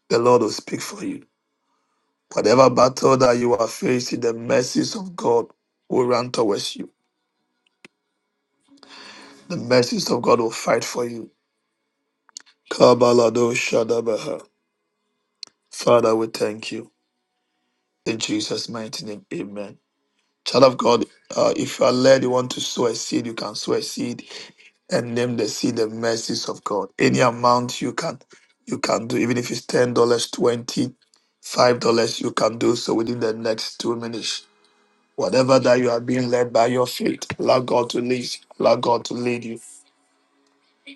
Speaker 1: The Lord will speak for you Whatever battle that you are facing, the mercies of God will run towards you. The mercies of God will fight for you. Kabalado Shadabaha. Father, we thank you. In Jesus' mighty name, amen. Child of God, uh, if you are led, you want to sow a seed, you can sow a seed and name the seed the mercies of God. Any amount you can you can do, even if it's ten dollars, twenty, five dollars, you can do so within the next two minutes. Whatever that you are being led by your faith, allow God to lead you. Allow God to lead you.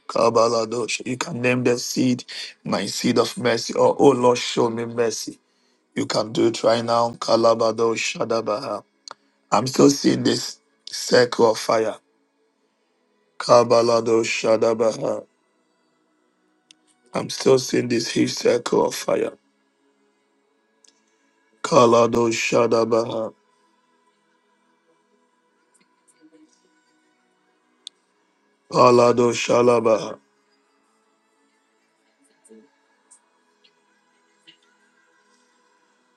Speaker 1: Kabaladosh. You can name the seed, my seed of mercy, or oh Lord, show me mercy. You can do it right now. Kalabadosh Shadabaha. I'm still seeing this circle of fire. Kabalado Shadabaha. I'm still seeing this huge circle of fire. Kalado Shadabaha. Palado Shalabaha.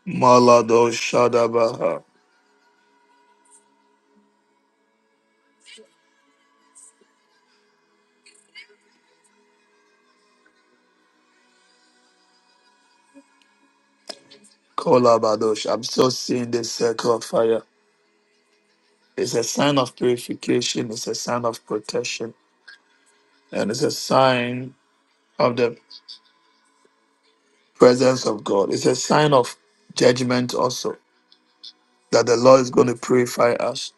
Speaker 1: Malado Shadabaha. Kolabadosh. I'm still seeing this circle of fire. It's a sign of purification, it's a sign of protection, and it's a sign of the presence of God. It's a sign of judgment also that the Lord is going to purify us,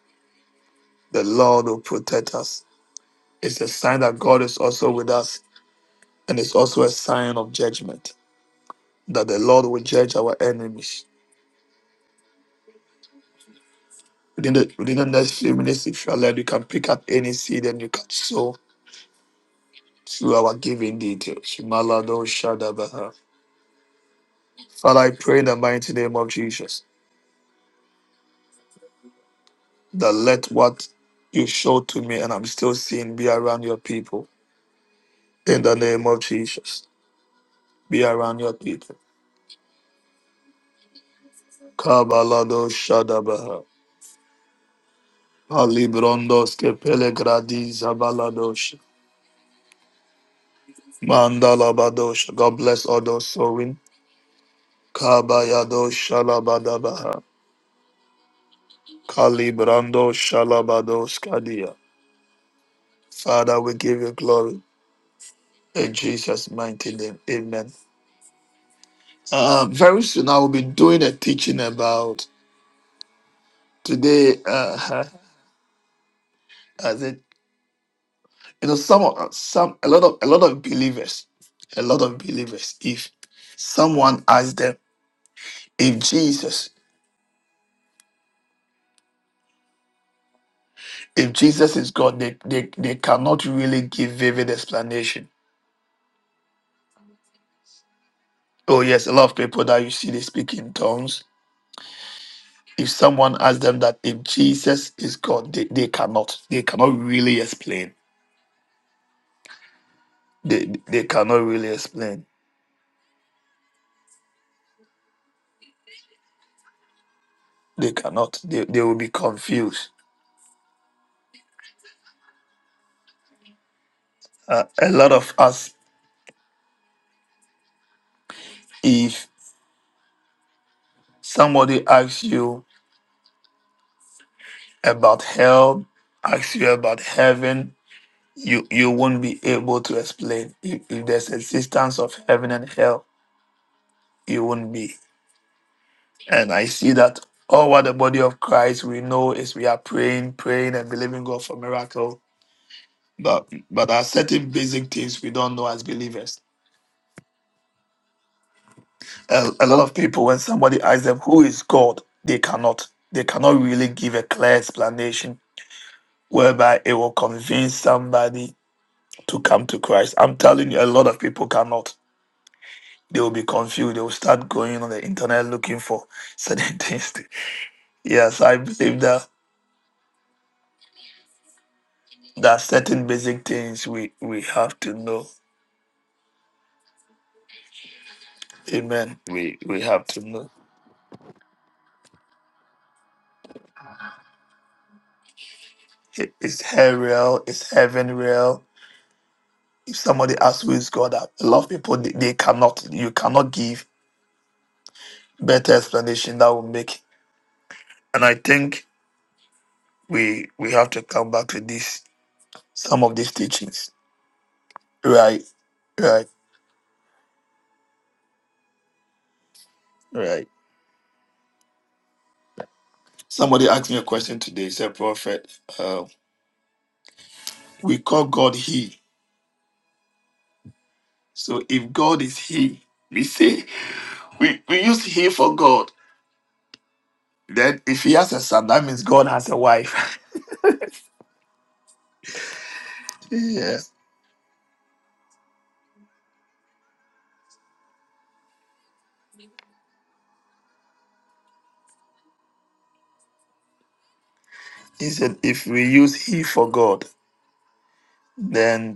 Speaker 1: the Lord will protect us. It's a sign that God is also with us, and it's also a sign of judgment that the Lord will judge our enemies. Within the, within the next few minutes, if you are led, you can pick up any seed and you can sow through our giving details. Malado Shadabaha. Father, I pray in the mighty name of Jesus that let what you showed to me and I'm still seeing be around your people. In the name of Jesus, be around your people. Kabalado Shadabaha. Alibrondos Kepelegradi Zabaladosh. Mandalabadosh. God bless all those sowing. Kabayado Shalabadabaha. Kalibrando Shalabados Kadia. Father, we give you glory. In Jesus' mighty name. Amen. Uh, very soon I will be doing a teaching about today uh as it you know some of some a lot of a lot of believers a lot of believers if someone asks them if jesus if jesus is god they they, they cannot really give vivid explanation oh yes a lot of people that you see they speak in tongues if someone asks them that if jesus is god they, they cannot they cannot really explain they they cannot really explain they cannot they, they will be confused uh, a lot of us Somebody asks you about hell, asks you about heaven, you, you won't be able to explain. If, if there's existence of heaven and hell, you won't be. And I see that all what the body of Christ we know is we are praying, praying and believing God for miracle. But but there are certain basic things we don't know as believers. A, a lot of people, when somebody asks them who is God, they cannot. They cannot really give a clear explanation whereby it will convince somebody to come to Christ. I'm telling you, a lot of people cannot. They will be confused. They will start going on the internet looking for certain things. Yes, I believe that there are certain basic things we, we have to know. Amen. We we have to know. I- Is hell real? Is heaven real? If somebody asks who is God, a lot of people they, they cannot. You cannot give better explanation that will make. And I think we we have to come back to this some of these teachings. Right, right, right. Somebody asked me a question today. He Said prophet, uh, we call God He. So if God is He, we say we, we use He for God. Then if He has a son, that means God has a wife. yeah. He said if we use He for God, then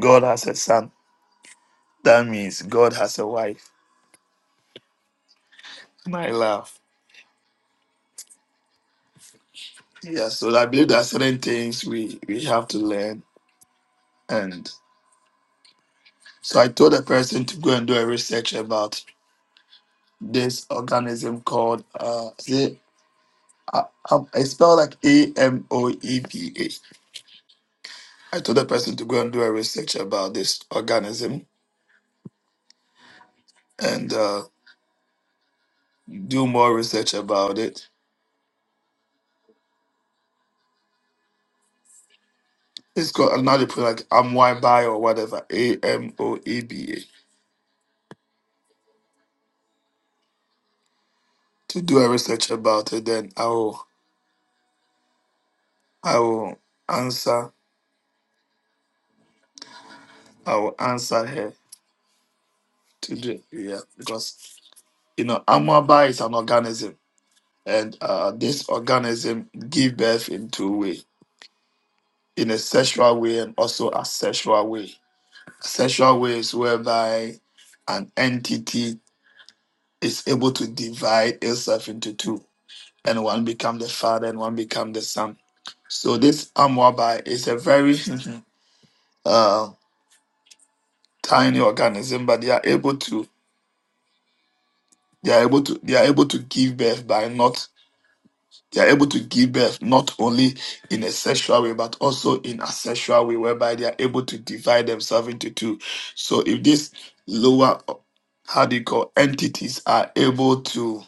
Speaker 1: God has a son. That means God has a wife. And I laugh. Yeah. So I believe there are certain things we we have to learn. And so I told a person to go and do a research about. this organism called uh is it I, I, I spell like A M O E P A. I told the person to go and do a research about this organism and uh, do more research about it. It's called another put like Amway or whatever A M O E B A to do a research about it. Then I will I will answer I will answer her to do yeah because you know Amway is an organism and uh, this organism give birth in two ways in a sexual way and also a sexual way. Sexual way is whereby an entity is able to divide itself into two, and one become the father and one become the son. So this amwabai is a very uh, tiny organism, but they are able to they are able to they are able to give birth by not They are able to give birth not only in a sexual way, but also in a sexual way, whereby they are able to divide themselves into two. So if these lower, how do you call, entities are able to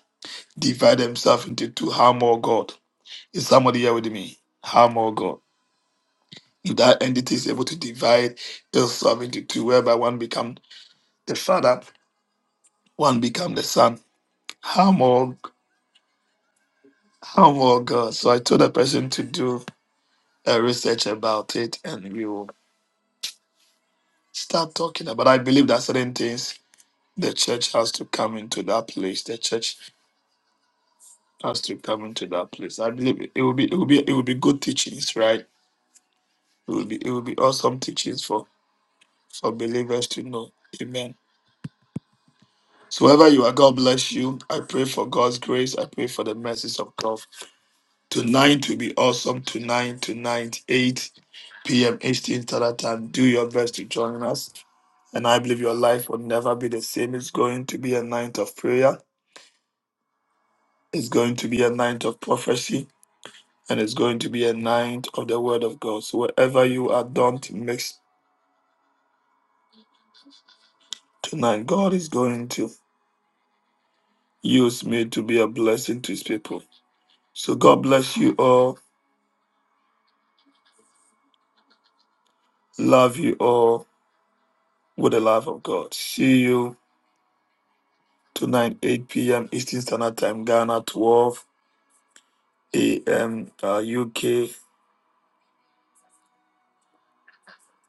Speaker 1: divide themselves into two, how more God? Is somebody here with me? How more God? If that entity is able to divide itself into two, whereby one become the father, one become the son, how more, how more God? So I told the person to do a research about it and we will start talking about. I believe that certain things the church has to come into that place. The church has to come into that place. I believe it, it will be it will be it will be good teachings, right? It will be it will be awesome teachings for for believers to know. Amen. So wherever you are, God bless you. I pray for God's grace. I pray for the mercies of God. Tonight will be awesome. Tonight, tonight, 8 p.m. Eastern Standard Time. Do your best to join us. And I believe your life will never be the same. It's going to be a night of prayer It's going to be a night of prophecy and it's going to be a night of the word of God. So wherever you are, don't mix tonight. God is going to use me to be a blessing to his people. So God bless you all. Love you all with the love of God. See you tonight, 8 p.m. Eastern Standard Time, Ghana, 12 a.m. Uh, UK,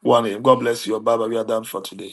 Speaker 1: 1 a.m. God bless you. Bye bye. We are done for today.